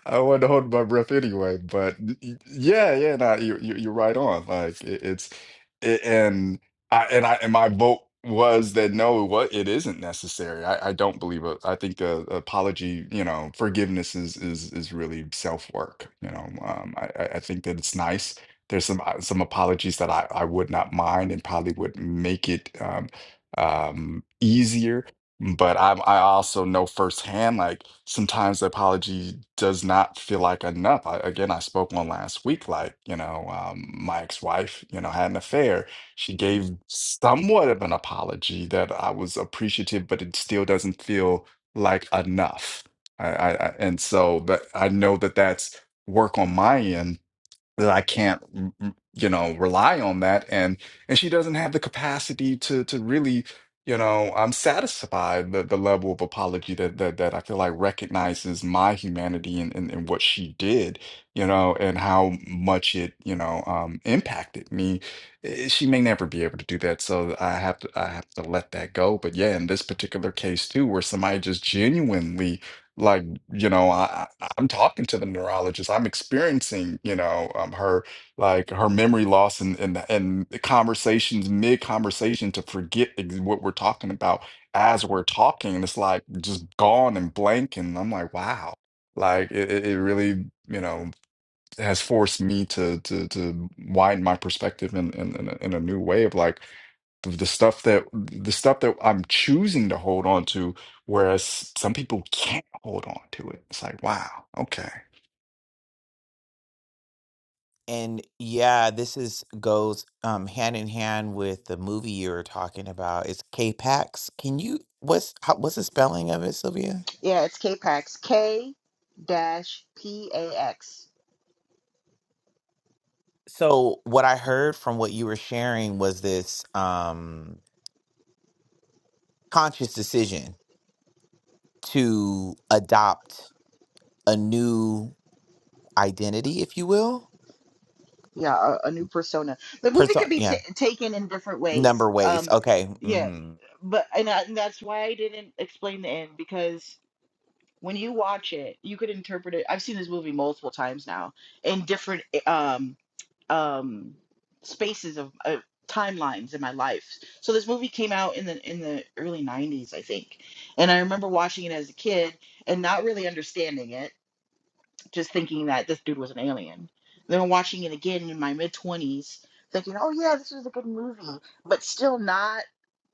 I wanted to hold my breath anyway. But y- y- yeah, yeah, nah, you, you you're right on. Like it, it's it, and I and I and my vote was that no, what it isn't necessary. I, I don't believe it. I think uh apology, you know, forgiveness is is is really self work. You know, um, I I I think that it's nice there's some uh, some apologies that I, I would not mind and probably would make it um, um, easier. But I I also know firsthand like sometimes the apology does not feel like enough. I, again, I spoke on last week like you know um, my ex-wife you know had an affair. She gave somewhat of an apology that I was appreciative, but it still doesn't feel like enough. I, I, I and so but I know that that's work on my end that I can't, mm, mm, you know, rely on that. And and she doesn't have the capacity to to really, you know, I'm satisfied the the level of apology that that that I feel like recognizes my humanity and and, and what she did, you know, and how much it, you know, um, impacted me. Eh, She may never be able to do that, so I have to I have to let that go. But yeah, in this particular case too, where somebody just genuinely. like you know I, I- i'm talking to the neurologist i'm experiencing you know um, her like her memory loss and and and the conversations mid conversation to forget ex- what we're talking about as we're talking and it's like just gone and blank and i'm like wow like it, it it really you know has forced me to to to widen my perspective in in, in, a, in a new way of like the stuff that the stuff that I'm choosing to hold on to, whereas some people can't hold on to it. It's like, wow, okay.
And yeah, this is goes um, hand in hand with the movie you were talking about. It's K-Pax. Can you what's how, what's the spelling of it, Sylvia?
Yeah, it's K-Pax. K dash P A X.
So what I heard from what you were sharing was this um, conscious decision to adopt a new identity, if you will.
Yeah, a, a new persona. The movie
Person,
could be t-
yeah,
taken in different
number
ways.
ways.
Um,
Okay.
yeah,
mhm.
but and, I, and that's why I didn't explain the end because when you watch it, you could interpret it. I've seen this movie multiple times now in different eh, um um spaces of uh, timelines in my life. So this movie came out in the in the early '90s, I think, and I remember watching it as a kid and not really understanding it just thinking that this dude was an alien. Then watching it again in my mid twenties, thinking, "Oh yeah, this was a good movie," but still not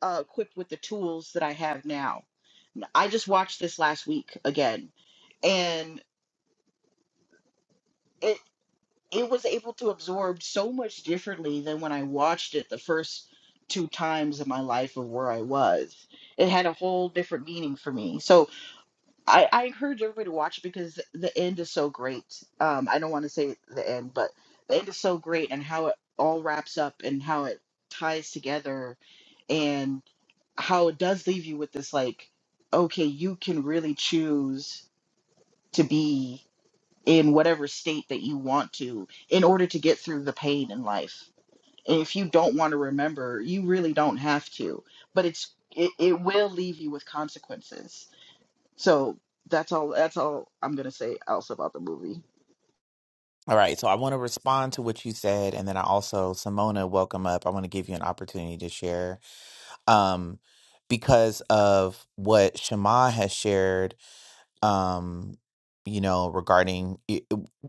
uh, equipped with the tools that I have now. I just watched this last week again, and it it was able to absorb so much differently than when I watched it the first two times in my life of where I was. It had a whole different meaning for me. So I, I encourage everybody to watch it because the end is so great. Um, I don't want to say the end, but the end is so great and how it all wraps up and how it ties together and how it does leave you with this like, okay, you can really choose to be in whatever state that you want to in order to get through the pain in life. And if you don't want to remember, you really don't have to, but it's it, it will leave you with consequences so that's all. That's all I'm gonna say else about the movie.
All right. So I want to respond to what you said, and then I also, Simona, welcome up. I want to give you an opportunity to share, um, because of what Shema has shared. Um, you know, regarding it,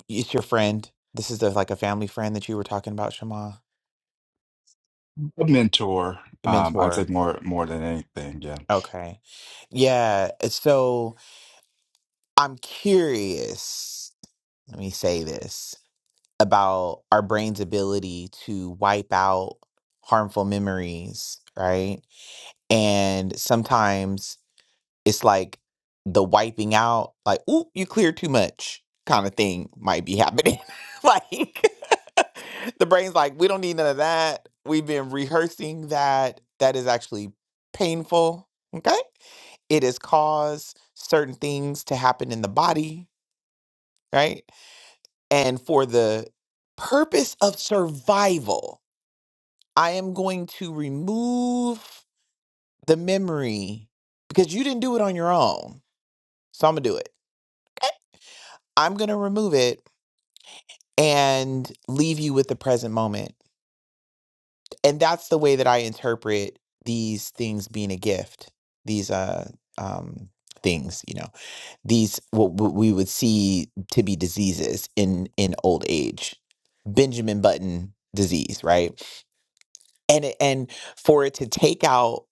it's your friend. This is the, like a family friend that you were talking about, Shema,
A mentor, um, I'd say
mentor.
more more than anything. Yeah.
Okay. Yeah. So I'm curious. Let me say this. about our brain's ability to wipe out harmful memories, right? And sometimes it's like the wiping out, like, ooh, you clear too much kind of thing might be happening. like the brain's like, we don't need none of that. We've been rehearsing that. That is actually painful. Okay. It has caused certain things to happen in the body, right? And for the purpose of survival, I am going to remove the memory because you didn't do it on your own. So I'm going to do it. I'm going to remove it and leave you with the present moment. And that's the way that I interpret these things being a gift, these uh, um, things, you know, these what what we would see to be diseases in in old age. Benjamin Button disease, right? and it- and for it to take out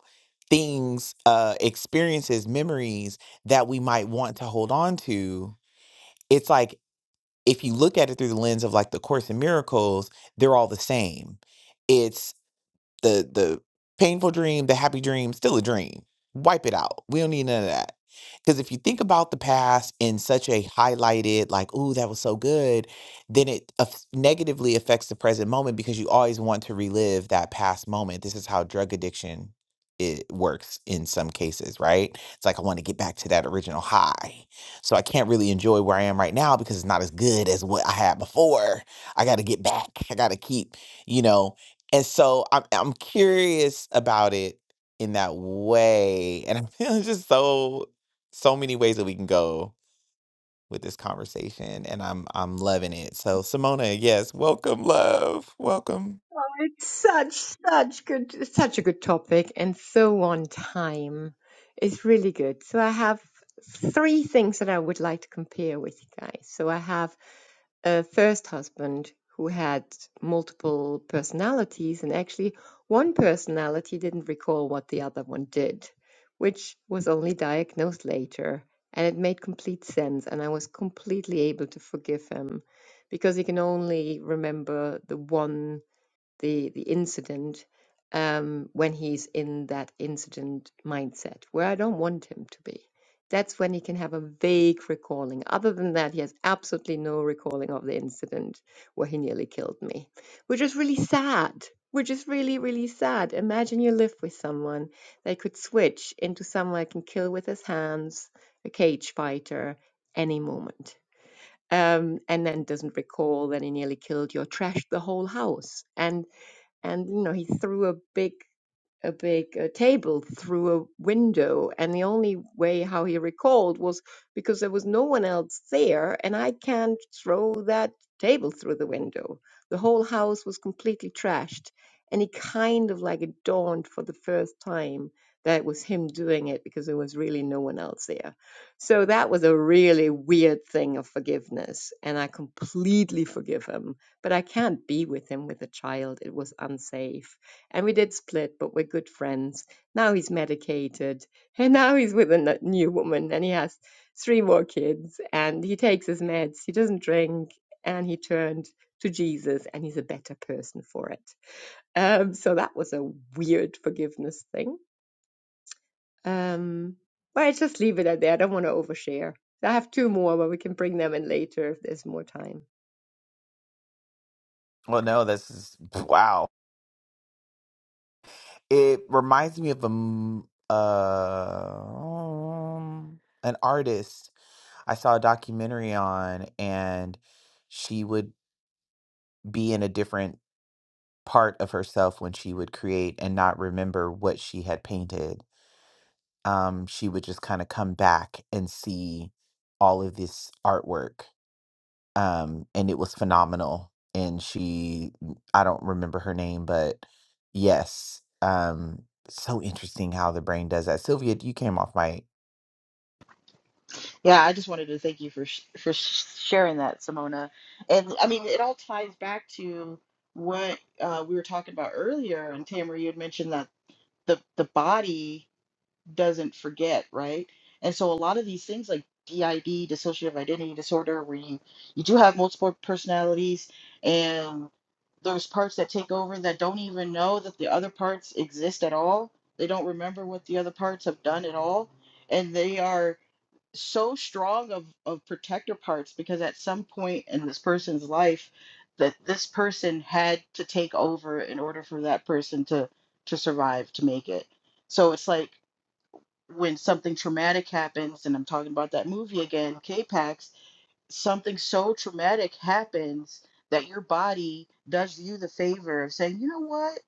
things uh experiences memories that we might want to hold on to it's like if you look at it through the lens of like the course in miracles they're all the same the the painful dream, the happy dream, still a dream. Wipe it out. We don't need none of that. Because if you think about the past in such a highlighted, like, ooh, that was so good, then it aff- negatively affects the present moment because you always want to relive that past moment. This is how drug addiction it works in some cases, right? It's like I want to get back to that original high. So I can't really enjoy where I am right now because it's not as good as what I had before. I got to get back. I got to keep, you know, and so I'm I'm curious about it in that way. And I feel it's just so so many ways that we can go with this conversation. And I'm I'm loving it. So Simona, yes, welcome, love. Welcome.
it's such such good it's such a good topic and so on time. It's really good. So I have three things that I would like to compare with you guys. So I have a first husband who had multiple personalities, and actually, one personality didn't recall what the other one did, which was only diagnosed later. And it made complete sense, and I was completely able to forgive him because he can only remember the one the the incident um, when he's in that incident mindset where I don't want him to be. That's when he can have a vague recalling. Other than that, he has absolutely no recalling of the incident where he nearly killed me, which is really sad. Which is really, really sad. Imagine you live with someone that could switch into someone that can kill with his hands, a cage fighter, any moment um, and then doesn't recall that he nearly killed you or trashed the whole house. and and you know he threw a big a big uh, table through a window and the only way how he recalled was because there was no one else there and i can't throw that table through the window the whole house was completely trashed and he kind of like it dawned for the first time that it was him doing it because there was really no one else there so that was a really weird thing of forgiveness and i completely forgive him but i can't be with him with a child it was unsafe and we did split, but we're good friends. Now he's medicated, and now he's with a n- new woman, and he has three more kids, and he takes his meds, he doesn't drink, and he turned to Jesus, and he's a better person for it. Um, so that was a weird forgiveness thing. Um, but I just leave it at that. I don't want to overshare. I have two more, but we can bring them in later if there's more time.
Well, no, this is wow. It reminds me of a m- um an artist I saw a documentary on and she would be in a different part of herself when she would create and not remember what she had painted. Um, she would just kind of come back and see all of this artwork. Um, and it was phenomenal. And she, mm, I don't remember her name, but yes. Um, so interesting how the brain does that. Sylvia, you came off mic.
Yeah, I just wanted to thank you for sh- for sh- sharing that, Simona. And I mean, it all ties back to what uh, we were talking about earlier. And Tamara, you had mentioned that the the body. doesn't forget, right? And so a lot of these things like DID, dissociative identity disorder, where you, you do have multiple personalities and there's parts that take over that don't even know that the other parts exist at all. They don't remember what the other parts have done at all. And they are so strong of, of protector parts because at some point in this person's life that this person had to take over in order for that person to to survive, to make it. So it's like when something traumatic happens, and I'm talking about that movie again, K-Pax, something so traumatic happens that your body does you the favor of saying, you know what,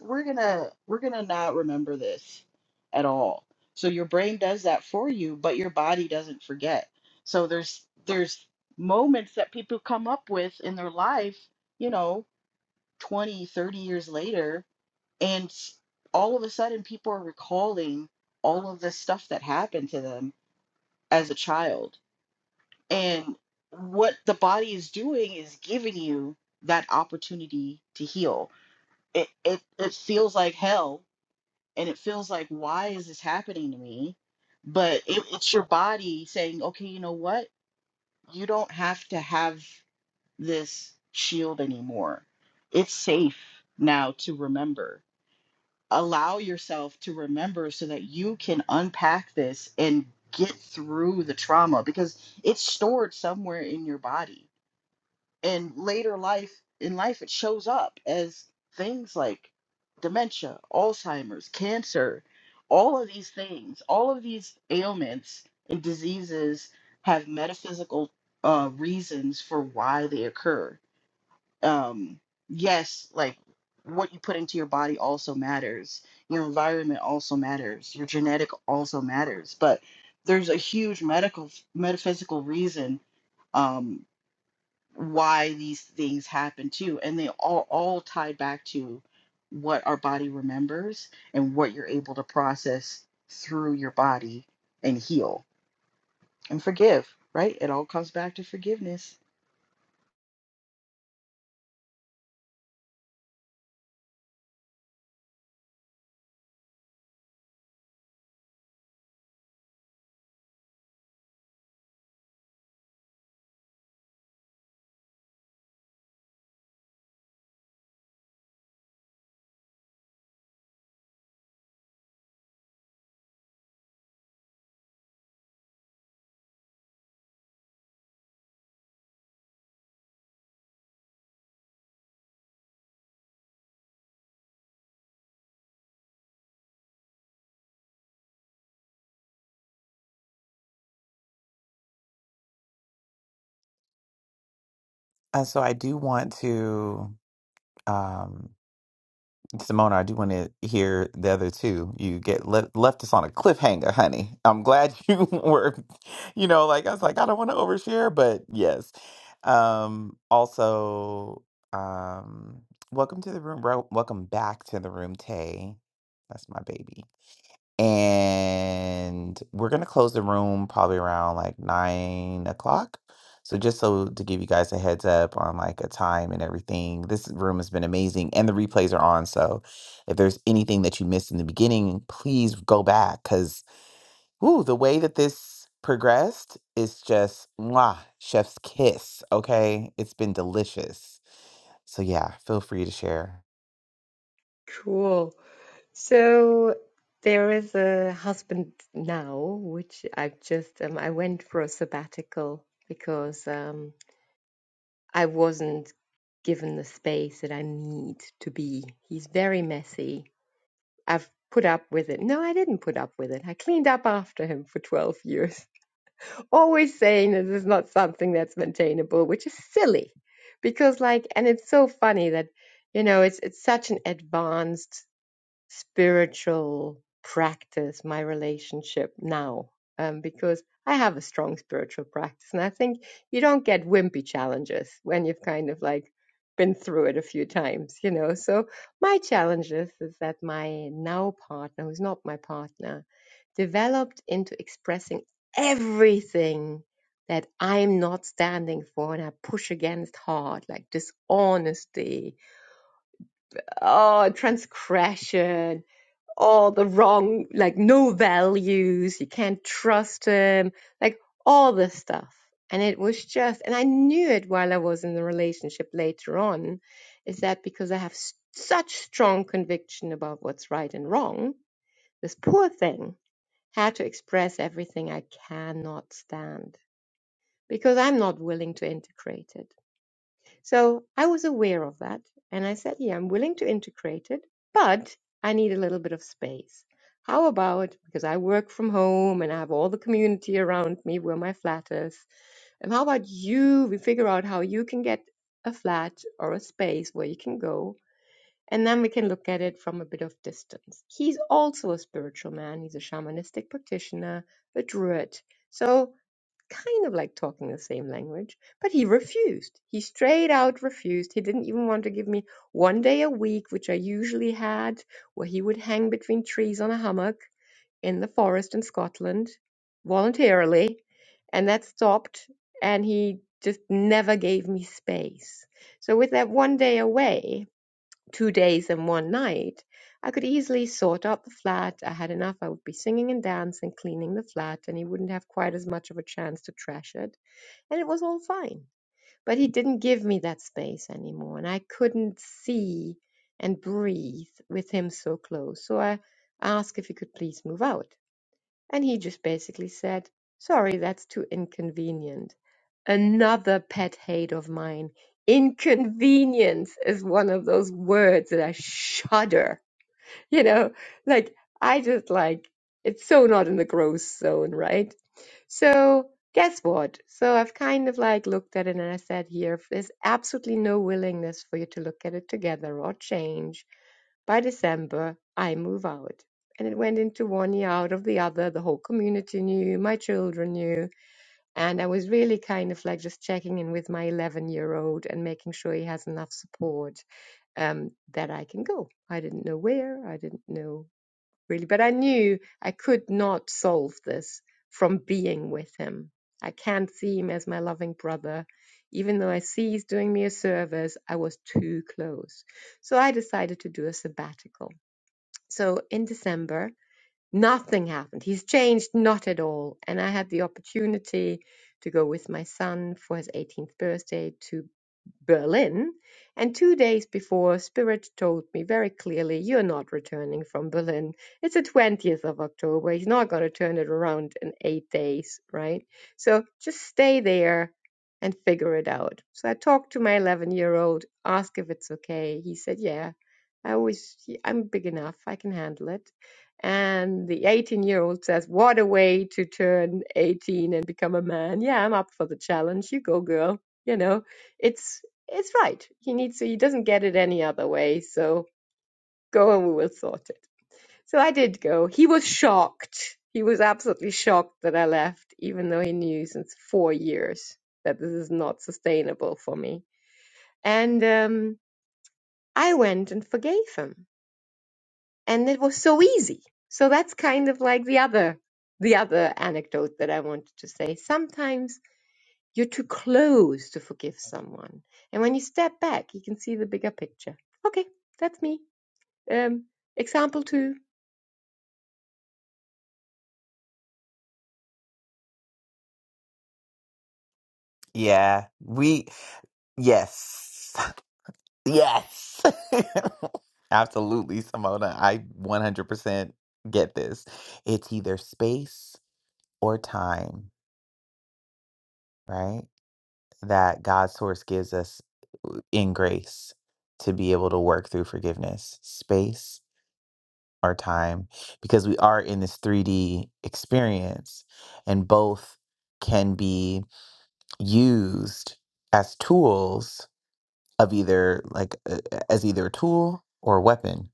we're gonna we're gonna not remember this at all. So your brain does that for you, but your body doesn't forget. So there's there's moments that people come up with in their life, you know, 20, 30 years later and all of a sudden people are recalling all of the stuff that happened to them as a child and what the body is doing is giving you that opportunity to heal it, it it feels like hell and it feels like why is this happening to me but it, it's your body saying okay you know what you don't have to have this shield anymore it's safe now to remember allow yourself to remember so that you can unpack this and get through the trauma because it's stored somewhere in your body and later life in life it shows up as things like dementia alzheimer's cancer all of these things all of these ailments and diseases have metaphysical uh, reasons for why they occur um yes like what you put into your body also matters your environment also matters your genetic also matters but there's a huge medical metaphysical reason um why these things happen too and they all all tie back to what our body remembers and what you're able to process through your body and heal and forgive right it all comes back to forgiveness
And so I do want to. um. Simona, I do want to hear the other two. You get le- left us on a cliffhanger, honey. I'm glad you were, you know, like I was like, I don't want to overshare, but yes. Um, also, um, welcome to the room, bro. Welcome back to the room, Tay. That's my baby and we're gonna close the room probably around like nine o'clock. So just so to give you guys a heads up on like a time and everything, this room has been amazing, and the replays are on. So if there's anything that you missed in the beginning, please go back because woo, the way that this progressed is just mwah, chef's kiss. Okay, it's been delicious. So yeah, feel free to share.
Cool. So there is a husband now, which I've just um, I went for a sabbatical because um, I wasn't given the space that I need to be. He's very messy. I've put up with it. No, I didn't put up with it. I cleaned up after him for 12 years, always saying this is not something that's maintainable, which is silly because like, and it's so funny that, you know, it's it's such an advanced spiritual practice, my relationship now, um, because I have a strong spiritual practice. And I think you don't get wimpy challenges when you've kind of like been through it a few times, you know. So my challenges is that my now partner, who's not my partner, developed into expressing everything that I'm not standing for and I push against hard, like dishonesty, oh, transgression, all the wrong, like no values, you can't trust him, like all this stuff. And it was just, and I knew it while I was in the relationship later on, is that because I have such strong conviction about what's right and wrong, this poor thing had to express everything I cannot stand because I'm not willing to integrate it. So I was aware of that and I said, yeah, I'm willing to integrate it, but I need a little bit of space. How about because I work from home and I have all the community around me where my flat is? And how about you? We figure out how you can get a flat or a space where you can go. And then we can look at it from a bit of distance. He's also a spiritual man. He's a shamanistic practitioner, a druid. So kind of like talking the same language, but he refused. He straight out refused. He didn't even want to give me one day a week, which I usually had, where he would hang between trees on a hummock in the forest in Scotland voluntarily. And that stopped. And he just never gave me space. So, with that one day away, two days and one night, I could easily sort out the flat. I had enough. I would be singing and dancing, cleaning the flat, and he wouldn't have quite as much of a chance to trash it. And it was all fine. But he didn't give me that space anymore, and I couldn't see and breathe with him so close. So I asked if he could please move out. And he just basically said, Sorry, that's too inconvenient. Another pet hate of mine. Inconvenience is one of those words that I shudder. You know, like I just like it's so not in the gross zone, right? So guess what? So I've kind of like looked at it and I said, here, if there's absolutely no willingness for you to look at it together or change, by December, I move out. And it went into one year out of the other. The whole community knew, my children knew. And I was really kind of like just checking in with my 11 year old and making sure he has enough support um, that I can go. I didn't know where, I didn't know really, but I knew I could not solve this from being with him. I can't see him as my loving brother. Even though I see he's doing me a service, I was too close. So I decided to do a sabbatical so in December, nothing happened. He's changed not at all. And I had the opportunity to go with my son for his 18th birthday to. Berlin. And two days before, Spirit told me very clearly, You're not returning from Berlin. It's the 20th of October. He's not going to turn it around in eight days, right? So just stay there and figure it out. So I talked to my 11 year old, asked if it's okay. He said, Yeah, I always, I'm big enough. I can handle it. And the 18 year old says, What a way to turn 18 and become a man. Yeah, I'm up for the challenge. You go, girl. You know, it's it's right. He needs to, he doesn't get it any other way. So go and we will sort it. So I did go. He was shocked. He was absolutely shocked that I left, even though he knew since four years that this is not sustainable for me. And um, I went and forgave him. And it was so easy. So that's kind of like the other the other anecdote that I wanted to say. Sometimes you're too close to forgive someone. And when you step back, you can see the bigger picture. Okay, that's me. Um, example two.
Yeah, we yes. Yes. Absolutely, Simona. I 100% get this. It's either space or time, right? That God's source gives us uh, in grace to be able to work through forgiveness, space or time, because we are in this 3D experience and both can be used as tools of either like uh, as either a tool or a weapon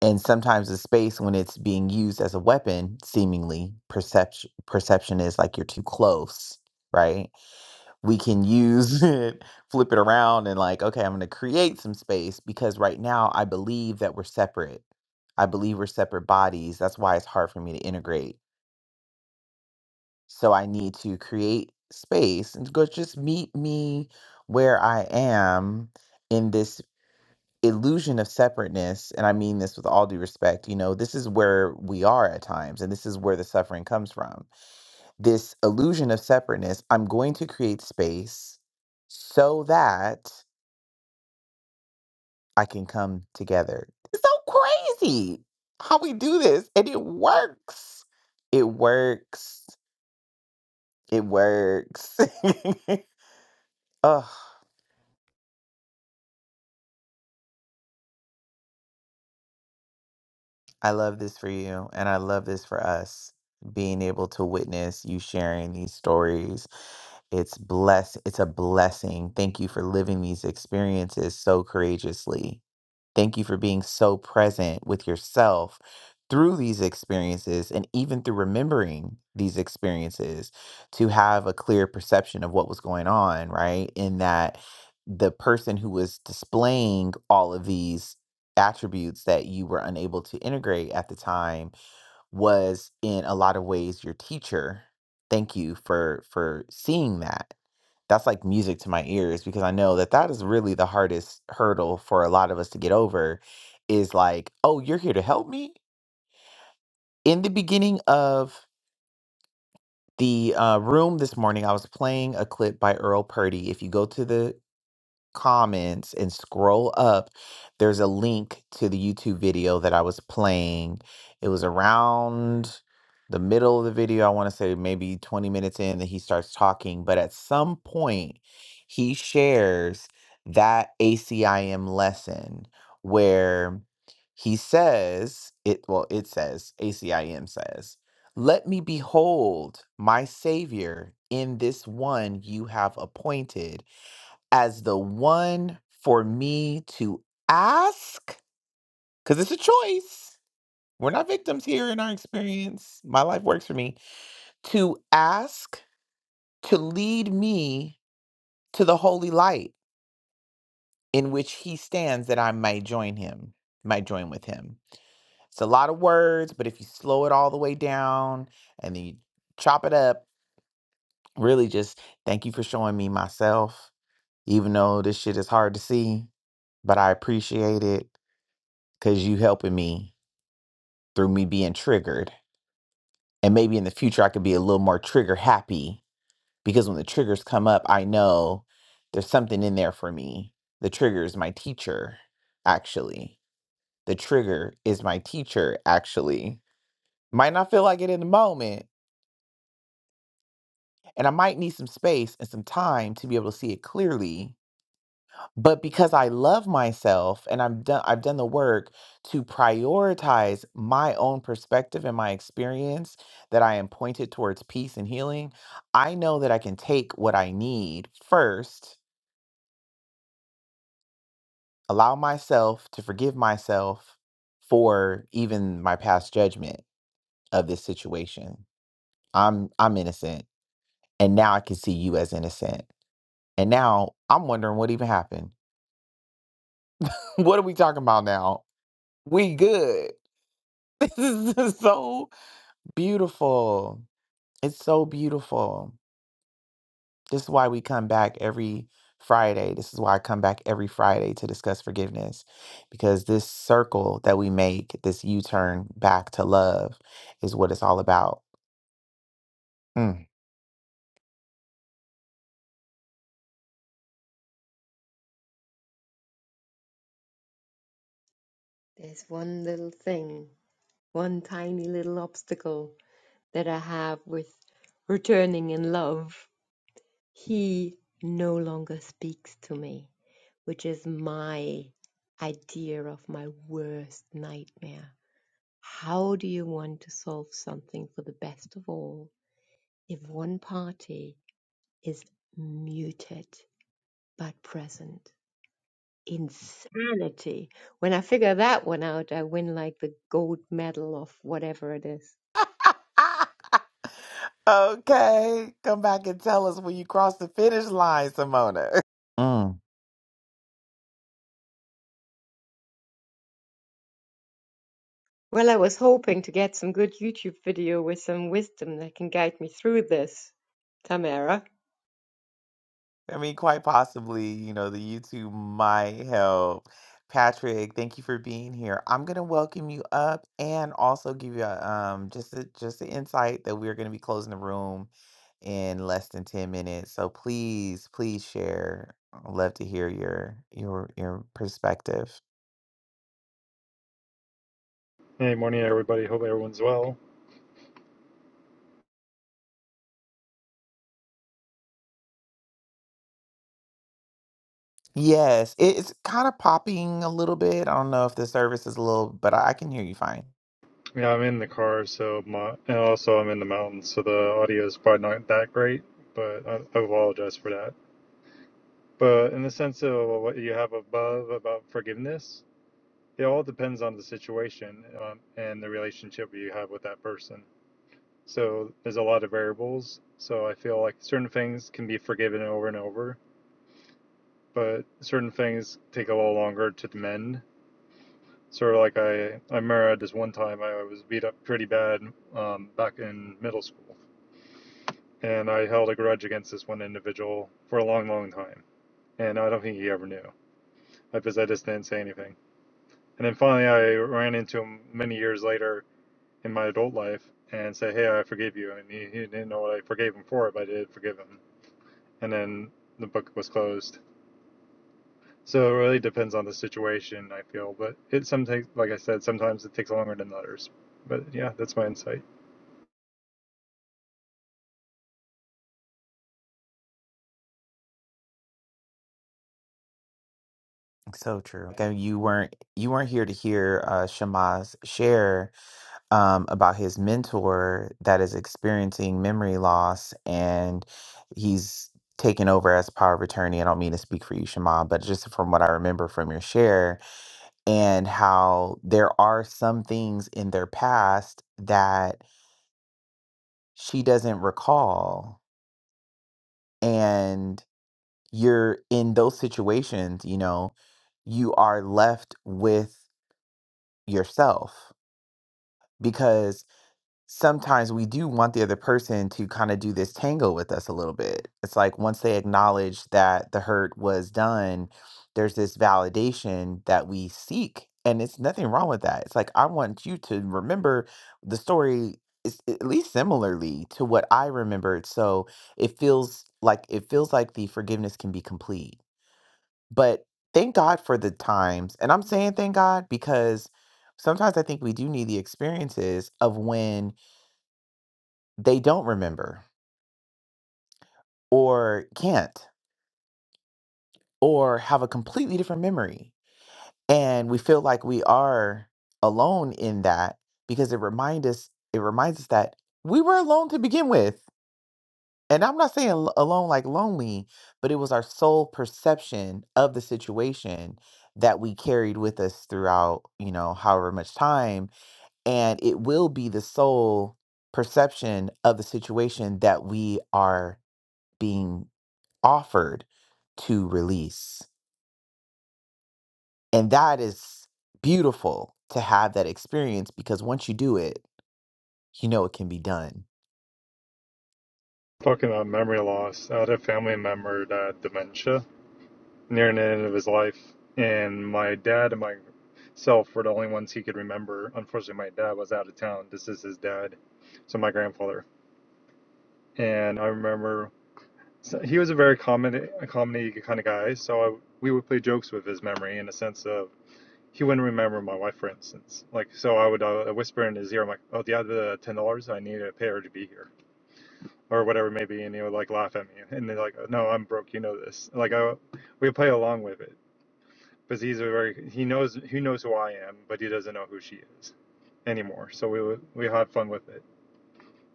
and sometimes the space when it's being used as a weapon seemingly perception perception is like you're too close right we can use it flip it around and like okay i'm going to create some space because right now i believe that we're separate i believe we're separate bodies that's why it's hard for me to integrate so i need to create space and go just meet me where i am in this illusion of separateness, and I mean this with all due respect, you know, this is where we are at times, and this is where the suffering comes from. This illusion of separateness, I'm going to create space so that I can come together. It's so crazy how we do this, and it works. It works. It works. Ugh. I love this for you, and I love this for us being able to witness you sharing these stories. It's bless. It's a blessing. Thank you for living these experiences so courageously Thank you for being so present with yourself through these experiences and even through remembering these experiences to have a clear perception of what was going on, right? In that the person who was displaying all of these attributes that you were unable to integrate at the time was in a lot of ways your teacher. Thank you for for seeing that that's like music to my ears because I know that that is really the hardest hurdle for a lot of us to get over is like, oh, you're here to help me. In the beginning of the uh, room this morning, I was playing a clip by Earl Purdy. If you go to the comments and scroll up, there's a link to the YouTube video that I was playing. It was around the middle of the video. I want to say maybe 20 minutes in that he starts talking, but at some point, he shares that ACIM lesson where he says, it well, it says, ACIM says, let me behold my Savior in this one you have appointed as the one for me to ask? Because it's a choice. We're not victims here in our experience. My life works for me. To ask to lead me to the holy light in which he stands that I might join him, might join with him. It's a lot of words, but if you slow it all the way down and then you chop it up, really just thank you for showing me myself, even though this shit is hard to see, but I appreciate it. because you helping me through me being triggered. And maybe in the future, I could be a little more trigger happy because when the triggers come up, I know there's something in there for me. The trigger is my teacher, actually. The trigger is my teacher, actually. Might not feel like it in the moment, and I might need some space and some time to be able to see it clearly But because I love myself and I've done I've done the work to prioritize my own perspective and my experience that I am pointed towards peace and healing, I know that I can take what I need first, allow myself to forgive myself for even my past judgment of this situation. I'm I'm innocent and now I can see you as innocent. And now I'm wondering what even happened. what are we talking about now? We good. so Beautiful. It's so beautiful. This is why we come back every Friday. This is why I come back every Friday to discuss forgiveness because this circle that we make, this U turn back to love, is what it's all about. Mm.
There's one little thing, one tiny little obstacle that I have with returning in love. He no longer speaks to me, which is my idea of my worst nightmare. How do you want to solve something for the best of all if one party is muted but present? Insanity. When I figure that one out, I win like the gold medal of whatever it is.
Okay. Come back and tell us when you cross the finish line, Simona.
Well, I was hoping to get some good YouTube video with some wisdom that can guide me through this, Tamara.
I mean, quite possibly, you know, the YouTube might help. Patrick, thank you for being here. I'm gonna welcome you up and also give you a um just a, just the insight that we're gonna be closing the room in less than 10 minutes. So please, please share. I'd love to hear your your your perspective.
Hey, morning everybody. Hope everyone's well.
Yes, it's kind of popping a little bit. I don't know if the service is a little, but I I can hear you fine.
Yeah, I'm in the car, so my and also I'm in the mountains, so the audio is probably not that great, but I, I apologize for that. But in the sense of what you have above about forgiveness, it all depends on the situation um, and the relationship you have with that person. So there's a lot of variables. So I feel like certain things can be forgiven over and over, but certain things take a little longer to mend Sort of like I, I remember this one time I was beat up pretty bad um, back in middle school, and I held a grudge against this one individual for a long, long time, and I don't think he ever knew because I just didn't say anything. And then finally, I ran into him many years later in my adult life and said, "Hey, I forgive you," and he, he didn't know what I forgave him for, but I did forgive him. And then the book was closed. So it really depends on the situation, I feel, but it sometimes, like I said, sometimes it takes longer than others. But yeah, that's my insight.
So true. Okay, you weren't you weren't here to hear uh Shama's share. um, about his mentor that is experiencing memory loss and he's taken over as power of attorney. I don't mean to speak for you, Shema, but just from what I remember from your share and how there are some things in their past that she doesn't recall. And you're in those situations, you know, you are left with yourself because. sometimes we do want the other person to kind of do this tango with us a little bit. It's like once they acknowledge that the hurt was done, there's this validation that we seek. And it's nothing wrong with that. It's like, I want you to remember the story is at least similarly to what I remembered. So it feels like it feels like the forgiveness can be complete. But thank God for the times. And I'm saying thank God because sometimes I think we do need the experiences of when they don't remember or can't or have a completely different memory. And we feel like we are alone in that because it remind us it reminds us that we were alone to begin with. And I'm not saying al- alone like lonely, but it was our sole perception of the situation that we carried with us throughout, you know, however much time. And it will be the sole perception of the situation that we are being offered to release. And that is beautiful to have that experience because once you do it, you know it can be done.
talking about memory loss. I had a family member that had dementia near the end of his life, and my dad and myself were the only ones he could remember. Unfortunately, my dad was out of town. This is his dad, so my grandfather. And I remember so he was a very comedy, a comedy kind of guy, so I, we would play jokes with his memory in the sense of he wouldn't remember my wife, for instance. Like, so I would uh, whisper in his ear, I'm like, "Oh, the other ten dollars I needed to pay her to be here." or whatever it may be, and he would like laugh at me, and they're like, "No, I'm broke. You know this." Like I, we play along with it because he's a very he knows he knows who I am, but he doesn't know who she is anymore. So we we had fun with it,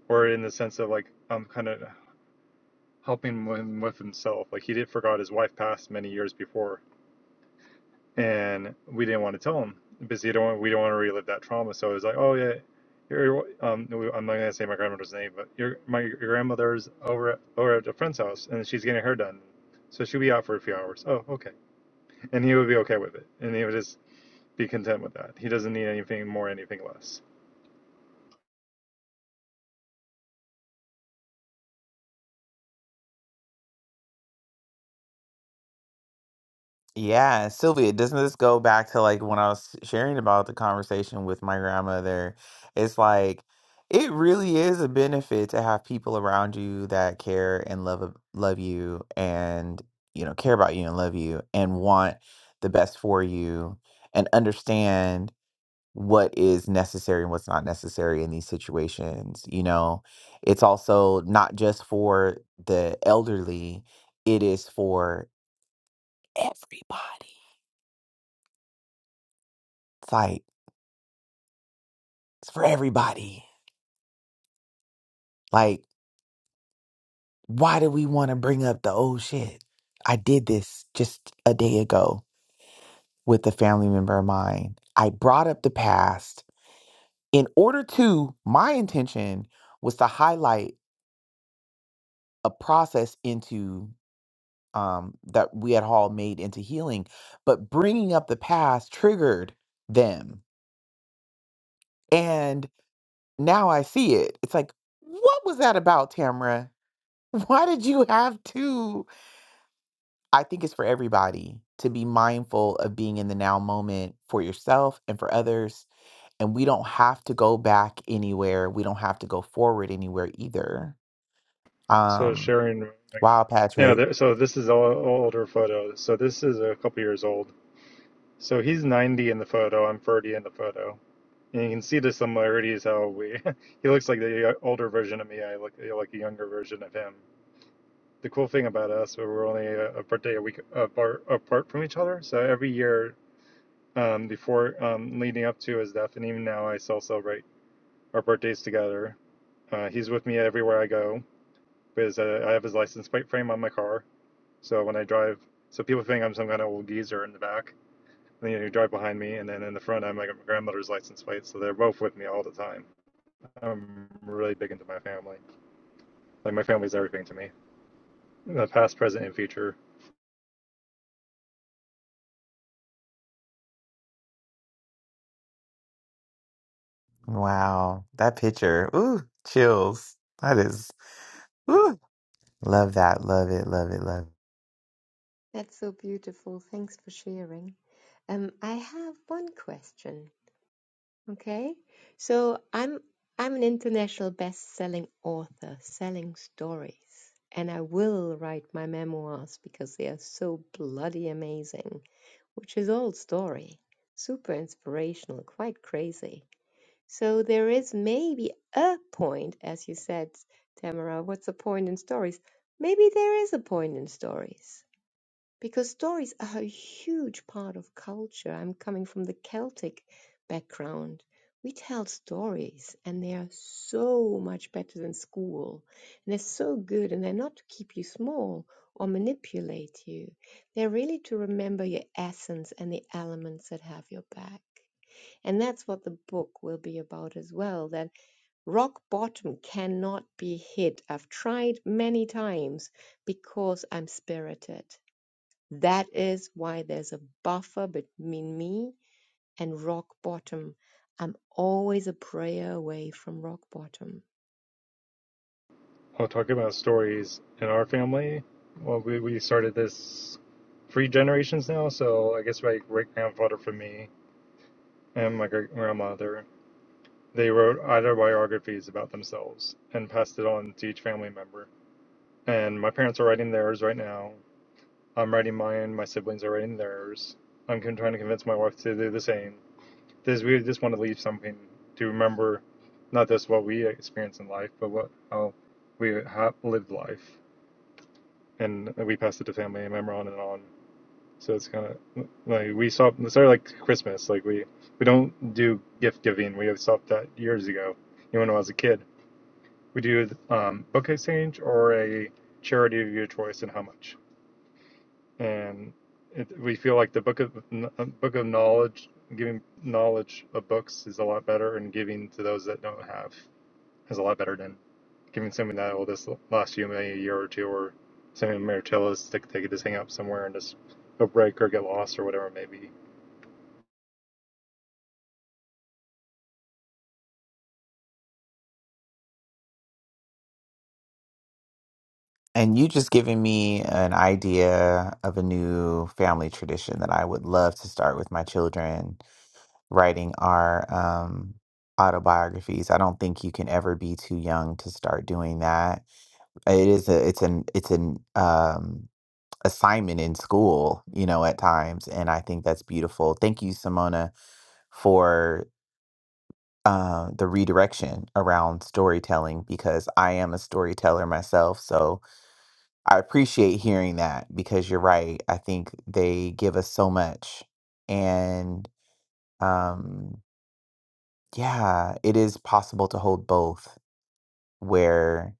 or in the sense of like I'm kind of helping him with himself. Like he did forgot his wife passed many years before and we didn't want to tell him because you don't we don't want to relive that trauma. So it was like, oh yeah, your um, I'm not gonna say my grandmother's name, but your my your grandmother's over at, over at a friend's house, and she's getting her hair done, so she'll be out for a few hours. Oh, okay, and he would be okay with it, and he would just be content with that. He doesn't need anything more, anything less.
Yeah, Sylvia, doesn't this go back to like when I was sharing about the conversation with my grandmother? It's like it really is a benefit to have people around you that care and love ab- love you and you know care about you and love you and want the best for you and understand what is necessary and what's not necessary in these situations. You know, it's also not just for the elderly, it is for everybody It's like it's for everybody. Like, why do we want to bring up the old shit? I did this just a day ago with a family member of mine. I brought up the past in order to my intention was to highlight a process into um that we had all made into healing, but bringing up the past triggered them. And now I see it. It's like, what was that about, Tamara? Why did you have to? I think it's for everybody to be mindful of being in the now moment for yourself and for others. And we don't have to go back anywhere. We don't have to go forward anywhere either.
So
Um,
sharing, like,
wow,
yeah.
Patrick.
There, so this is all, all older photos. So this is a couple years old. So he's 90 in the photo. I'm 30 in the photo. And you can see the similarities how we he looks like the uh, older version of me. I look like a younger version of him. The cool thing about us, we are only a, a birthday a week apart, apart from each other. So every year, um, before um, leading up to his death, and even now, I still celebrate our birthdays together. Uh, he's with me everywhere I go because uh, I have his license plate frame on my car. So when I drive, so people think I'm some kind of old geezer in the back. And then you drive behind me, and then in the front, I'm like my grandmother's license plate. So they're both with me all the time I'm really big into my family. Like my family's everything to me, the past, present, and future.
Wow. That picture. Ooh, chills. That is ooh. Love that. Love it. Love it. Love it.
That's so beautiful. Thanks for sharing. Um, I have one question. Okay. So I'm I'm an international best-selling author selling stories, and I will write my memoirs because they are so bloody amazing, which is all story. Super inspirational, quite crazy. So there is maybe a point, as you said, Tamara, what's the point in stories? Maybe there is a point in stories because stories are a huge part of culture. I'm coming from the Celtic background. We tell stories and they are so much better than school. And they're so good and they're not to keep you small or manipulate you. They're really to remember your essence and the elements that have your back. And that's what the book will be about as well that rock bottom cannot be hit. I've tried many times because I'm spirited that is why there's a buffer between me and rock bottom. I'm always a prayer away from rock bottom.
I'll talk about stories in our family, well, we, we started this three generations now. So I guess my great grandfather for me and my great grandmother, they wrote autobiographies about themselves and passed it on to each family member. And my parents are writing theirs right now. I'm writing mine. My siblings are writing theirs. I'm trying to convince my wife to do the same. This we just want to leave something to remember, not just what we experienced in life, but what how we have lived life, and we passed it to family and member on and on. So it's kind of like we stopped. It's sort of like Christmas. Like we we don't do gift giving. We have stopped that years ago. Even when I was a kid, we do um, book exchange or a charity of your choice and how much. and it, we feel like the book of uh, book of knowledge giving knowledge of books is a lot better and giving to those that don't have is a lot better than giving something that will just last you maybe a year or two or sending them mirtillas that they could just hang up somewhere and just go break or get lost or whatever it may be
And you just giving me an idea of a new family tradition that I would love to start with my children writing our um, autobiographies. I don't think you can ever be too young to start doing that. It is a it's an it's an um, assignment in school, you know, at times, and I think that's beautiful. Thank you, Simona, for uh, the redirection around storytelling because I am a storyteller myself. So I appreciate hearing that because you're right. I think they give us so much, and um Yeah, it is possible to hold both where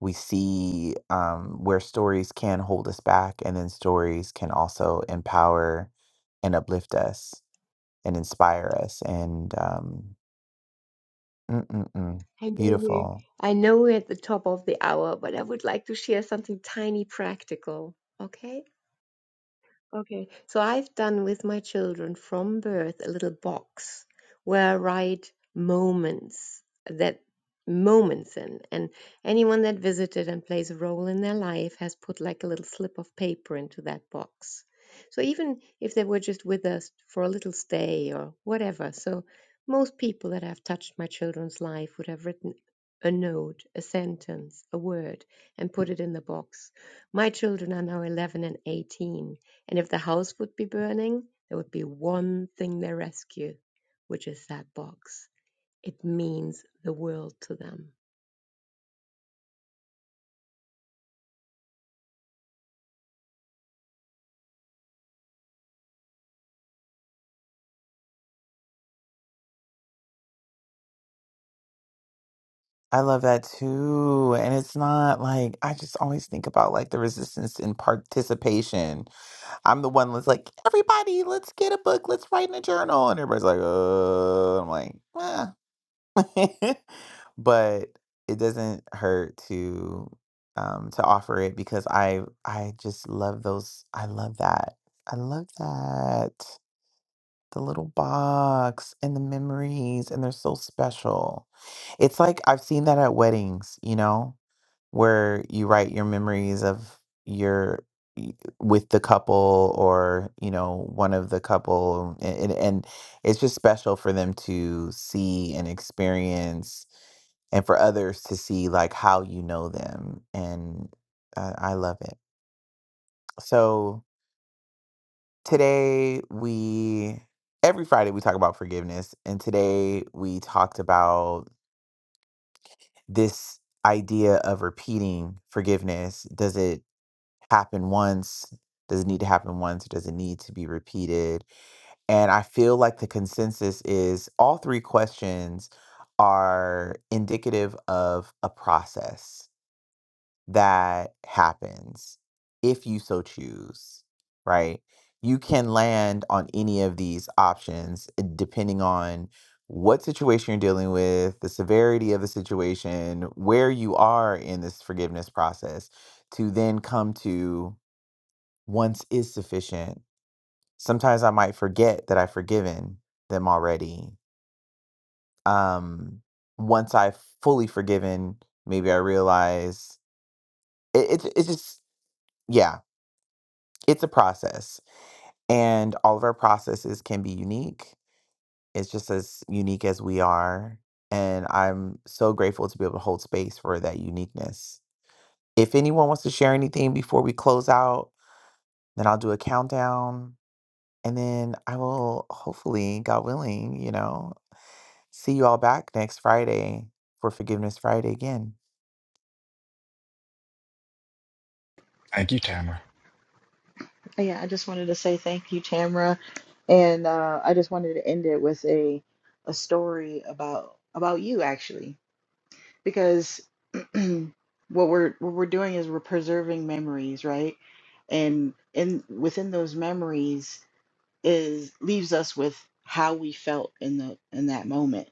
we see um, where stories can hold us back, and then stories can also empower and uplift us and inspire us. And um, mm, mm, mm,
I know we
beautiful.
I know we're at the top of the hour, but I would like to share something tiny practical. Okay? Okay, so I've done with my children from birth a little box where I write moments that moments in, and anyone that visited and plays a role in their life has put like a little slip of paper into that box. So even if they were just with us for a little stay or whatever, so most people that have touched my children's life would have written a note, a sentence, a word, and put it in the box. My children are now 11 and 18 and if the house would be burning, there would be one thing they rescue, which is that box. It means the world to them.
I love that too. And it's not like I just always think about like the resistance in participation. I'm the one that's like, everybody, let's get a book, let's write in a journal. And everybody's like, uh, I'm like, eh. but it doesn't hurt to um to offer it because I I just love those I love that. I love that. The little box and the memories and they're so special. It's like I've seen that at weddings, you know? where you write your memories of your y- with the couple or you know one of the couple and, and and it's just special for them to see and experience and for others to see like how you know them and uh, i love it so today we every friday we talk about forgiveness and today we talked about this idea of repeating forgiveness does it happen once? Does it need to happen once? Does it need to be repeated? And I feel like the consensus is all three questions are indicative of a process that happens if you so choose, right? You can land on any of these options uh, depending on what situation you're dealing with, the severity of the situation, where you are in this forgiveness process to then come to once is sufficient. Sometimes I might forget that I've forgiven them already. Um, once I've fully forgiven, maybe I realize it, it's it's just yeah, it's a process, and all of our processes can be unique. It's just as unique as we are, and I'm so grateful to be able to hold space for that uniqueness. If anyone wants to share anything before we close out, then I'll do a countdown And then I will hopefully, God willing, you know, see you all back next Friday for Forgiveness Friday again.
Thank you, Tamara.
Oh, Yeah, I just wanted to say thank you, Tamra, and uh, I just wanted to end it with a a story about about you actually, because what we're what we're doing is we're preserving memories, right? And in within those memories is leaves us with how we felt in the in that moment,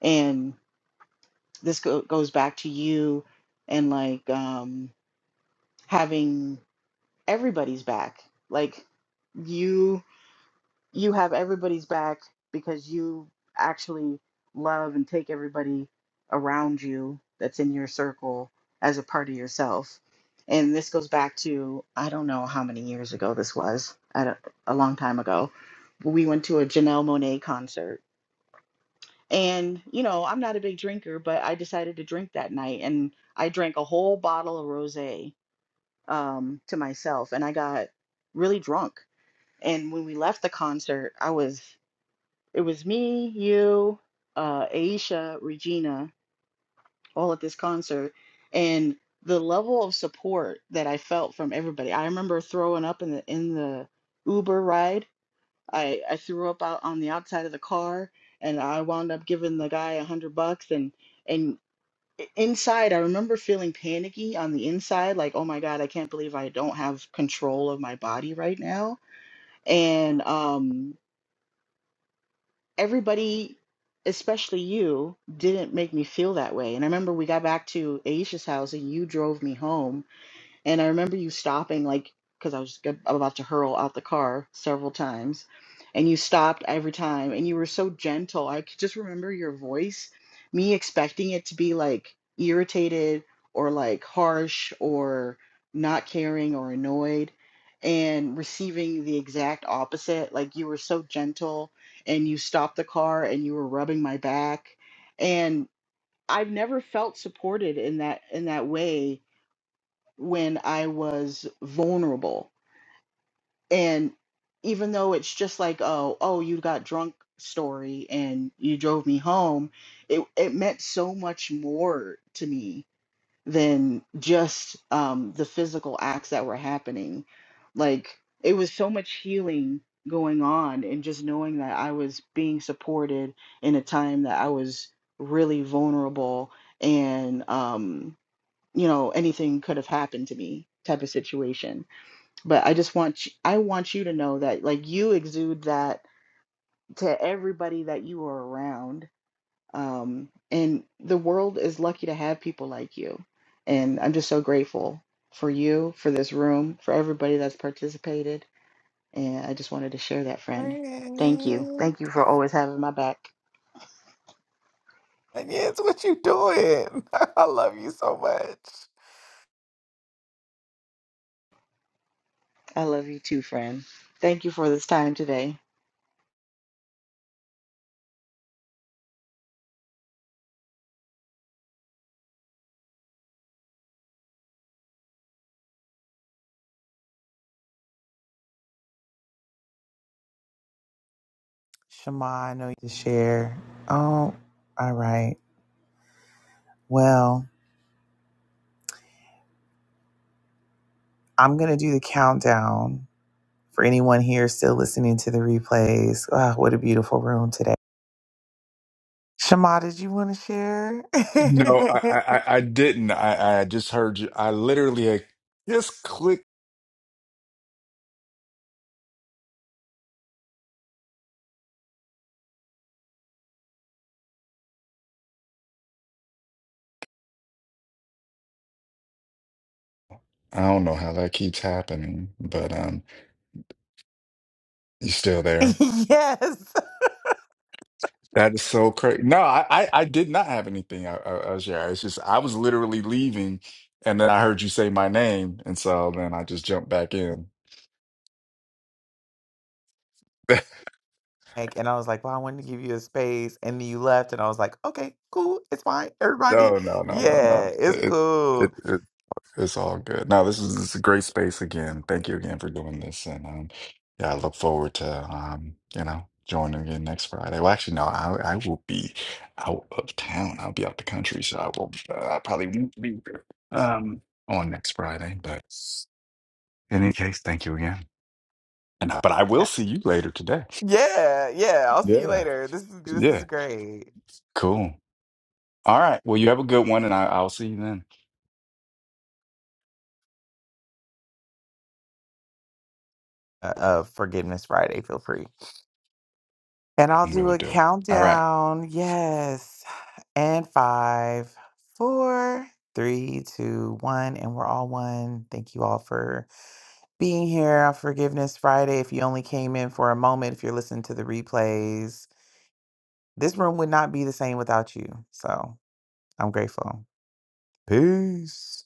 and this go, goes back to you and like um, having everybody's back, like you. you have everybody's back because you actually love and take everybody around you that's in your circle as a part of yourself. And this goes back to I don't know how many years ago this was, at a, a long time ago. We went to a Janelle Monet concert. And, you know, I'm not a big drinker, but I decided to drink that night. And I drank a whole bottle of rose um, to myself. And I got really drunk. And when we left the concert, I was it was me, you, uh, Aisha, Regina, all at this concert, and the level of support that I felt from everybody. I remember throwing up in the in the Uber ride. I I threw up out on the outside of the car, and I wound up giving the guy a hundred bucks. And and i- inside, I remember feeling panicky on the inside, like, oh my God, I can't believe I don't have control of my body right now. And um, everybody, especially you, didn't make me feel that way. And I remember we got back to Aisha's house and you drove me home and I remember you stopping, like, because I was g- about to hurl out the car several times, and you stopped every time, and you were so gentle. I could just remember your voice, me expecting it to be like irritated or like harsh or not caring or annoyed, and receiving the exact opposite. Like, you were so gentle, and you stopped the car, and you were rubbing my back, and I've never felt supported in that in that way when I was vulnerable. And even though it's just like, oh, oh, you got drunk story and you drove me home, it, it meant so much more to me than just um, the physical acts that were happening. Like, it was so much healing going on, and just knowing that I was being supported in a time that I was really vulnerable and, um, you know anything could have happened to me type of situation but i just want you, i want you to know that like you exude that to everybody that you are around um and the world is lucky to have people like you and i'm just so grateful for you for this room for everybody that's participated and i just wanted to share that friend thank you
Friend.
thank you for always having my back
And yes, what you doing? I love you so much.
i love you too friend thank you for this time today
Shema, I know you to share. Oh, all right. Well, I'm gonna do the countdown. For anyone here still listening to the replays, ah, what a beautiful room today. Shama, did you want to share?
No, I I, I I didn't. I I just heard you. I literally like, just click. I don't know how that keeps happening, but um, you still there?
yes.
That is so crazy. No, I, I, I did not have anything, I uh, uh, Shara. It's just I was literally leaving, and then I heard you say my name, and so then I just jumped back in.
Like, and I was like, well, I wanted to give you a space. And then you left, and I was like, okay, cool. It's fine. Everybody,
No, no, no, no,
yeah,
no.
it's
It, it,
cool.
it, it's all good. No, this is, this is a great space again. Thank you again for doing this, and um, yeah, I look forward to um, you know, joining again next Friday. Well, actually, no, I, I will be out of town. I'll be out the country, so I will, uh, I probably won't be um on next Friday, but. In any case, thank you again. And but I will
Yeah,
see you later today.
yeah. yeah, I'll see you
Yeah.
later. This is this is
Yeah.
great.
Cool. All right. Well, you have a good one, and I, I'll see you then.
Uh, uh, Forgiveness Friday. Feel free. And I'll do
We'll
a
do. it. All right.
countdown. Yes. And five, four, three, two, one. And we're all one. Thank you all for being here on Forgiveness Friday. If you only came in for a moment, if you're listening to the replays, this room would not be the same without you. So I'm grateful. Peace.